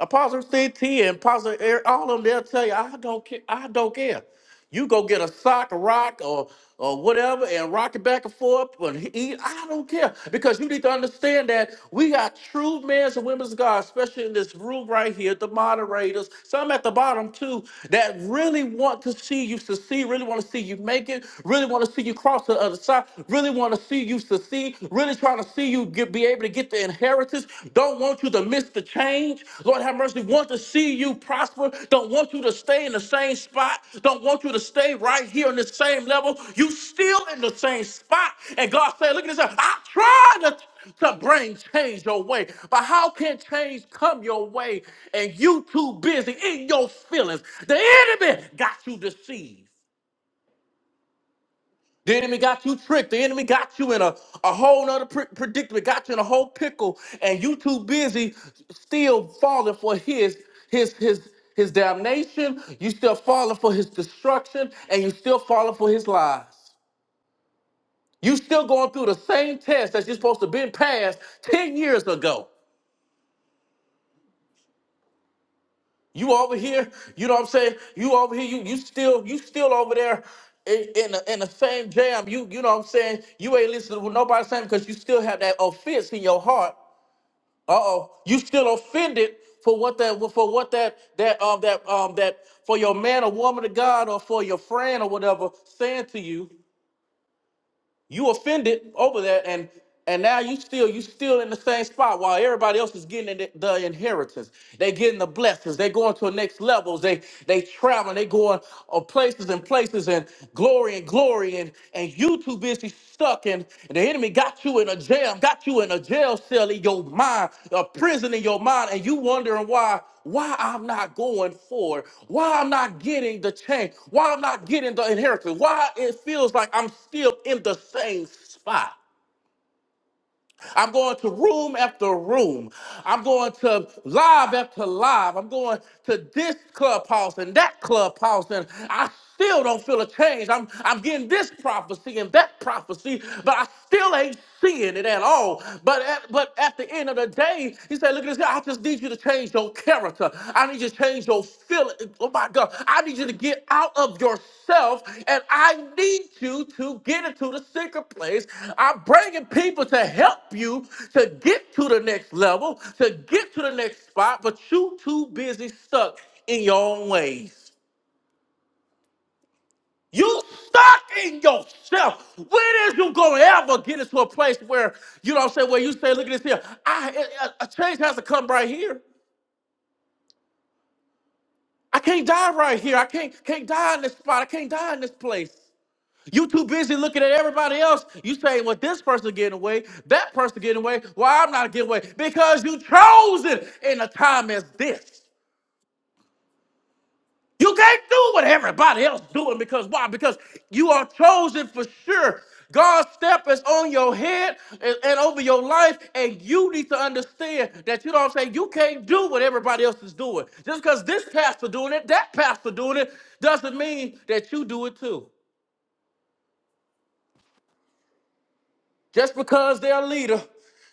S11: Apostle CT and Apostle Eric, all of them, they'll tell you, I don't care. I don't care. You go get a sock, a rock, or or whatever, and rock it back and forth. But he, he- I don't care because you need to understand that we got true men and women of God, especially in this room right here, the moderators, some at the bottom too, that really want to see you succeed, really want to see you make it, really want to see you cross to the other side, really want to see you succeed, really trying to see you get, be able to get the inheritance, don't want you to miss the change. Lord have mercy, want to see you prosper, don't want you to stay in the same spot, don't want you to stay right here on the same level. You still in the same spot. And God said, look at this, I tried to to bring change your way. But how can change come your way and you too busy in your feelings? The enemy got you deceived. The enemy got you tricked. The enemy got you in a, a whole nother pre- predicament, got you in a whole pickle, and you too busy still falling for his his his his damnation. You still falling for his destruction, and you still falling for his lies. You still going through the same test that you're supposed to been passed 10 years ago. You over here, you know what I'm saying? You over here, you you still you still over there in in the, in the same jam. You you know what I'm saying? You ain't listening to nobody saying because you still have that offense in your heart. Uh oh, you still offended for what that for what that that um that um that for your man or woman of God or for your friend or whatever saying to you. You offended over there, and and now you still you still in the same spot while everybody else is getting the, the inheritance. They getting the blessings. They going to the next levels. They they traveling. They going uh, places and places and glory and glory and and you too busy stuck sin, and the enemy got you in a jail, got you in a jail cell in your mind, a prison in your mind, and you wondering why, why I'm not going forward, why I'm not getting the change, why I'm not getting the inheritance, why it feels like I'm still in the same spot. I'm going to room after room. I'm going to live after live. I'm going to this clubhouse and that clubhouse, and I still don't feel a change. I'm I'm getting this prophecy and that prophecy, but I still ain't seeing it at all. But at, but at the end of the day, he said, "Look at this. here. I just need you to." change your character. I need you to change your feeling. Oh my God. I need you to get out of yourself and I need you to get into the secret place. I'm bringing people to help you to get to the next level, to get to the next spot, but you too busy stuck in your own ways. You stuck in yourself. When is you gonna ever get into a place where you know what I'm saying? Where you say, look at this here. I, I, I- change has to come right here. I can't die right here. I can't can't die in this spot. I can't die in this place. You too busy looking at everybody else. You saying, well, this person getting away, that person getting away. Why I'm not getting away? Because you chose it in a time as this. You can't do what everybody else doing because why? Because you are chosen for sure. God's step is on your head and, and over your life, and you need to understand that you know what I'm saying. You can't do what everybody else is doing. Just because this pastor doing it, that pastor doing it, doesn't mean that you do it too. Just because they're a leader,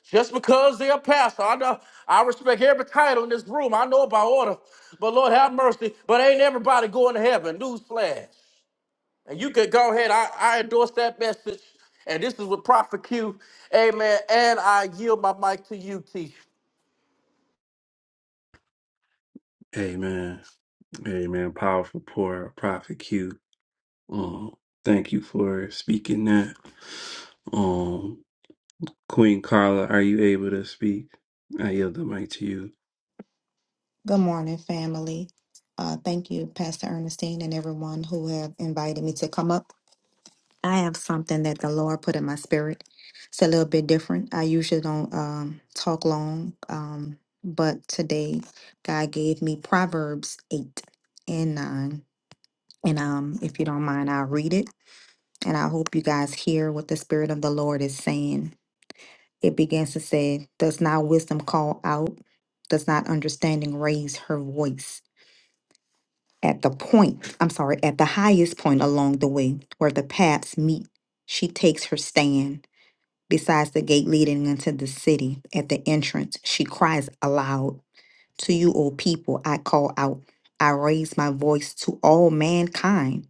S11: just because they're a pastor. I know I respect every title in this room. I know about order, but Lord have mercy. But ain't everybody going to heaven? Newsflash. And you could go ahead. I, I endorse that message. And this is with Prophet Q. Amen. And I yield my mic to you, T.
S3: Amen. Amen. Powerful poor prophet Q. Um, thank you for speaking that. Um, Queen Carla, are you able to speak? I yield the mic to you.
S13: Good morning, family. Uh, thank you, Pastor Ernestine, and everyone who have invited me to come up. I have something that the Lord put in my spirit. It's a little bit different. I usually don't um, talk long, um, but today God gave me Proverbs 8 and 9. And um, if you don't mind, I'll read it. And I hope you guys hear what the Spirit of the Lord is saying. It begins to say, Does not wisdom call out? Does not understanding raise her voice? at the point, I'm sorry, at the highest point along the way where the paths meet, she takes her stand besides the gate leading into the city. At the entrance, she cries aloud, To you, O people, I call out. I raise my voice to all mankind,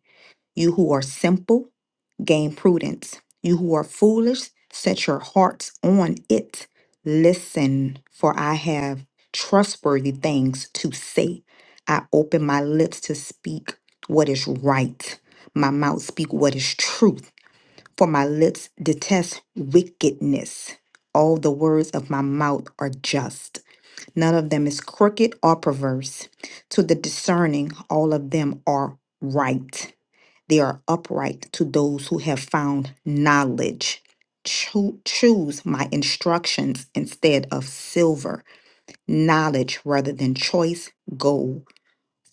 S13: you who are simple gain prudence. You who are foolish, set your hearts on it. Listen, for I have trustworthy things to say. I open my lips to speak what is right. My mouth speak what is truth, for my lips detest wickedness. All the words of my mouth are just. None of them is crooked or perverse. To the discerning, all of them are right. They are upright to those who have found knowledge. Cho- choose my instructions instead of silver, knowledge rather than choice gold.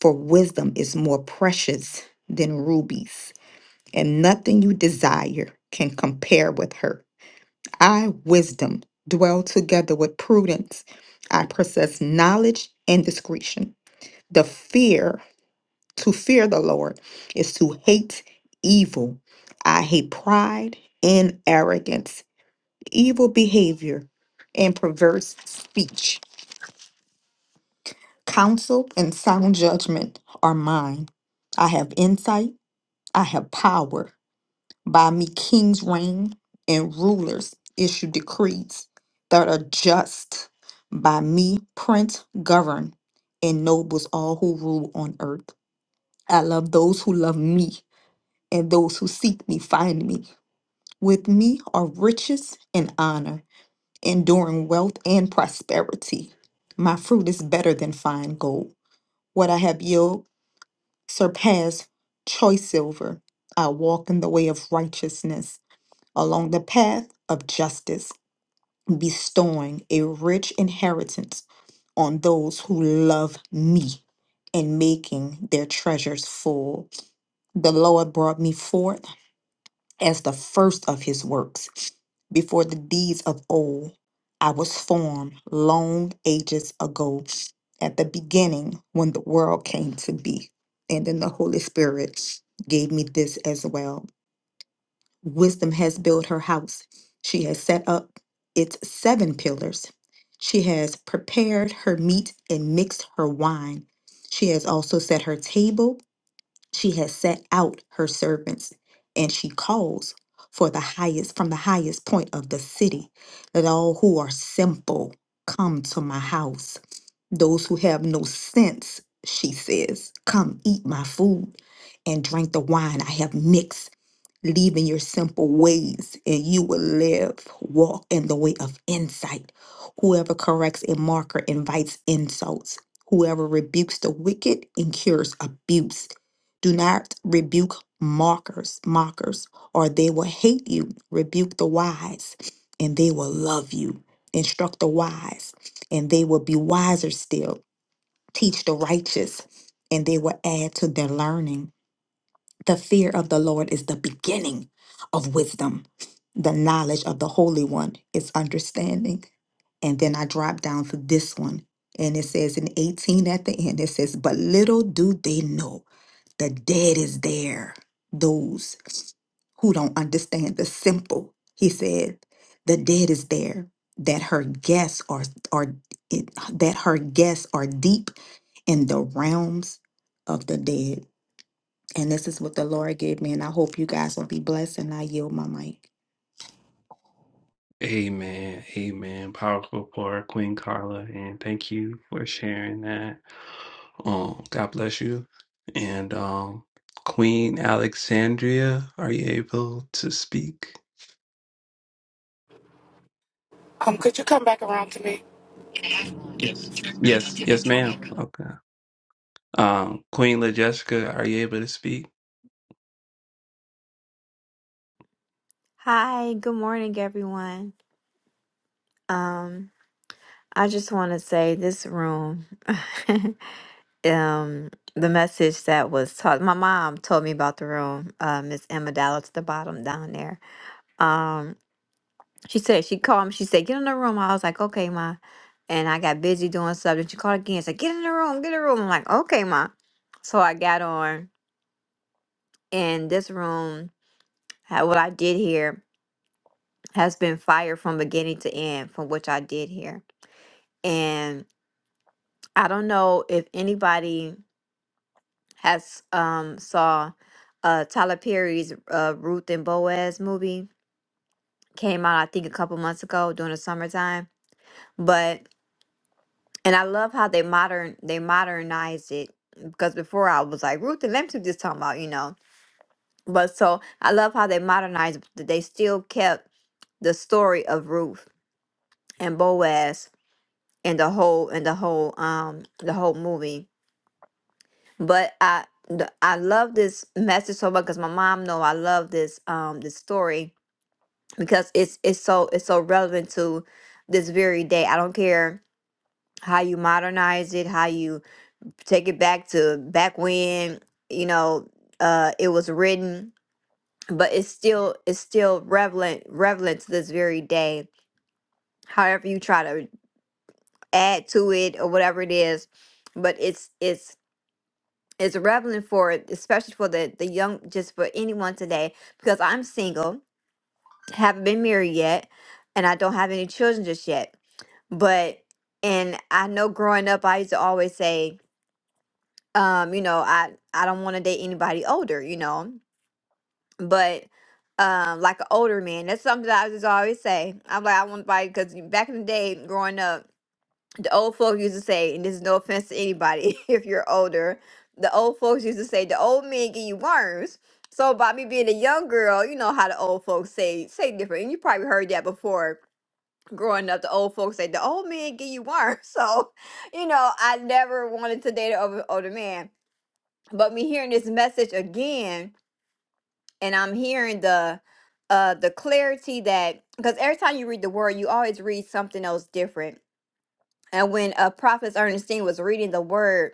S13: For wisdom is more precious than rubies, and nothing you desire can compare with her. I, wisdom, dwell together with prudence. I possess knowledge and discretion. The fear to fear the Lord is to hate evil. I hate pride and arrogance, evil behavior, and perverse speech. Counsel and sound judgment are mine. I have insight, I have power. By me, kings reign and rulers issue decrees that are just. By me, prince govern and nobles all who rule on earth. I love those who love me and those who seek me find me. With me are riches and honor, enduring wealth and prosperity. My fruit is better than fine gold. What I have yielded surpass choice silver. I walk in the way of righteousness, along the path of justice, bestowing a rich inheritance on those who love me and making their treasures full. The Lord brought me forth as the first of his works. Before the deeds of old, I was formed long ages ago, at the beginning when the world came to be. And then the Holy Spirit gave me this as well. Wisdom has built her house, she has set up its seven pillars. She has prepared her meat and mixed her wine. She has also set her table she has set out her servants, and she calls for the highest from the highest point of the city. Let all who are simple come to my house. Those who have no sense, she says, come eat my food and drink the wine I have mixed leaving your simple ways and you will live walk in the way of insight whoever corrects a marker invites insults whoever rebukes the wicked incurs abuse do not rebuke mockers mockers or they will hate you rebuke the wise and they will love you instruct the wise and they will be wiser still teach the righteous and they will add to their learning the fear of the Lord is the beginning of wisdom. The knowledge of the Holy One is understanding. And then I drop down for this one. And it says in 18 at the end, it says, But little do they know the dead is there, those who don't understand the simple. He said, The dead is there, that her guests are, are it- that her guests are deep in the realms of the dead. And this is what the Lord gave me. And I hope you guys will be blessed. And I yield my mic.
S3: Amen. Amen. Powerful poor Queen Carla, and thank you for sharing that. Um, God bless you. And um, Queen Alexandria, are you able to speak?
S14: Um, could you come back around to me?
S3: Yes, yes, ma'am. Okay. Um, Queen LaJessica, are you able to speak?
S15: Hi, good morning, everyone. Um, I just want to say this room, (laughs) um, the message that was taught. My mom told me about the room. Uh, Miss Emma Dallas at the bottom down there. Um, she said she called me. She said get in the room. I was like, okay, ma. And I got busy doing something. She called again. Said get in the room. Get in the room. I'm like, okay, ma. So I got on, and this room, ha- what I did here has been fire from beginning to end from which I did here. And I don't know if anybody has um saw uh Tyler Perry's uh Ruth and Boaz movie came out I think a couple months ago during the summertime. But and I love how they modern they modernized it because before I was like Ruth and them two just talking about, you know. But so I love how they modernized but they still kept the story of Ruth and Boaz and the whole and the whole um the whole movie but I the- I love this message so much because my mom know I love this um this story because it's it's so it's so relevant to this very day. I don't care how you modernize it, how you take it back to back when you know uh it was written, but it's still it's still relevant relevant to this very day. However you try to add to it or whatever it is, but it's it's is reveling for especially for the the young, just for anyone today, because I'm single, haven't been married yet, and I don't have any children just yet. But and I know growing up, I used to always say, um, you know, I I don't want to date anybody older, you know, but. Um, like an older man. That's something that I just always say. I'm like, I want to because back in the day, growing up, the old folks used to say, and this is no offense to anybody (laughs) if you're older, the old folks used to say the old men give you worms. So by me being a young girl, you know how the old folks say say different. And you probably heard that before growing up. The old folks say the old men give you worms. (laughs) So, you know, I never wanted to date an older, older man. But me hearing this message again, and I'm hearing the uh the clarity that because every time you read the word, you always read something else different and when uh, prophet ernestine was reading the word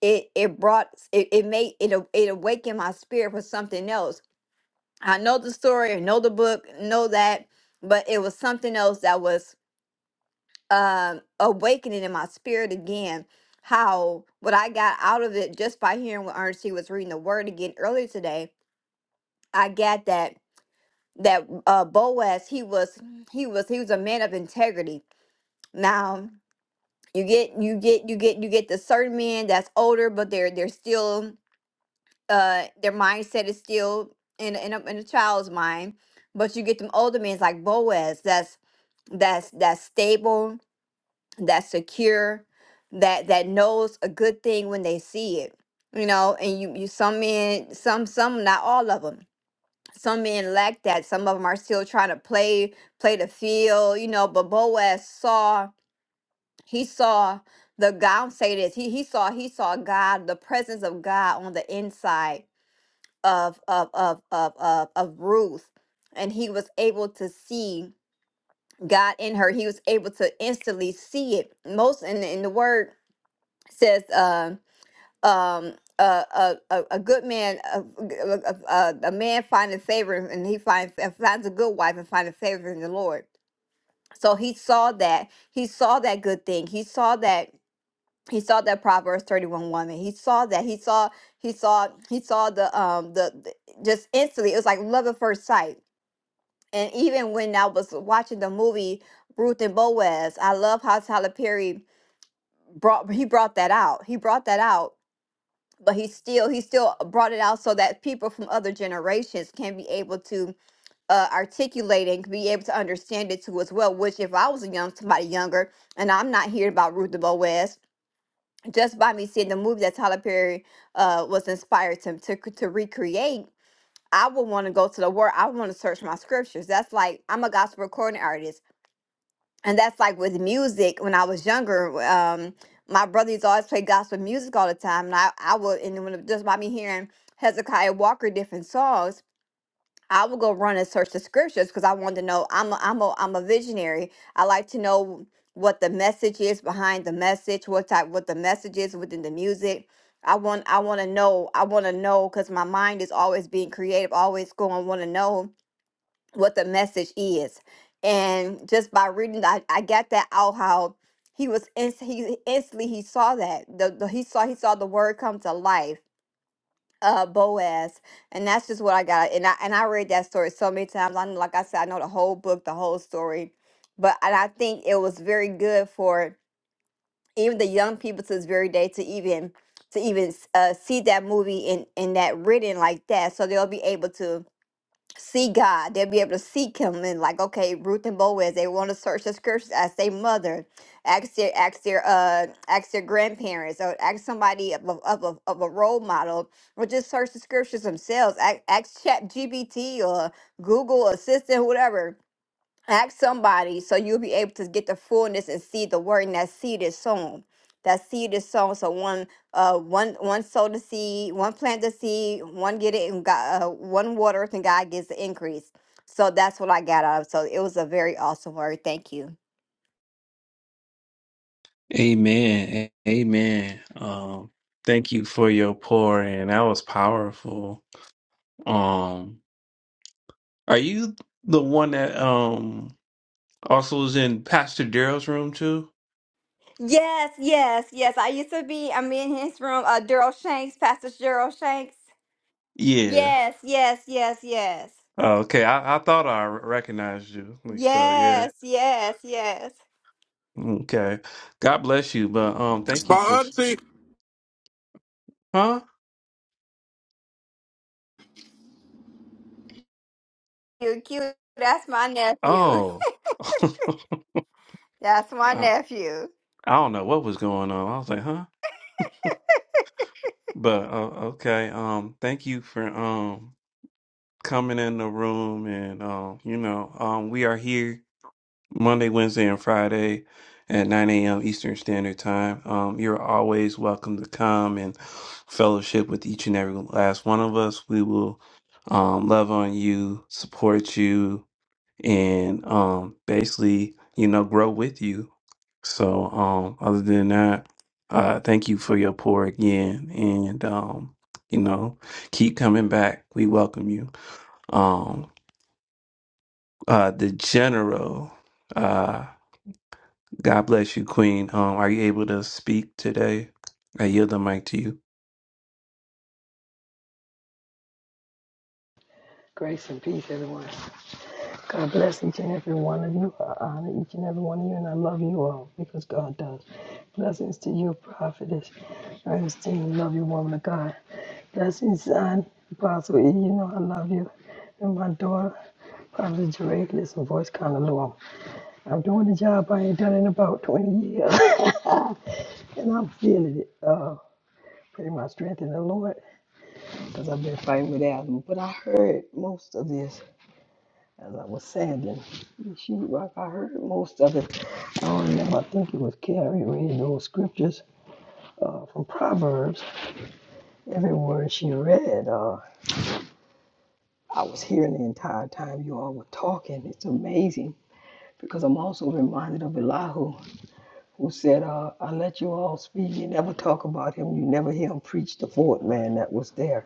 S15: it it brought it, it made it a- it awakened my spirit for something else i know the story i know the book know that but it was something else that was um awakening in my spirit again how what i got out of it just by hearing what ernestine was reading the word again earlier today i got that that uh boaz he was he was he was a man of integrity now you get you get you get you get the certain men that's older but they're they're still uh their mindset is still in a- in a, in a child's mind but you get them older men like boaz that's that's that's stable that's secure that that knows a good thing when they see it you know and you you some men some some not all of them some men lack that some of them are still trying to play play the field you know but boaz saw he saw the God I'm say this. He he saw he saw God, the presence of God on the inside of of of of of, of Ruth. And he was able to see God in her. He was able to instantly see it. Most in, in the word says um um uh, a, a, a good man, a, a, a a man finding favor, and he finds finds a good wife and finding favor in the Lord. So he saw that. He saw that good thing. He saw that he saw that Proverbs 31 woman. He saw that. He saw, he saw, he saw the um the, the just instantly. It was like love at first sight. And even when I was watching the movie Ruth and Boaz, I love how Tyler Perry brought he brought that out. He brought that out, but he still he still brought it out so that people from other generations can be able to uh, articulate and be able to understand it too as well. Which if I was a young somebody younger and I'm not hearing about Ruth and Boaz, just by me seeing the movie that Tyler Perry uh, was inspired to, to to recreate, I would want to go to the word. I want to search my scriptures. That's like I'm a gospel recording artist, and that's like with music. When I was younger, um, my brother used to always play gospel music all the time, and I I would and when, just by me hearing Hezekiah Walker different songs. I would go run and search the scriptures because I wanted to know. I'm a, I'm a, I'm a visionary. I like to know what the message is behind the message, what type, what the message is within the music. I want I want to know. I want to know because my mind is always being creative, always going want to know what the message is. And just by reading, I, I got that out how he was inst- he instantly he saw that the, the he saw he saw the word come to life uh Boaz, and that's just what I got. And I and I read that story so many times. I know, like I said, I know the whole book, the whole story. But and I think it was very good for even the young people to this very day to even to even uh, see that movie and and that written like that, so they'll be able to see God. They'll be able to seek Him and like, okay, Ruth and Boaz, they want to search the scriptures. Ask their mother, ask their ask their uh ask their grandparents, or ask somebody of a, of a, of a role model, or just search the scriptures themselves. Ask, ask Chat GBT or Google Assistant, whatever ask somebody so you'll be able to get the fullness and see the word and that seed is sown that seed is sown so one uh one one sow the seed one plant the seed one get it and god uh, one water it and god gives the increase so that's what i got out of it. so it was a very awesome word thank you
S3: Amen. A- Amen. Um, thank you for your pour and that was powerful. Um, are you the one that um also was in Pastor Daryl's room too?
S15: yes yes yes i used to be i'm in his room uh daryl shanks pastor daryl shanks
S3: Yeah.
S15: yes yes yes yes
S3: Oh, okay. I, I thought I recognized you. Like, So yeah.
S15: yes yes yes
S3: Okay. God bless you. But um thank
S11: My
S3: you for sh-
S11: auntie,
S3: huh?
S15: you cute that's my nephew
S3: Oh. (laughs)
S15: That's my
S3: I,
S15: nephew.
S3: I don't know what was going on. I was like, huh? But uh, okay. Um thank you for um coming in the room and um, you know, um we are here Monday, Wednesday and Friday at nine AM Eastern Standard Time. Um you're always welcome to come and fellowship with each and every last one of us. We will um love on you, support you, and um basically, you know, grow with you. So um other than that, uh thank you for your pour again and um you know keep coming back we welcome you Um, uh, the general. Uh, God bless you, Queen. Um, are you able to speak today? I yield the mic to you.
S9: Grace and peace, everyone. God bless each and every one of you. I honor each and every one of you, and I love you all because God does. Blessings to you, prophetess. Ernestine, love you, woman of God. Blessings, son, Apostle E. You know I love you. And my daughter, Prophet Jeray, listen, voice kind of low. I'm doing the job I ain't done in about 20 years, (laughs) and I'm feeling it. Uh, pretty much strength in the Lord. because I've been fighting with asthma. But I heard most of this as I was sanding the sheetrock. I heard most of it. I don't remember. I think it was Carrie read those scriptures uh, from Proverbs. Every word she read, uh, I was hearing the entire time you all were talking. It's amazing because I'm also reminded of Elihu, who said, uh, I let you all speak. You never talk about him. You never hear him preach the fourth man that was there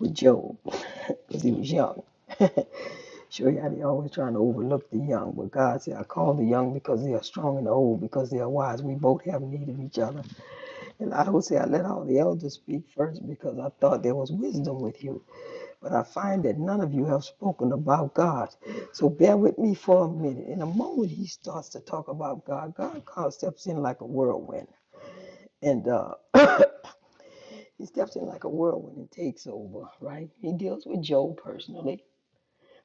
S9: with Job (laughs) because he was young. (laughs) Sure, yeah, they always trying to overlook the young, but God said, I call the young because they are strong and old, because they are wise. We both have need of each other. And I would say, I let all the elders speak first because I thought there was wisdom with you. But I find that none of you have spoken about God. So bear with me for a minute. In a moment, he starts to talk about God. God comes, steps in like a whirlwind. And uh, (coughs) he steps in like a whirlwind and takes over, right? He deals with Job personally,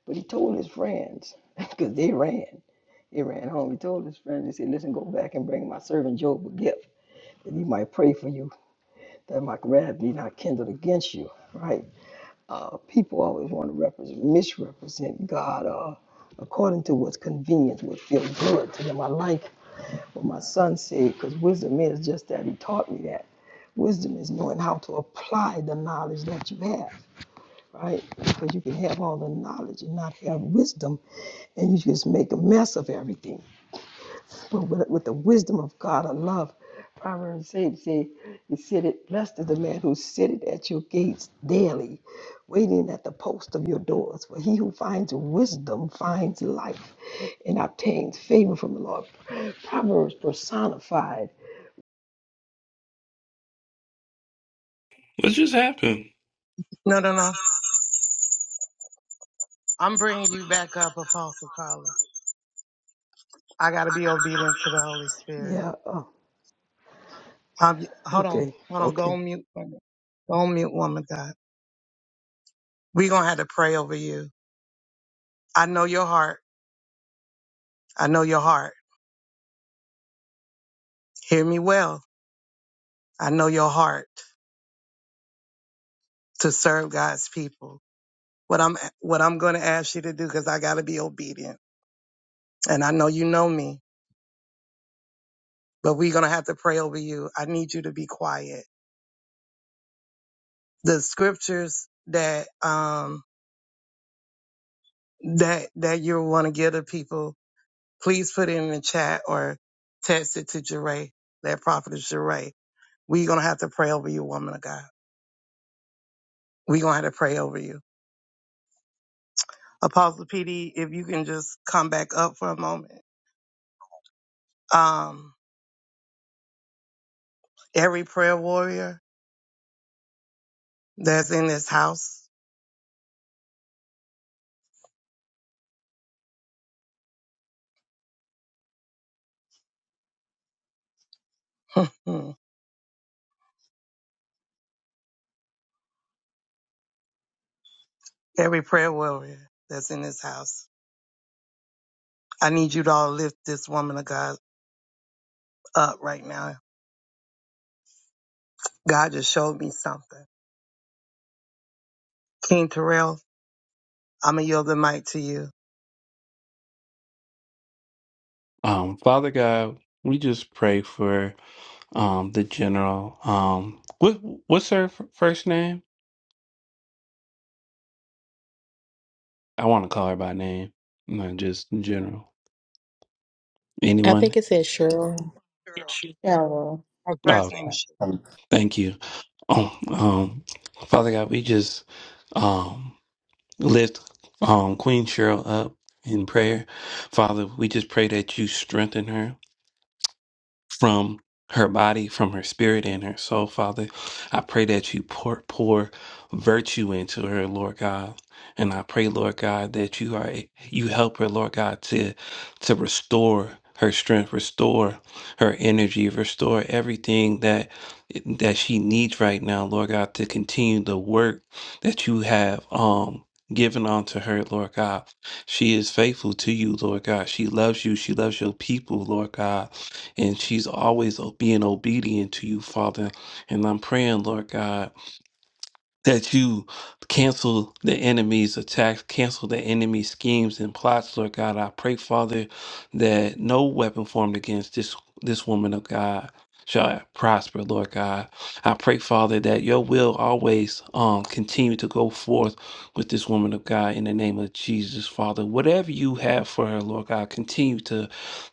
S9: but he told his friends (laughs) because they ran. He ran home. He told his friend, he said, Listen, go back and bring my servant Job a gift, that he might pray for you, that my wrath be not kindled against you. Right? Uh, people always want to represent, misrepresent God uh, according to what's convenient, what feels good to them. I like what my son said, because wisdom is just that. He taught me that. Wisdom is knowing how to apply the knowledge that you have. Right? Because you can have all the knowledge and not have wisdom, and you just make a mess of everything But with, with the wisdom of God, I love Proverbs 8 say, He said it, blessed is the man who sitteth at your gates daily, waiting at the post of your doors. For he who finds wisdom finds life and obtains favor from the Lord. Proverbs personified.
S3: What just happened?
S8: No, no, no. I'm bringing you back up, Apostle Collins. I got to be obedient to the Holy Spirit.
S9: Yeah, uh,
S8: Um, you- hold on.
S9: okay,
S8: Hold on. Go
S9: okay.
S8: on mute. woman. Go on mute, woman of God. We're going to have to pray over you. I know your heart. I know your heart. Hear me well. I know your heart to serve God's people. What I'm, what I'm going to ask you to do, because I got to be obedient. And I know you know me, but we're going to have to pray over you. I need you to be quiet the scriptures that um that that you want to give to people, please put it in the chat or text it to Jeray, that prophet is Jeray. We're gonna have to pray over you, woman of God. We're gonna have to pray over you. Apostle PD, if you can just come back up for a moment. Um every prayer warrior that's in this house, (laughs) every prayer warrior that's in this house. I need you to all lift this woman of God up right now. God just showed me something. King Terrell, I'm gonna yield the mic to you.
S3: Um, Father God, we just pray for um the general. Um, what what's her f- first name? I want to call her by name, not just general.
S5: I think
S3: Anyone?
S5: it says Cheryl.
S8: Girl,
S13: Cheryl.
S8: her
S3: Oh,
S8: first name is. Sh-
S3: thank you. Um, um, Father God, we just um. lift um, Queen Cheryl up in prayer. Father, we just pray that you strengthen her from her body, from her spirit, and her soul, Father. I pray that you pour, pour virtue into her, Lord God. And I pray, Lord God, that you are you help her, Lord God, to to restore her strength, restore her energy, restore everything that that she needs right now, Lord God, to continue the work that you have um given unto her, Lord God. She is faithful to you, Lord God. She loves you. She loves your people, Lord God and she's always o- being obedient to you, Father. And I'm praying, Lord God that you cancel the enemy's attacks, cancel the enemy's schemes and plots, Lord God. I pray, Father, that no weapon formed against this this woman of God shall prosper, Lord God. I pray, Father, that your will always um continue to go forth with this woman of God in the name of Jesus, Father. Whatever you have for her, Lord God, continue to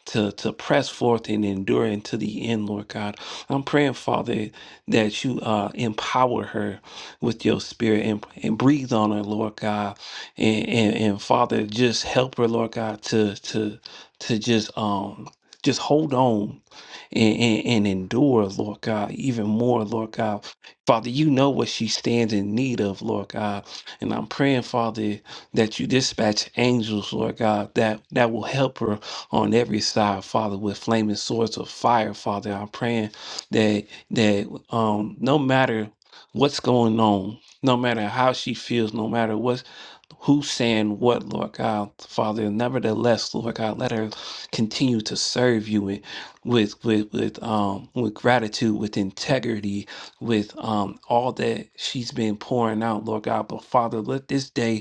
S3: to to press forth and endure until the end, Lord God. I'm praying, Father, that you uh empower her with your spirit and, and breathe on her, Lord God. And, and and Father, just help her, Lord God, to to to just um just hold on and, and, and endure, Lord God, even more, Lord God. Father, you know what she stands in need of, Lord God. And I'm praying, Father, that you dispatch angels, Lord God, that, that will help her on every side, Father, with flaming swords of fire, Father. I'm praying that that um no matter what's going on, no matter how she feels, no matter what's who's saying what, Lord God, Father. Nevertheless, Lord God, let her continue to serve you with with with, with um with gratitude, with integrity, with um all that she's been pouring out, Lord God. But Father, let this day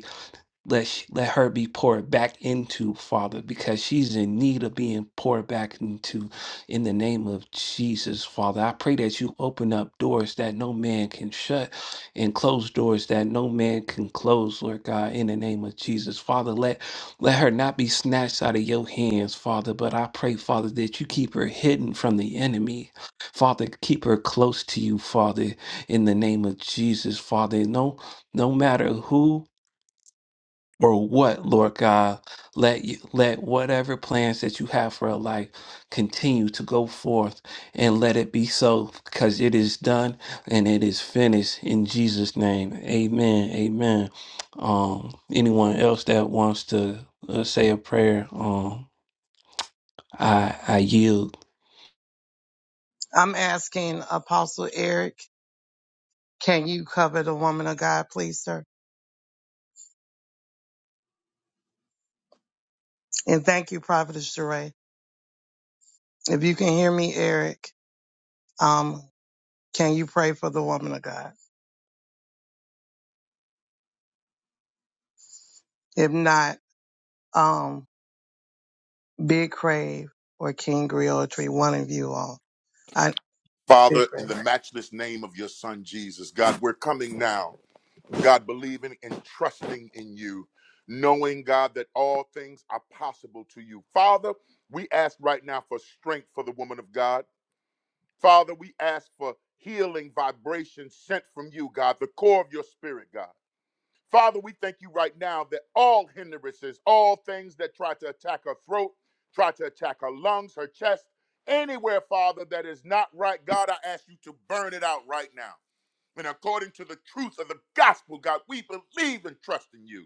S3: let sh- let her be poured back into father because she's in need of being poured back into in the name of jesus father i pray that you open up doors that no man can shut and close doors that no man can close lord god in the name of jesus father let let her not be snatched out of your hands father but i pray father that you keep her hidden from the enemy father keep her close to you father in the name of jesus father no no matter who or what, Lord God, let you, let whatever plans that you have for her life continue to go forth and let it be so because it is done and it is finished in Jesus name. Amen. Amen. Um anyone else that wants to uh, say a prayer, um I I yield.
S8: I'm asking Apostle Eric, can you cover the woman of God, please, sir? And thank you, Prophetess Sheree. If you can hear me, Eric, um, can you pray for the woman of God? If not, um, Big Crave or King Griotry, one of you all. I, Big
S6: Father, in
S8: Crave.
S6: the matchless name of your son Jesus, God, we're coming now. God, believing and trusting in you, knowing, God, that all things are possible to you. Father, we ask right now for strength for the woman of God. Father, we ask for healing vibrations sent from you, God, the core of your spirit, God. Father, we thank you right now that all hindrances, all things that try to attack her throat, try to attack her lungs, her chest, anywhere, Father, that is not right, God, I ask you to burn it out right now. And according to the truth of the gospel, God, we believe and trust in you.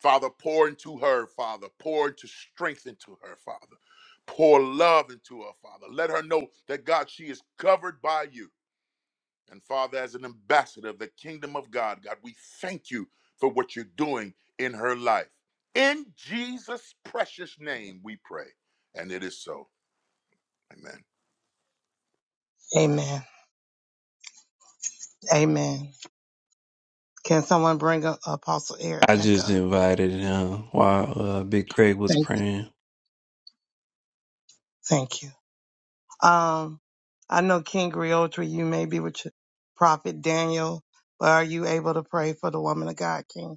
S6: Father, pour into her, Father. Pour into strength into her, Father. Pour love into her, Father. Let her know that, God, she is covered by you. And Father, as an ambassador of the kingdom of God, God, we thank you for what you're doing in her life. In Jesus' precious name, we pray. And it is so. Amen.
S8: Amen. Amen. Can someone bring up Apostle Eric
S3: I
S8: back
S3: just
S8: up?
S3: invited him while uh, Big Craig was
S8: Thank, you.
S3: praying.
S8: thank you. Um, I know King Griotri, you may be with your Prophet Daniel, but are you able to pray for the woman of God, King?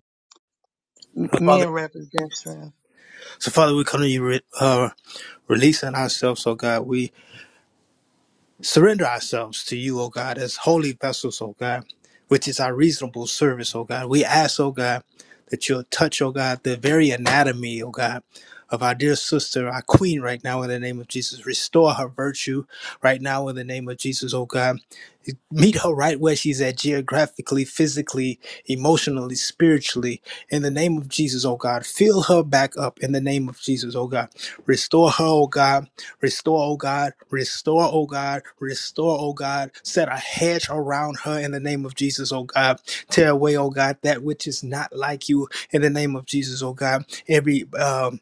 S8: M-
S2: Father,
S8: Men represent strength.
S2: so Father, we come to you, re- uh, releasing ourselves, So, God. we. surrender ourselves to you, O God, as holy vessels, O God, which is our reasonable service, O God. We ask, O God, that you'll touch, O God, the very anatomy, O God, of our dear sister, our queen, right now, in the name of Jesus. Restore her virtue right now, in the name of Jesus, O God. Meet her right where she's at, geographically, physically, emotionally, spiritually, in the name of Jesus, O God. Fill her back up in the name of Jesus, O God. Restore her, O God Restore, O God. Restore, O God. Restore, O God. Set a hedge around her in the name of Jesus, O God. Tear away, O God, that which is not like you in the name of Jesus, O God. Every um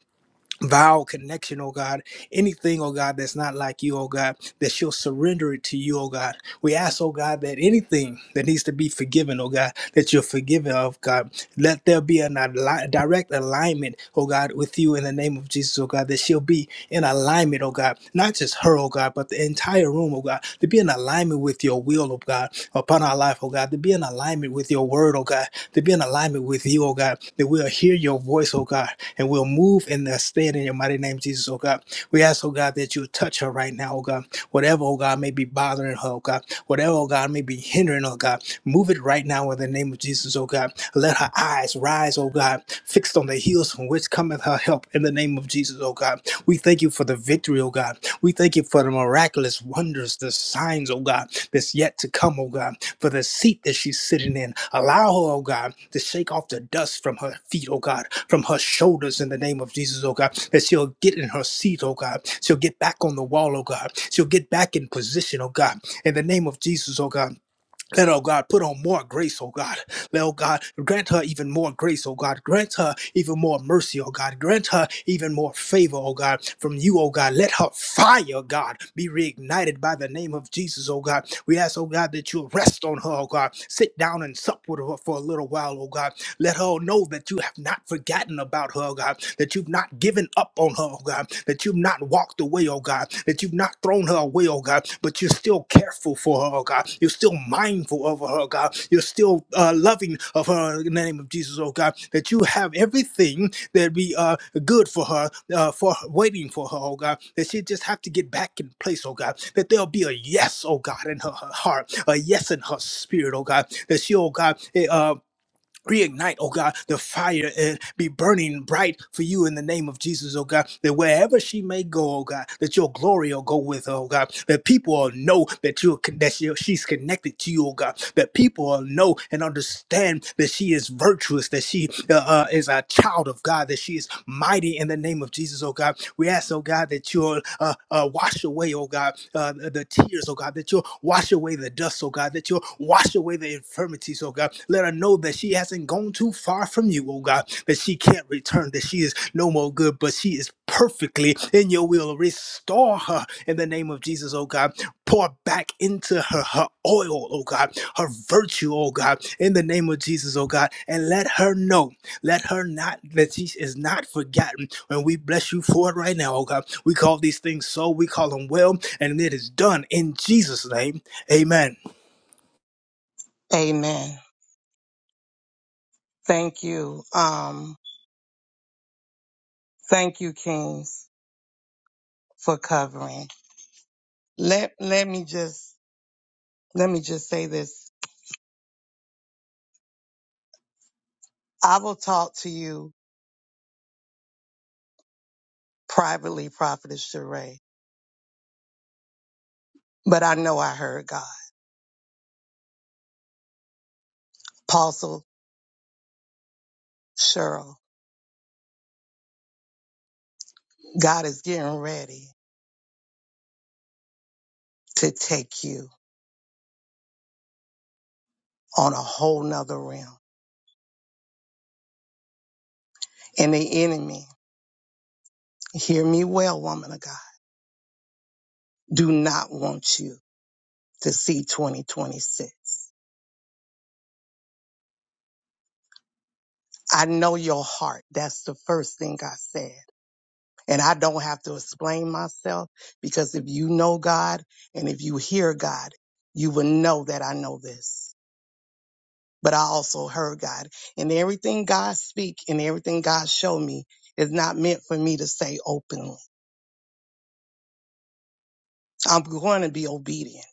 S2: vow connection, oh God, anything, oh God, that's not like you, oh God, that she'll surrender it to you, oh God. We ask, oh God, that anything that needs to be forgiven, oh God, that you're forgiven of, God. Let there be a direct alignment, oh God, with you in the name of Jesus, oh God, that she'll be in alignment, oh God, not just her, oh God, but the entire room, oh God, to be in alignment with your will, oh God, upon our life, oh God, to be in alignment with your word, oh God, to be in alignment with you, oh God, that we'll hear your voice, oh God, and we'll move in that stead in your mighty name, Jesus, oh God. We ask, oh God, that you would touch her right now, oh God. Whatever, oh God, may be bothering her, oh God. Whatever, oh God, may be hindering, oh God. Move it right now in the name of Jesus, oh God. Let her eyes rise, oh God, fixed on the heels from which cometh her help in the name of Jesus, oh God. We thank you for the victory, oh God. We thank you for the miraculous wonders, the signs, oh God, that's yet to come, oh God for the seat that she's sitting in. Allow her, oh God, to shake off the dust from her feet, oh God, from her shoulders in the name of Jesus, oh God, that she'll get in her seat, oh God. She'll get back on the wall, oh God. She'll get back in position, oh God, in the name of Jesus, oh God. Let, oh God, put on more grace, oh God. Let, oh God, grant her even more grace, oh God. Grant her even more mercy, oh God. Grant her even more favor, oh God, from you, oh God. Let her fire, God, be reignited by the name of Jesus, oh God. We ask, oh God, that you rest on her, oh God. Sit down and sup with her for a little while, oh God. Let her know that you have not forgotten about her, oh God. That you've not given up on her, oh God. That you've not walked away away, oh God, that you've not thrown her away, oh God, but you're still careful for her, oh God. You're still mindful of her, oh God. You're still uh, loving of her in the name of Jesus, oh God, that you have everything that be uh, good for her, uh, for waiting for her, oh God, that she just have to get back in place, oh God, that there'll be a yes, oh God, in her, her heart, a yes in her spirit, oh God, that she, oh God, eh, uh reignite, oh God, the fire and be burning bright for you in the name of Jesus, oh God, that wherever she may go, oh God, that your glory will go with her, oh God, that people will know that you're con- that she- she's connected to you, oh God, that people will know and understand that she is virtuous, that she uh, uh, is a child of God, that she is mighty mighty in the name of Jesus, oh God. We ask, oh God, that you'll uh, uh, wash away, oh God, uh, the tears, oh God, that you'll wash away the dust, oh God, that you'll wash away the infirmities, oh God. Let her know that she hasn't gone too far from you, oh God, that she can't return, that she is no more good, but she is perfectly in your will. Restore her in the name of Jesus, oh God. Pour back into her her oil, oh God, her virtue, oh God, in the name of Jesus, oh God, and let her know. Let her not, that she is not forgotten. And we bless you for it right now, oh God. We call these things so, we call them well, and it is done in Jesus' name. Amen.
S8: Amen. Thank you. Um, thank you, Kings, for covering. Let let me just let me just say this. I will talk to you privately, Prophetess Sheree, but I know I heard God. Apostle Cheryl, God is getting ready to take you on a whole nother realm. And the enemy, hear me well, woman of God, do not want you to see 2026. I know your heart. That's the first thing I said. And I don't have to explain myself because if you know God and if you hear God, you will know that I know this. But I also heard God. And everything God speak and everything God show me is not meant for me to say openly. I'm going to be obedient.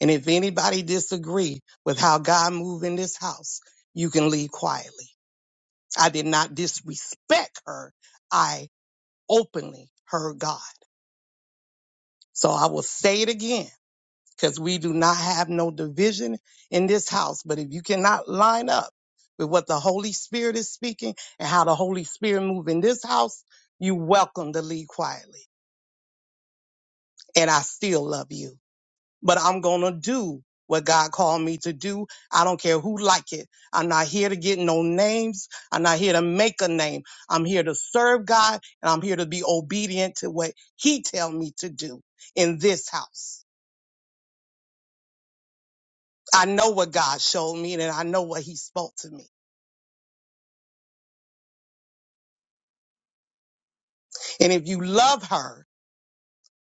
S8: And if anybody disagree with how God moved in this house, you can leave quietly. I did not disrespect her. I openly heard God. So I will say it again because we do not have no division in this house. But if you cannot line up with what the Holy Spirit is speaking and how the Holy Spirit move in this house, you welcome to leave quietly. And I still love you. but I'm going to do what God called me to do. I don't care who like it. I'm not here to get no names. I'm not here to make a name. I'm here to serve God and I'm here to be obedient to what he tell me to do in this house. I know what God showed me and I know what he spoke to me. And if you love her,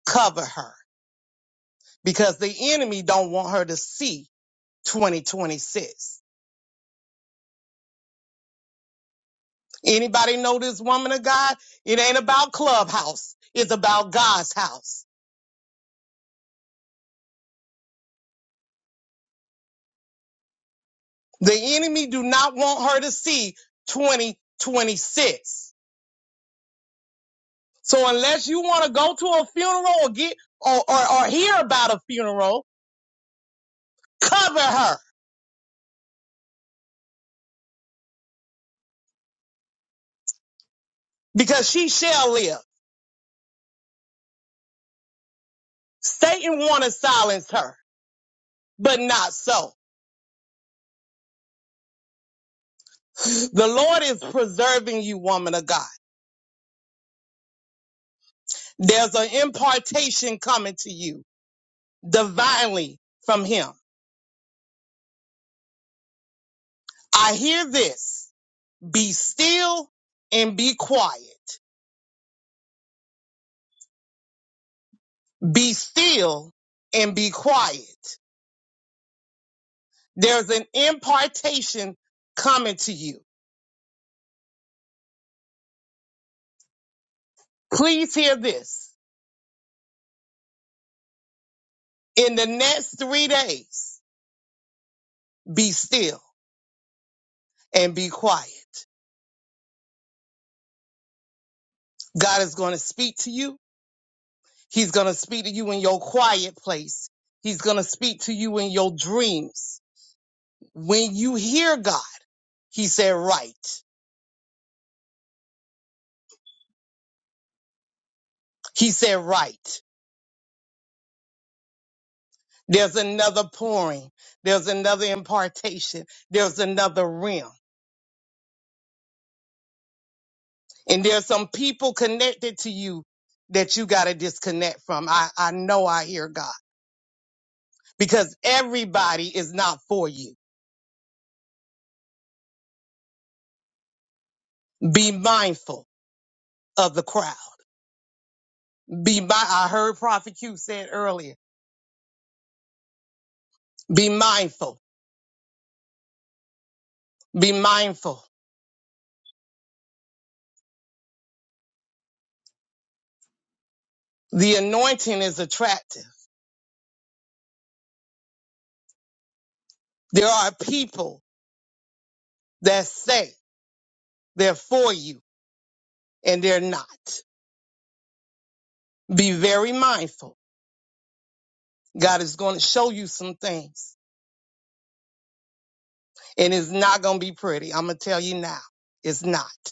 S8: cover her because the enemy don't want her to see 2026. Anybody know this woman of God? It ain't about clubhouse. It's about God's house. The enemy do not want her to see 2026. So unless you want to go to a funeral or get or, or, or hear about a funeral, cover her because she shall live. Satan want to silence her, but not so. The Lord is preserving you, woman of God. There's an impartation coming to you divinely from him. I hear this. Be still and be quiet. Be still and be quiet. There's an impartation coming to you. Please hear this. In the next three days, be still and be quiet. God is going to speak to you. He's going to speak to you in your quiet place. He's going to speak to you in your dreams. When you hear God, he said, right. He said, right. There's another pouring. There's another impartation. There's another realm. And there's some people connected to you that you got to disconnect from. I, I know I hear God because everybody is not for you. Be mindful of the crowd. Be mi- I heard Prophet Q said earlier, be mindful, be mindful. The anointing is attractive. There are people that say they're for you and they're not. Be very mindful. God is going to show you some things and it's not going to be pretty. I'm going to tell you now. It's not.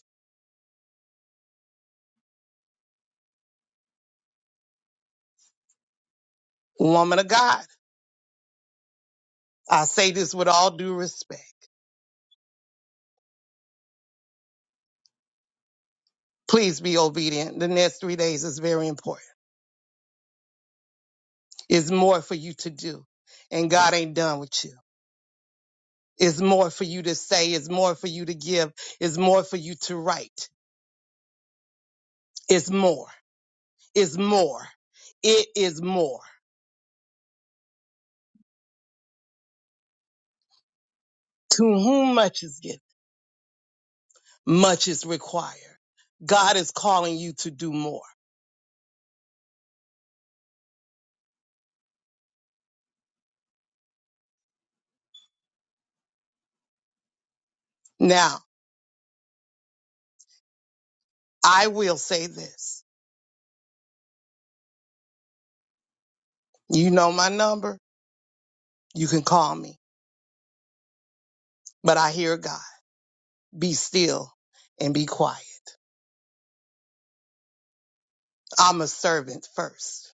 S8: Woman of God, I say this with all due respect. Please be obedient. The next three days is very important. It's more for you to do, and God ain't done with you. It's more for you to say. It's more for you to give. It's more for you to write. It's more. It's more. It is more. To whom much is given, much is required. God is calling you to do more. Now, I will say this. You know my number. You can call me, but I hear God. Be still and be quiet. I'm a servant first,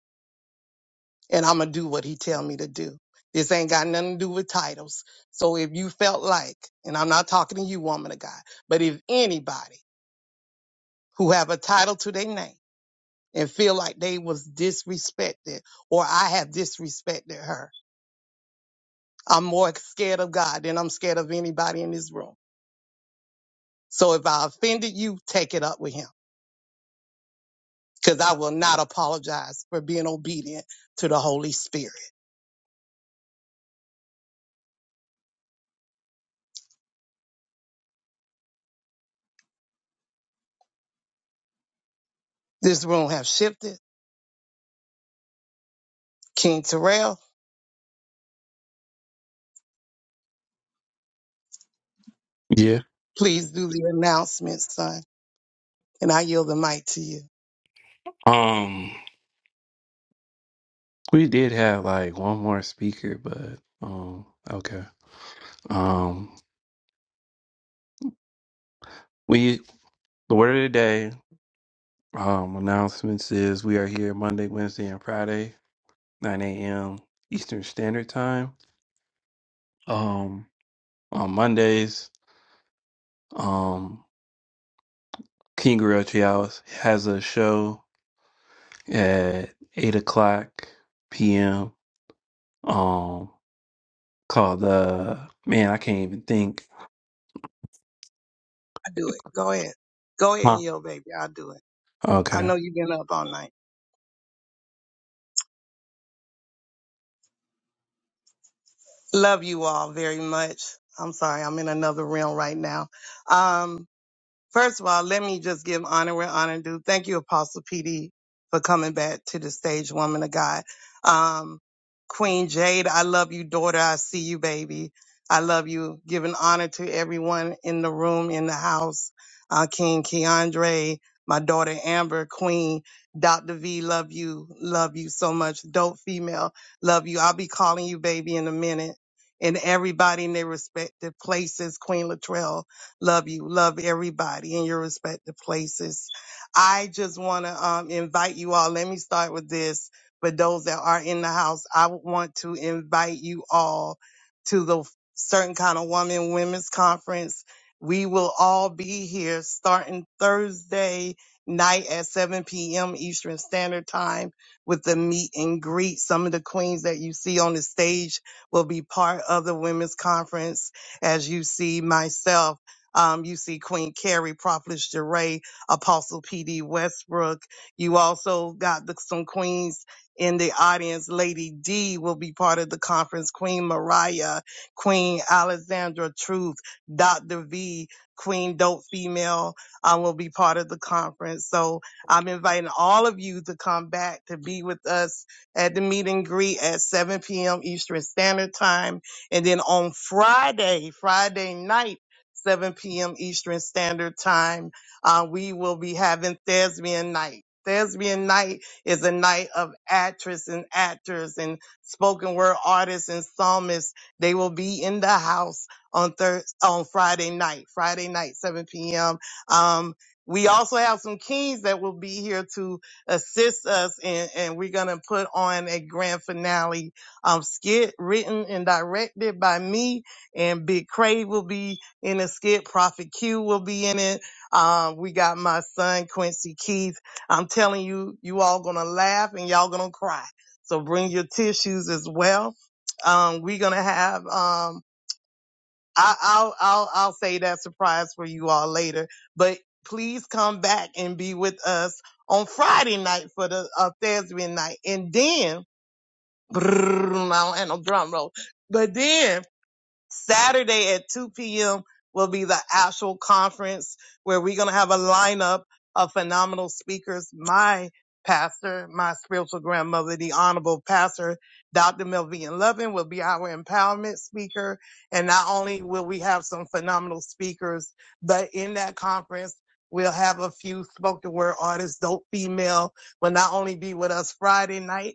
S8: and I'm gonna do what he tell me to do. This ain't got nothing to do with titles. So if you felt like, and I'm not talking to you, woman of God, but if anybody who have a title to their name and feel like they was disrespected or I have disrespected her, I'm more scared of God than I'm scared of anybody in this room. So if I offended you, take it up with him because I will not apologize for being obedient to the Holy Spirit. This room have shifted. King Terrell,
S3: Yeah.
S8: please do the announcement, son. And I yield the mic to you.
S3: Um we did have like one more speaker, but um okay. Um, we the word of the day um, announcements is we are here Monday, Wednesday, and Friday, nine a.m. Eastern Standard Time. Um, on Mondays, um, King Gorilla Trials has a show at eight o'clock p.m. Um, called the man I can't even think.
S8: I do it. Go ahead. Go ahead and
S3: Huh.
S8: yield, baby. I'll do it. I
S3: Okay.
S8: know you've been up all night. Love you all very much. I'm sorry. I'm in another realm right now. Um, First of all, let me just give honor where honor due. Thank you, Apostle PD, for coming back to the stage, woman of God. Um, Queen Jade, I love you, daughter. I see you, baby. I love you. Giving honor to everyone in the room, in the house. Uh, King Keandre, my daughter Amber, Queen, Dr. V, love you. Love you so much. Dope female, love you. I'll be calling you, baby, in a minute. And everybody in their respective places, Queen Latrell Love you. Love everybody in your respective places. I just want to um, invite you all. Let me start with this. For those that are in the house, I would want to invite you all to the Certain Kind of Woman Women's Conference. We will all be here starting Thursday night at 7 p.m. Eastern Standard Time with the meet and greet. Some of the queens that you see on the stage will be part of the women's conference. As you see myself, um, you see Queen Carrie, Prophetess Jeray, Apostle P.D. Westbrook. You also got the, some queens in the audience. Lady D will be part of the conference. Queen Mariah, Queen Alexandra Truth, Dr. V, Queen Dope Female um, will be part of the conference. So I'm inviting all of you to come back to be with us at the meet and greet at 7 p.m. Eastern Standard Time. And then on Friday, Friday night, 7 p.m. Eastern Standard Time. Uh, we will be having Thespian Night. Thespian Night is a night of actress and actors and spoken word artists and psalmists. They will be in the house on thir- on Friday night, Friday night, 7 p.m. Um, we also have some kings that will be here to assist us, and, and we're going to put on a grand finale um, skit written and directed by me, and Big Crave will be in the skit. Prophet Q will be in it. Um, we got my son Quincy Keith. I'm telling you, you all gonna laugh and y'all gonna cry. So bring your tissues as well. Um, we're gonna have um, I, I'll I'll I'll say that surprise for you all later. But please come back and be with us on Friday night for the uh, Thursday night, and then brrr, I don't have no drum roll. But then Saturday at 2 p.m. will be the actual conference where we're going to have a lineup of phenomenal speakers. My pastor, my spiritual grandmother, the Honorable Pastor Dr. Melvin Lovin will be our empowerment speaker. And not only will we have some phenomenal speakers, but in that conference, We'll have a few spoken word artists, dope female will not only be with us Friday night,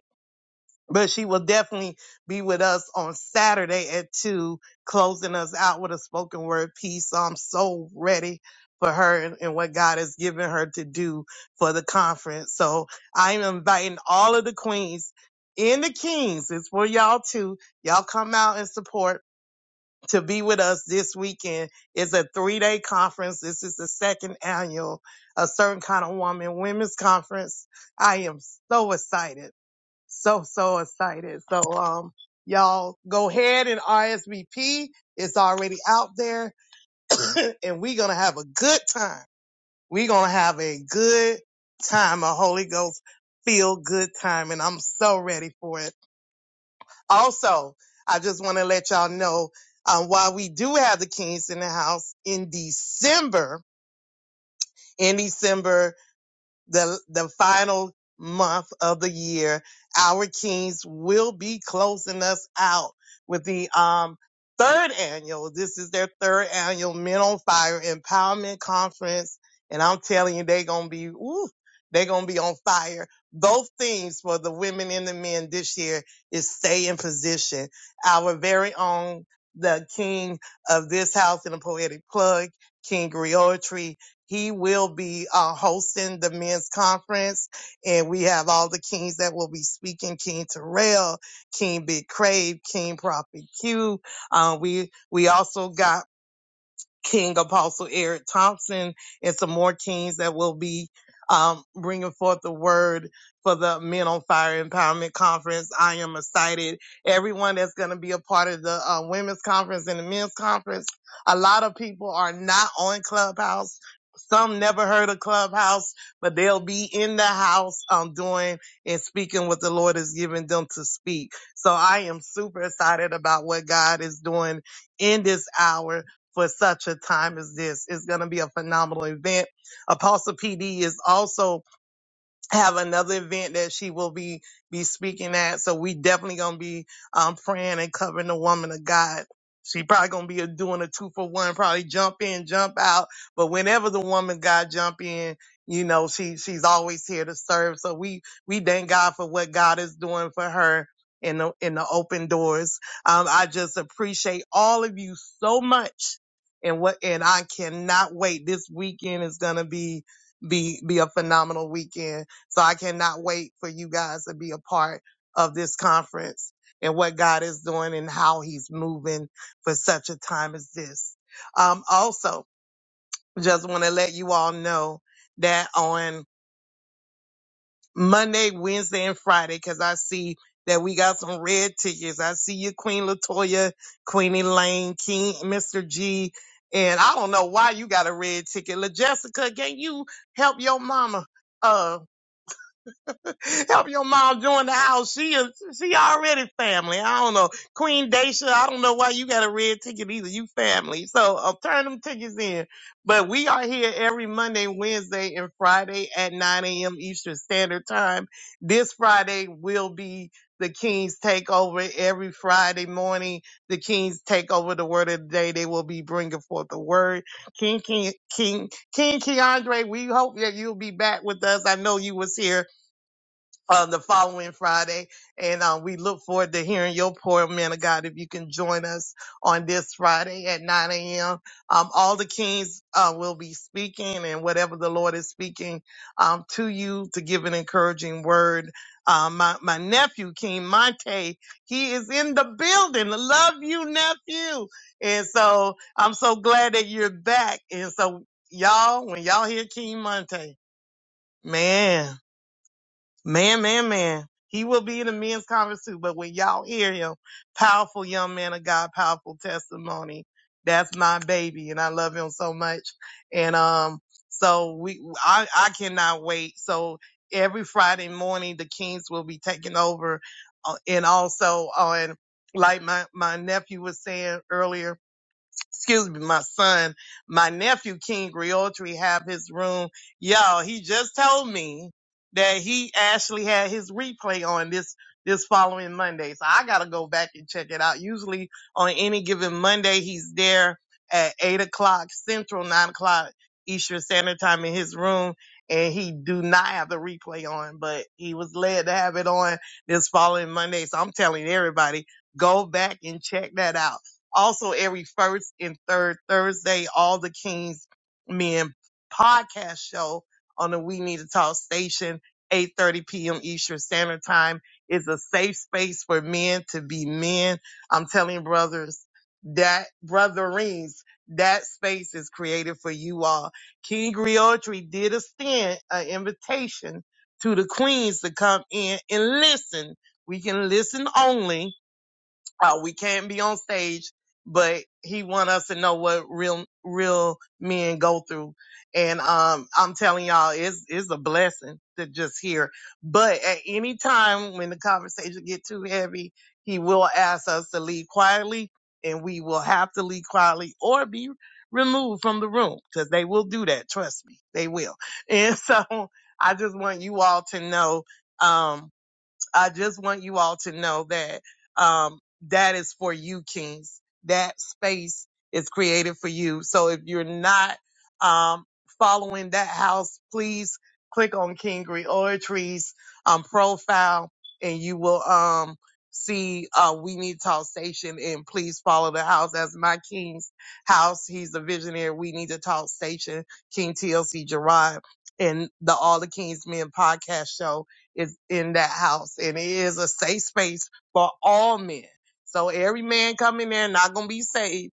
S8: but she will definitely be with us on Saturday at two, closing us out with a spoken word piece. So I'm so ready for her and, and what God has given her to do for the conference. So I'm inviting all of the queens and the kings. It's for y'all too. Y'all come out and support to be with us this weekend. It's a three day conference. This is the second annual, a certain kind of woman women's conference. I am so excited so, so excited. So, um, y'all go ahead and RSVP. It's already out there (laughs) (coughs) and we're going to have a good time. We're going to have a good time, a Holy Ghost feel good time. And I'm so ready for it. Also, I just want to let y'all know, um, while we do have the Kings in the house in December, in December. the the final month of the year, our kings will be closing us out with the um third annual. This is their third annual Men on Fire Empowerment Conference, and I'm telling you, they're gonna be ooh, they're gonna be on fire. Those themes for the women and the men this year is stay in position. Our very own the king of this house in a poetic plug, King Griotry he will be uh, hosting the men's conference, and we have all the kings that will be speaking: King Terrell, King Big Crave, King Prophet Q. Uh, we we also got King Apostle Eric Thompson and some more kings that will be um, bringing forth the word for the Men on Fire Empowerment Conference. I am excited. Everyone that's going to be a part of the uh, women's conference and the men's conference, a lot of people are not on Clubhouse. Some never heard of Clubhouse, but they'll be in the house um, doing and speaking what the Lord is giving them to speak. So I am super excited about what God is doing in this hour for such a time as this. It's going to be a phenomenal event. Apostle PD is also have another event that she will be be speaking at. So we definitely gonna be um praying and covering the woman of God. She probably gonna be a, doing a two for one, probably jump in, jump out. But whenever the woman of God jump in, you know she she's always here to serve. So we we thank God for what God is doing for her in the in the open doors. Um, I just appreciate all of you so much, and what and I cannot wait. This weekend is gonna be be be a phenomenal weekend. So I cannot wait for you guys to be a part of this conference and what God is doing and how he's moving for such a time as this. Um, also, just want to let you all know that on Monday, Wednesday, and Friday, because I see that we got some red tickets. I see you, Queen Latoya, Queen Elaine, King, Mr. G. And I don't know why you got a red ticket. La Jessica, can you help your mama? Uh, (laughs) Help your mom join the house. She is, she already family. I don't know. Queen Dacia, I don't know why you got a red ticket either. You family. So uh, turn them tickets in. But we are here every Monday, Wednesday, and Friday at 9 a.m. Eastern Standard Time. This Friday will be the King's Takeover every Friday morning. The Kings take over the word of the day. They will be bringing forth the word. King, King, King, King Keandre, we hope that you'll be back with us. I know you was here uh, the following Friday. And um, we look forward to hearing your poor man of God if you can join us on this Friday at 9 a.m. Um, all the kings uh, will be speaking and whatever the Lord is speaking um, to you to give an encouraging word. Um, my, my nephew, King Monte, he is in the building. Love you, nephew. And so I'm so glad that you're back. And so, y'all, when y'all hear King Monte, man. Man, man, man. He will be in the men's conference too, but when y'all hear him, powerful young man of God, powerful testimony. That's my baby and I love him so much. And um so we I, I cannot wait. So every Friday morning the Kings will be taking over uh, and also on like my my nephew was saying earlier excuse me, my son, my nephew King Griotri have his room. Y'all, he just told me that he actually had his replay on this this following Monday. So I gotta go back and check it out. Usually on any given Monday, he's there at eight o'clock central, nine o'clock Eastern Standard Time in his room. And he do not have the replay on, but he was led to have it on this following Monday. So I'm telling everybody, go back and check that out. Also, every first and third Thursday, all the Kings Men podcast show on the We Need to Talk station, 8:30 p.m. Eastern Standard Time, is a safe space for men to be men. I'm telling brothers that brotherings, that space is created for you all. King Griotri did extend an invitation to the queens to come in and listen. We can listen only how we can't be on stage, but he want us to know what real real men go through. And um I'm telling y'all, it's it's a blessing to just hear. But at any time when the conversation get too heavy, he will ask us to leave quietly and we will have to leave quietly or be removed from the room because they will do that. Trust me, they will. And (laughs) so I just want you all to know, um, I just want you all to know that um, that is for you, kings. That space is created for you. So if you're not um, following that house, please click on King Reortree's um, profile and you will um, see uh, We Need to Talk Station. And please follow the house as my king's house. He's a visionary. We Need to Talk Station, King TLC Gerard, and the All the Kings Men podcast show is in that house and it is a safe space for all men. So every man coming there not gonna be saved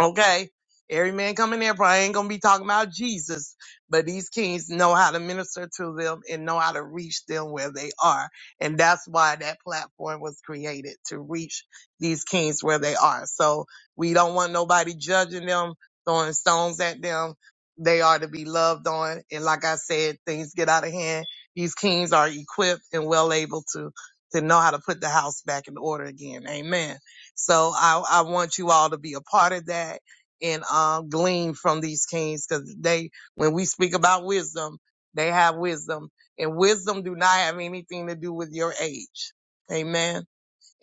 S8: Okay. Every man coming there probably ain't gonna be talking about Jesus, but these kings know how to minister to them and know how to reach them where they are. And that's why that platform was created to reach these kings where they are. So we don't want nobody judging them, throwing stones at them. They are to be loved on. And like I said, things get out of hand. These kings are equipped and well able to, to know how to put the house back in order again. Amen. So I, I want you all to be a part of that and um, glean from these kings because they, when we speak about wisdom, they have wisdom and wisdom do not have anything to do with your age. Amen.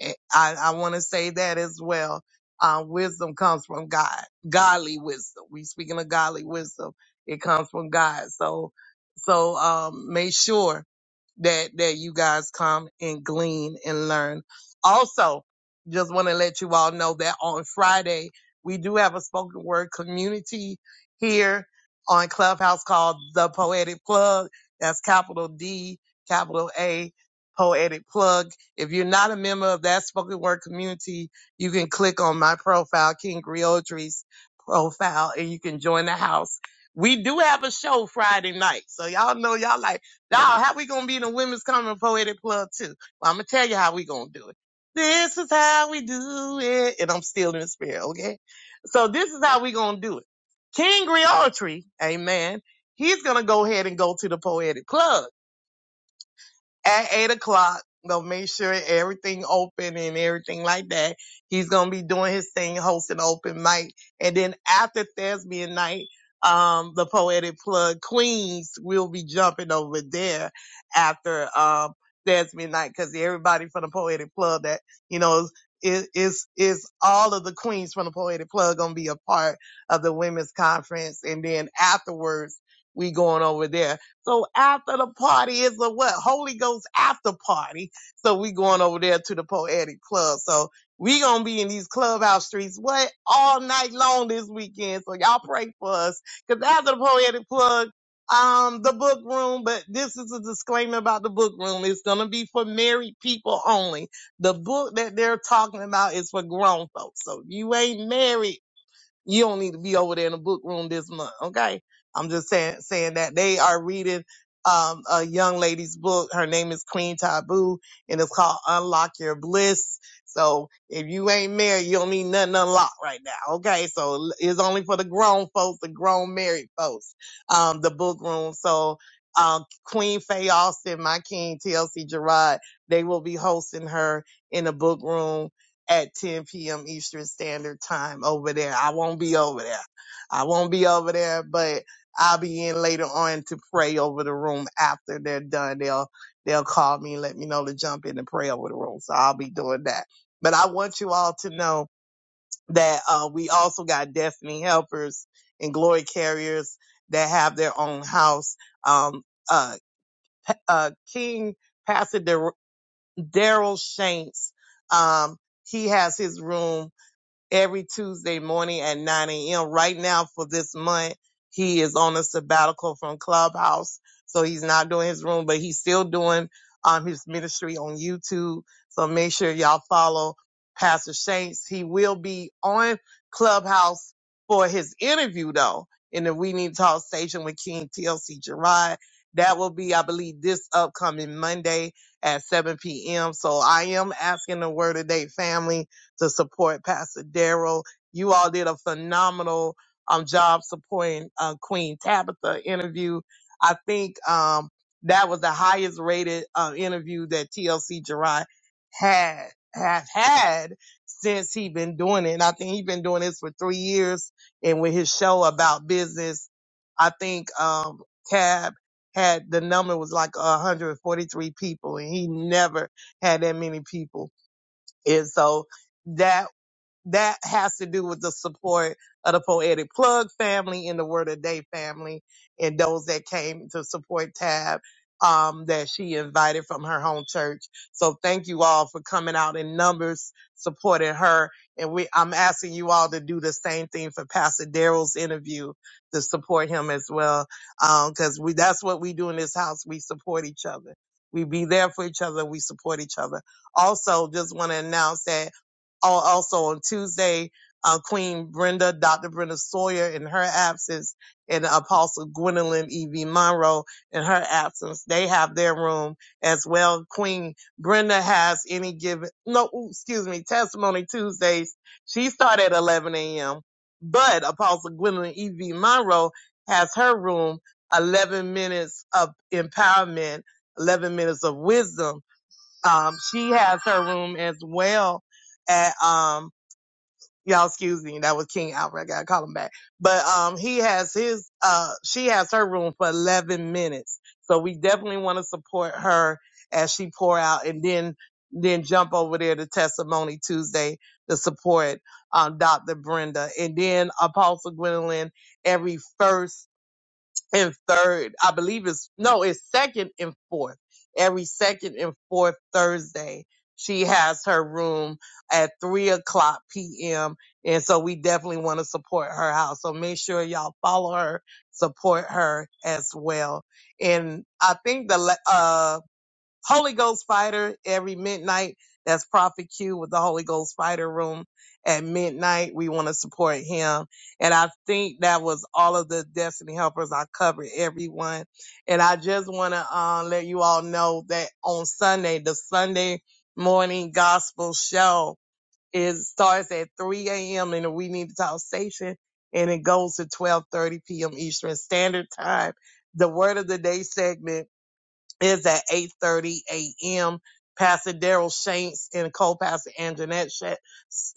S8: And I, I want to say that as well. Uh, wisdom comes from God, godly wisdom. We speaking of godly wisdom. It comes from God. So, so, um, make sure that that you guys come and glean and learn. Also, just want to let you all know that on Friday we do have a spoken word community here on Clubhouse called The Poetic Plug. That's capital D, capital A, Poetic Plug. If you're not a member of that spoken word community, you can click on my profile, King Griotry's profile, and you can join the house. We do have a show Friday night. So y'all know y'all like now, how we gonna be in the women's common poetic club too? Well, I'm gonna tell you how we gonna do it. This is how we do it, and I'm still in the spirit, okay? So this is how we gonna do it. King Griotry, amen. He's gonna go ahead and go to the poetic club at eight o'clock. They'll make sure everything open and everything like that. He's gonna be doing his thing, hosting open mic, and then after thespian night, um, the poetic plug queens will be jumping over there after um thespian night because everybody from the poetic plug that you know is is is all of the queens from the poetic plug gonna be a part of the women's conference, and then afterwards we going over there so after the party is a what? Holy Ghost after party. So we going over there to the poetic club. So we gonna be in these clubhouse streets what all night long this weekend. So y'all pray for us. Cause after the poetic plug, um, the book room, but this is a disclaimer about the book room. It's gonna be for married people only. The book that they're talking about is for grown folks. So if you ain't married you don't need to be over there in the book room this month, okay? I'm just saying saying that they are reading um a young lady's book. Her name is Queen Taboo, and it's called Unlock Your Bliss. So if you ain't married, you don't need nothing unlocked right now, okay? So it's only for the grown folks, the grown married folks, um, the book room. So um, Queen Faye Austin, my king, TLC Gerard, they will be hosting her in the book room at 10 p.m. Eastern Standard Time over there. I won't be over there. I won't be over there, but I'll be in later on to pray over the room after they're done. They'll they'll call me and let me know to jump in and pray over the room. So I'll be doing that. But I want you all to know that uh, we also got destiny helpers and glory carriers that have their own house. Um, uh, uh, King Pastor Dar- Daryl Shanks, um, he has his room every Tuesday morning at 9 a.m. Right now for this month, he is on a sabbatical from Clubhouse. So he's not doing his room, but he's still doing um, his ministry on YouTube. So make sure y'all follow Pastor Shanks. He will be on Clubhouse for his interview though in the We Need to Talk station with King TLC Gerard. That will be, I believe, this upcoming Monday at 7 p.m. So I am asking the word of day family to support Pastor Daryl. You all did a phenomenal um, job supporting uh, Queen Tabitha interview. I think um, that was the highest rated uh, interview that TLC Gerard had have had since he been doing it. And I think he been doing this for three years. And with his show about business, I think um, Tab had the number was like 143 people, and he never had that many people. And so that that has to do with the support of the Poetic Plug family and the Word of Day family and those that came to support Tab um, that she invited from her home church. So thank you all for coming out in numbers, supporting her. And we, I'm asking you all to do the same thing for Pastor Daryl's interview to support him as well. Um, cause we, that's what we do in this house. We support each other. We be there for each other. We support each other. Also, just want to announce that also on Tuesday, uh, Queen Brenda, Dr. Brenda Sawyer in her absence, and Apostle Gwendolyn E.V. Monroe in her absence. They have their room as well. Queen Brenda has any given, no, excuse me, Testimony Tuesdays. She started at 11 a.m., but Apostle Gwendolyn E.V. Monroe has her room, 11 minutes of empowerment, 11 minutes of wisdom. Um, she has her room as well at, um, y'all excuse me, that was King Alfred. I gotta call him back. But, um, he has his, uh, she has her room for 11 minutes. So we definitely want to support her as she pour out and then, then jump over there to Testimony Tuesday to support, um, Dr. Brenda and then Apostle Gwendolyn every first and third. I believe it's no, it's second and fourth. Every second and fourth Thursday, she has her room at three o'clock p.m. And so we definitely want to support her house. So make sure y'all follow her, support her as well. And I think the la- uh Holy Ghost Fighter every midnight. That's Prophet Q with the Holy Ghost Fighter Room at midnight. We want to support him. And I think that was all of the Destiny Helpers. I covered everyone. And I just want to uh, let you all know that on Sunday, the Sunday morning gospel show is starts at 3 a.m. in the We Need to Talk station and it goes to 12:30 p.m. Eastern Standard Time. The Word of the Day segment is at 8.30 a.m. Pastor Daryl Shanks and co-pastor Anjanette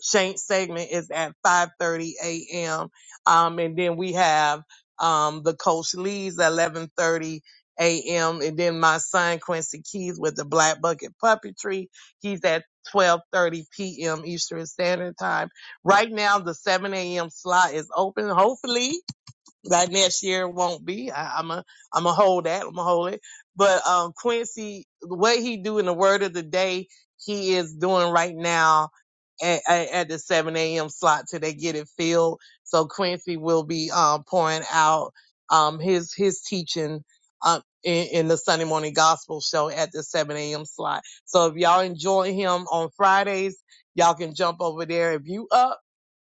S8: Shanks segment is at 5.30 a.m. Um, and then we have, um, the Coach Lee's at 11.30 a.m. And then my son Quincy Keys with the Black Bucket Puppetry. He's at 12.30 p.m. Eastern Standard Time. Right now, the 7 a.m. slot is open. Hopefully, like next year won't be. I, I'm a I'm a hold that. I'm a hold it. But um, Quincy, what he do in the word of the day, he is doing right now at, at, at the 7 a.m. slot till they get it filled. So Quincy will be um pouring out um his his teaching um in, in the Sunday morning gospel show at the 7 a.m. slot. So if y'all enjoy him on Fridays, y'all can jump over there if you up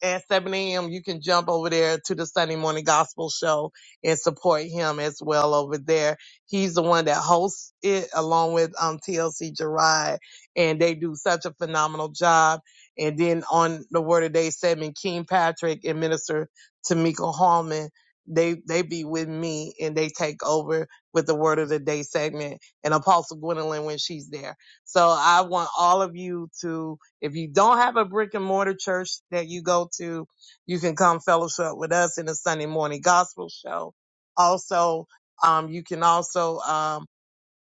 S8: at 7 a.m. You can jump over there to the Sunday morning gospel show and support him as well over there. He's the one that hosts it along with um, TLC Gerard, and they do such a phenomenal job. And then on the Word of Day segment, King Patrick and Minister Tamika Hallman, they they be with me and they take over with the Word of the Day segment and Apostle Gwendolyn when she's there. So I want all of you to if you don't have a brick and mortar church that you go to, you can come fellowship with us in the Sunday morning gospel show. Also, um, you can also um,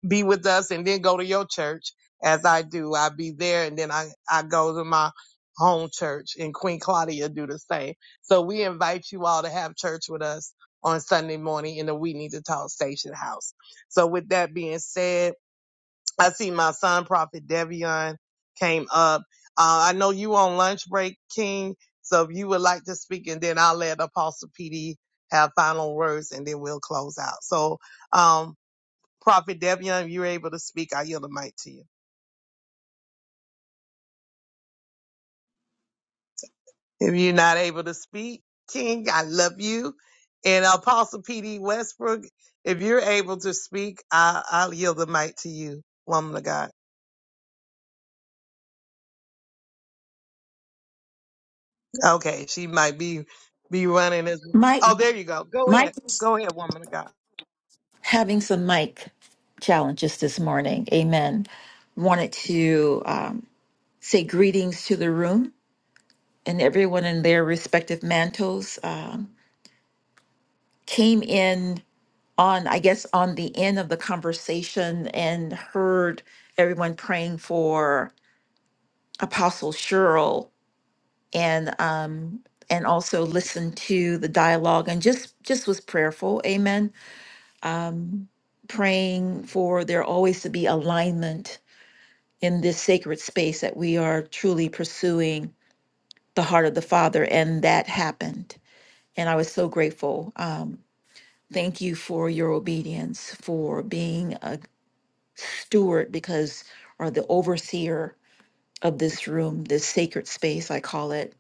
S8: be with us and then go to your church as I do. I be there and then I, I go to my home church and Queen Claudia do the same. So we invite you all to have church with us on Sunday morning in the We Need to Talk Station House. So with that being said, I see my son, Prophet Devion, came up. Uh, I know you on lunch break, King. So if you would like to speak, and then I'll let Apostle PD have final words, and then we'll close out. So, um, Prophet Devion, if you're able to speak, I yield the mic to you. If you're not able to speak, King, I love you. And Apostle PD Westbrook, if you're able to speak, I, I'll yield the mic to you, woman of God. Okay, she might be be running as
S16: Mike,
S8: Oh, there you go. Go ahead.
S16: Mike is
S8: Go ahead, woman of God.
S16: having some mic challenges this morning. Amen. Wanted to um, say greetings to the room and everyone in their respective mantles. Um, came in on, I guess, on the end of the conversation and heard everyone praying for Apostle Cheryl and um, and also listened to the dialogue and just just was prayerful. Amen um, praying for there always to be alignment in this sacred space that we are truly pursuing the heart of the Father. And that happened. And I was so grateful. Um, thank you for your obedience, for being a steward because, or the overseer of this room, this sacred space, I call it.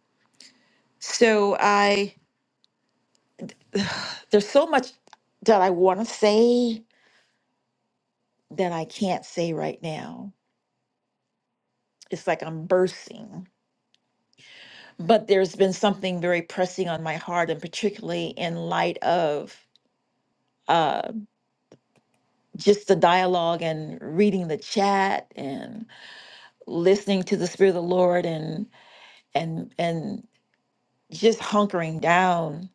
S16: So I, (sighs) there's so much that I want to say that I can't say right now. It's like I'm bursting but there's been something very pressing on my heart, and particularly in light of uh, just the dialogue and reading the chat and listening to the Spirit of the Lord and and and just hunkering down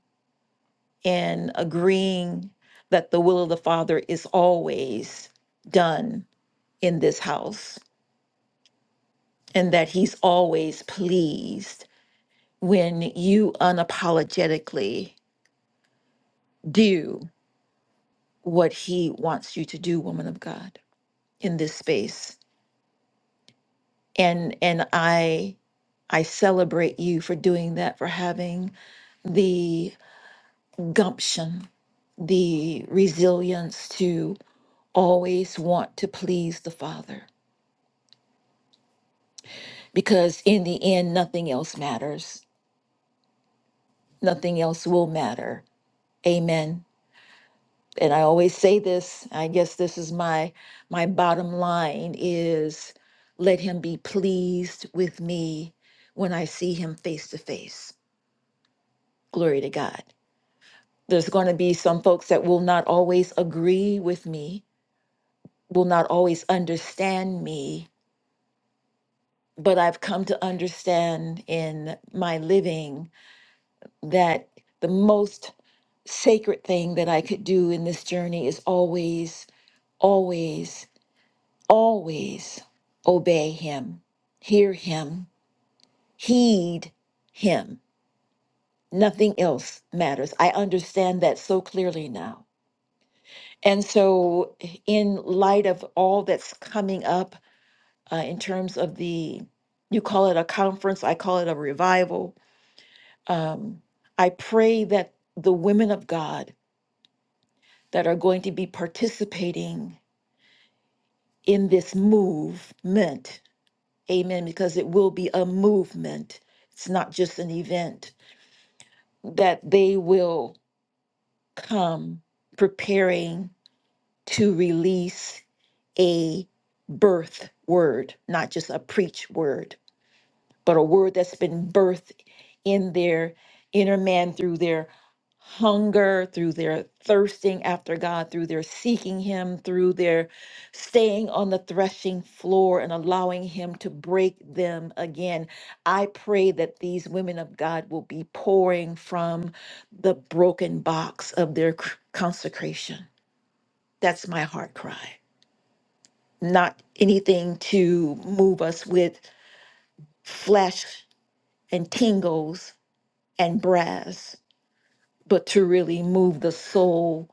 S16: and agreeing that the will of the Father is always done in this house and that He's always pleased when you unapologetically do what he wants you to do woman of god in this space and and i i celebrate you for doing that for having the gumption the resilience to always want to please the father because in the end nothing else matters nothing else will matter amen and I always say this, I guess this is my my bottom line is let him be pleased with me when I see him face to face. Glory to God. There's going to be some folks that will not always agree with me, will not always understand me, but I've come to understand in my living that the most sacred thing that I could do in this journey is always always. always obey him, hear him, heed him. Nothing else matters. I understand that so clearly now. And so, in light of all that's coming up uh, in terms of the, you call it a conference, I call it a revival. Um, I pray that the women of God that are going to be participating in this movement Amen. Because it will be a movement, it's not just an event, that they will come preparing to release a birth word, not just a preach word. but a word that's been birthed in their inner man through their hunger, through their thirsting after God, through their seeking Him, through their staying on the threshing floor and allowing Him to break them again. I pray that these women of God will be pouring from the broken box of their c- consecration. That's my heart cry. Not anything to move us with flesh and tingles, and brass, but to really move the soul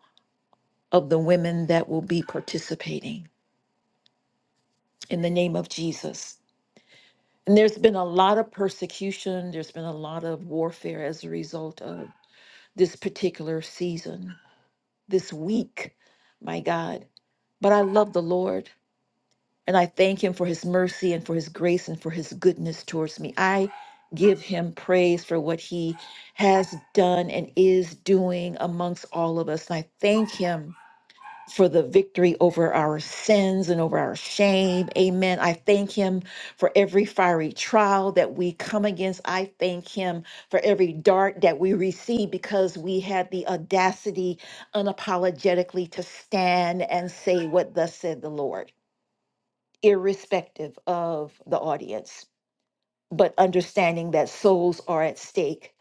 S16: of the women that will be participating in the name of Jesus. And there's been a lot of persecution, there's been a lot of warfare as a result of this particular season, this week, my God. But I love the Lord and I thank Him for His mercy and for His grace and for His goodness towards me. I give Him praise for what He has done and is doing amongst all of us. And I thank Him for the victory over our sins and over our shame. Amen. I thank him for every fiery trial that we come against. I thank him for every dart that we receive because we had the audacity unapologetically to stand and say what thus said the Lord, irrespective of the audience, but understanding that souls are at stake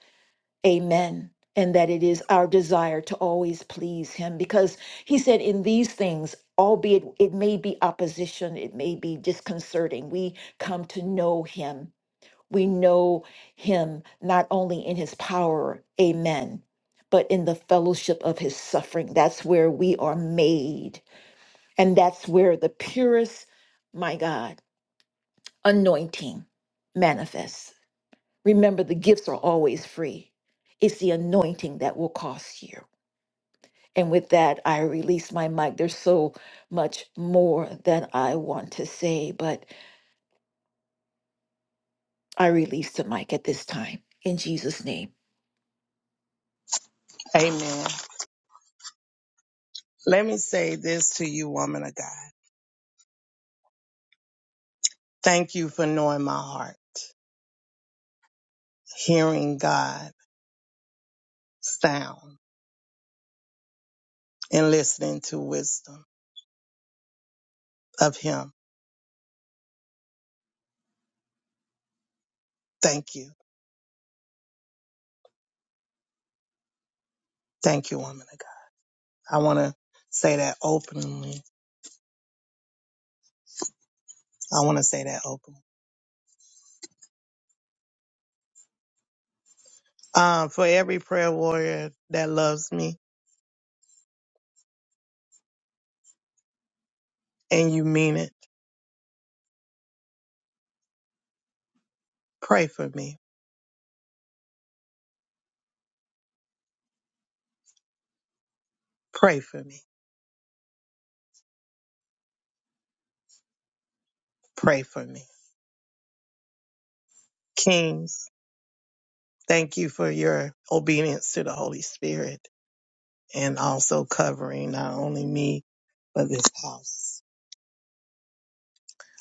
S16: Amen. And that it is our desire to always please Him because He said, in these things, albeit it may be opposition, it may be disconcerting, we come to know Him. We know Him not only in His power, amen, but in the fellowship of His suffering. That's where we are made. And that's where the purest, my God, anointing manifests. Remember, the gifts are always free. It's the anointing that will cost you. And with that, I release my mic. There's so much more that I want to say, but I release the mic at this time in Jesus' name.
S8: Amen. Let me say this to you, woman of God. Thank you for knowing my heart, hearing God sound and listening to wisdom of him. Thank you. Thank you, woman of God. I want to say that openly. I want to say that openly. Um, for every prayer warrior that loves me and you mean it, pray for me. Pray for me. Pray for me. Kings, Thank you for your obedience to the Holy Spirit and also covering not only me, but this house.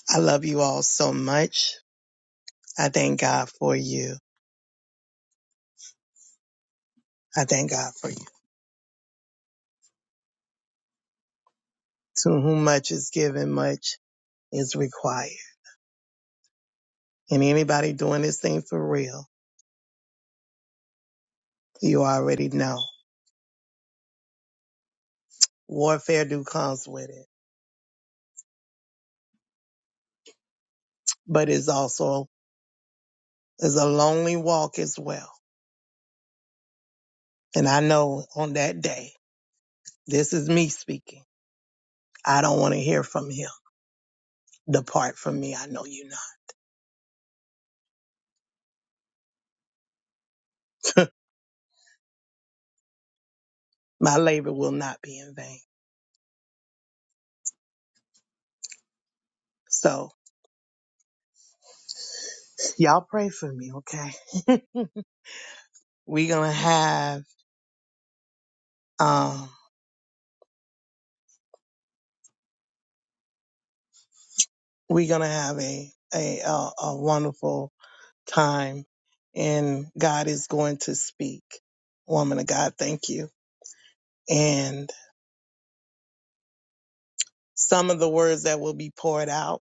S8: I love you all so much. I thank God for you. I thank God for you. To whom much is given, much is required. And anybody doing this thing for real, you already know warfare do comes with it, but it's also is a lonely walk as well. And I know on that day, this is me speaking. I don't want to hear from him. Depart from me, I know you not. (laughs) My labor will not be in vain. So y'all pray for me, okay? (laughs) we're gonna have um we're gonna have a a a, a wonderful time and God is going to speak. Woman of God, thank you. And some of the words that will be poured out,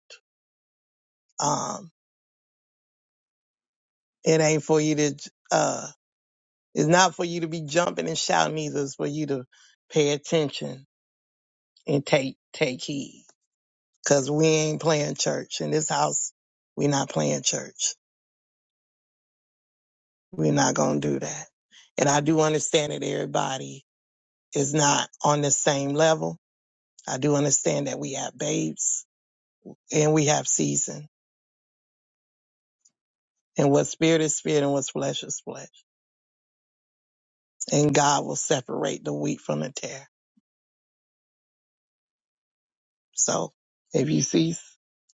S8: um, it ain't for you to uh it's not for you to be jumping and shouting either, it's for you to pay attention and take take heed. Cause we ain't playing church in this house. we not playing church. We're not going to do that. And I do understand that everybody is not on the same level. I do understand that we have babes and we have season and what spirit is spirit and what's flesh is flesh. And God will separate the wheat from the tare. So if you see,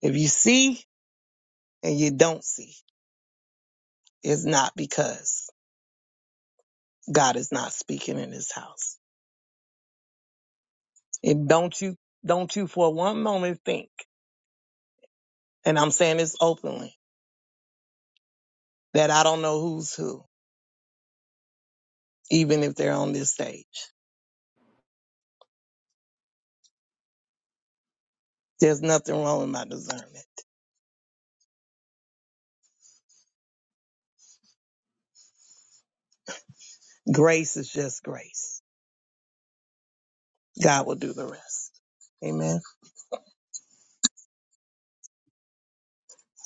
S8: if you see and you don't see, it's not because God is not speaking in this house. And don't you, don't you for one moment think and I'm saying this openly, that I don't know who's who, even if they're on this stage. There's nothing wrong with my discernment. Grace is just grace. God will do the rest. Amen.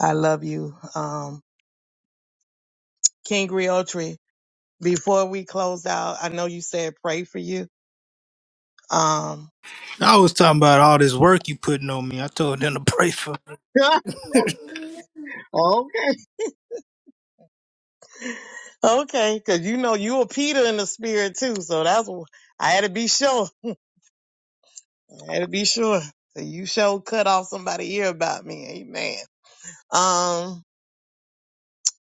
S8: I love you. Um, King Griotri, before we close out, I know you said pray for you. Um,
S2: I was talking about all this work you putting on me. I told them to pray for.
S8: (laughs)
S2: me.
S8: okay. okay, cause you know you a Peter in the spirit too. So that's, wh- I had to be sure. I had to be sure. So you sure cut off somebody ear about me. Amen. Um.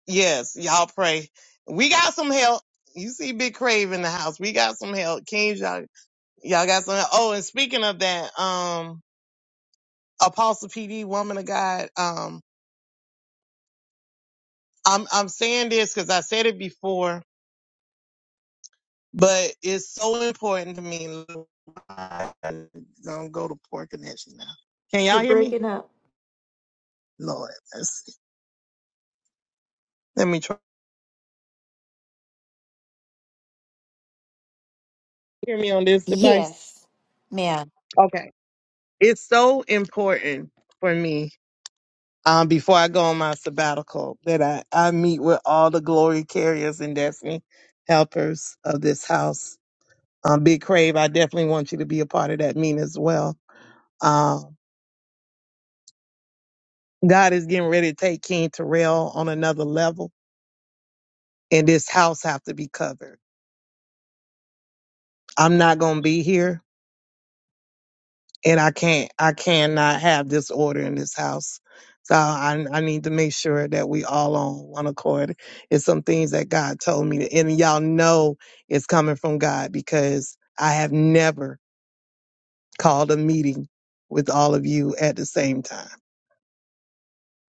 S8: Yes, y'all pray. We got some help. You see Big Crave in the house. We got some help. Kings, y'all, y'all got some help. Oh, and speaking of that, um, Apostle PD, woman of God, um, I'm, I'm saying this because I said it before, but it's so important to me. I'm going to go to poor connection now. Can
S16: You're
S8: y'all hear me?
S16: breaking up.
S8: Lord, let's see. Let me try.
S4: Hear me on this device.
S16: Yes, ma'am.
S4: Okay. It's so important for me um, before I go on my sabbatical, that I, I meet with all the glory carriers and destiny helpers of this house. Um, Big Crave, I definitely want you to be a part of that meeting as well. Um, God is getting ready to take King Terrell on another level, and this house have to be covered. I'm not going to be here and I can't I cannot have disorder in this house. So I I need to make sure that we all on one accord. It's some things that God told me, to, and y'all know it's coming from God because I have never called a meeting with all of you at the same time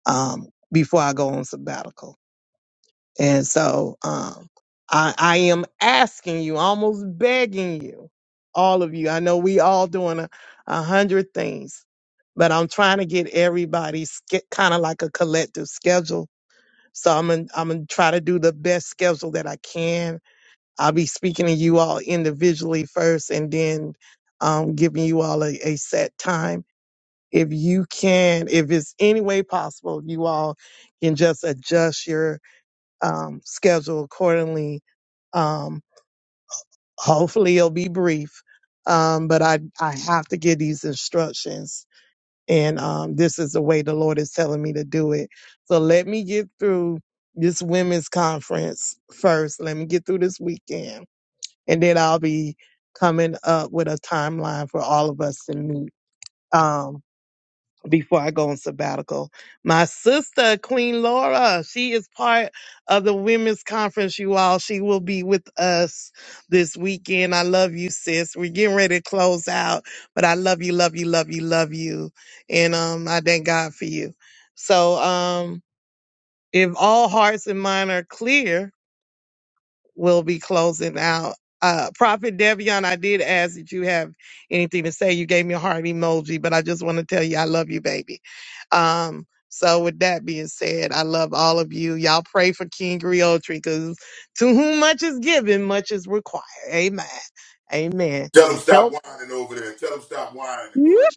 S4: um, before I go on sabbatical. And so um, I, I am asking you, almost begging you, all of you. I know we all doing a, a hundred things, but I'm trying to get everybody kind of like a collective schedule. So I'm gonna, I'm gonna try to do the best schedule that I can. I'll be speaking to you all individually first, and then um, giving you all a, a set time. If you can, if it's any way possible, you all can just adjust your um, schedule accordingly. Um, hopefully it'll be brief. Um, but I, I have to give these instructions and, um, this is the way the Lord is telling me to do it. So let me get through this women's conference first. Let me get through this weekend and then I'll be coming up with a timeline for all of us to meet. Um, before I go on sabbatical. My sister, Queen Laura, she is part of the women's conference, you all. She will be with us this weekend. I love you, sis. We're getting ready to close out, but I love you, love you, love you, love you. And um, I thank God for you. So um, if all hearts and mind are clear, will be closing out. Uh, Prophet Devion, I did ask that you have anything to say. You gave me a heart emoji, but I just want to tell you I love you, baby. Um, so with that being said, I love all of you. Y'all pray for King Griotri because to whom much is given, much is required. Amen. Amen.
S6: Tell them stop
S4: Help.
S6: whining over there. Tell them stop whining and go ahead.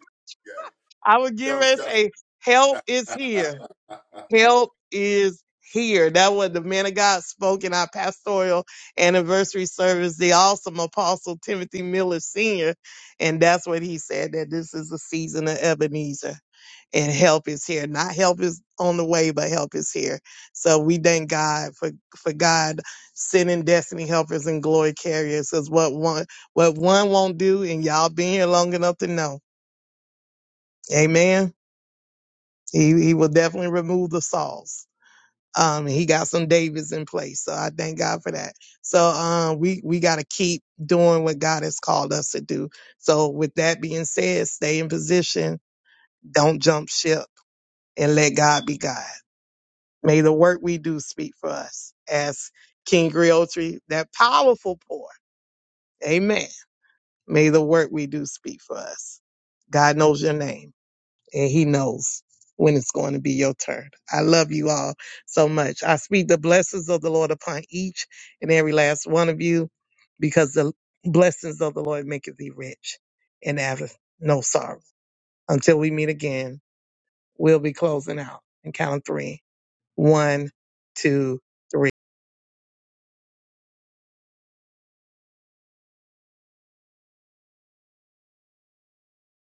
S4: I would get ready to
S6: Yeah.
S4: say, help is
S6: Tell them
S4: here.
S6: stop. (laughs)
S4: Help is here. That what the man of God spoke in our pastoral anniversary service, the awesome apostle Timothy Miller Sr. And that's what he said that this is the season of Ebenezer and help is here. Not help is on the way, but help is here. So we thank God for, for God sending destiny helpers and glory carriers is what one, what one won't do. And y'all been here long enough to know. Amen. He, he will definitely remove the sauce. Um, he got some Davids in place. So I thank God for that. So um, we, we got to keep doing what God has called us to do. So with that being said, stay in position. Don't jump ship and let God be God. May the work we do speak for us. As King Griotri, that powerful pour. Amen. May the work we do speak for us. God knows your name. and he knows when it's going to be your turn. I love you all so much. I speak the blessings of the Lord upon each and every last one of you because the blessings of the Lord maketh thee rich and have no sorrow. Until we meet again, we'll be closing out and count of three. One, two, three.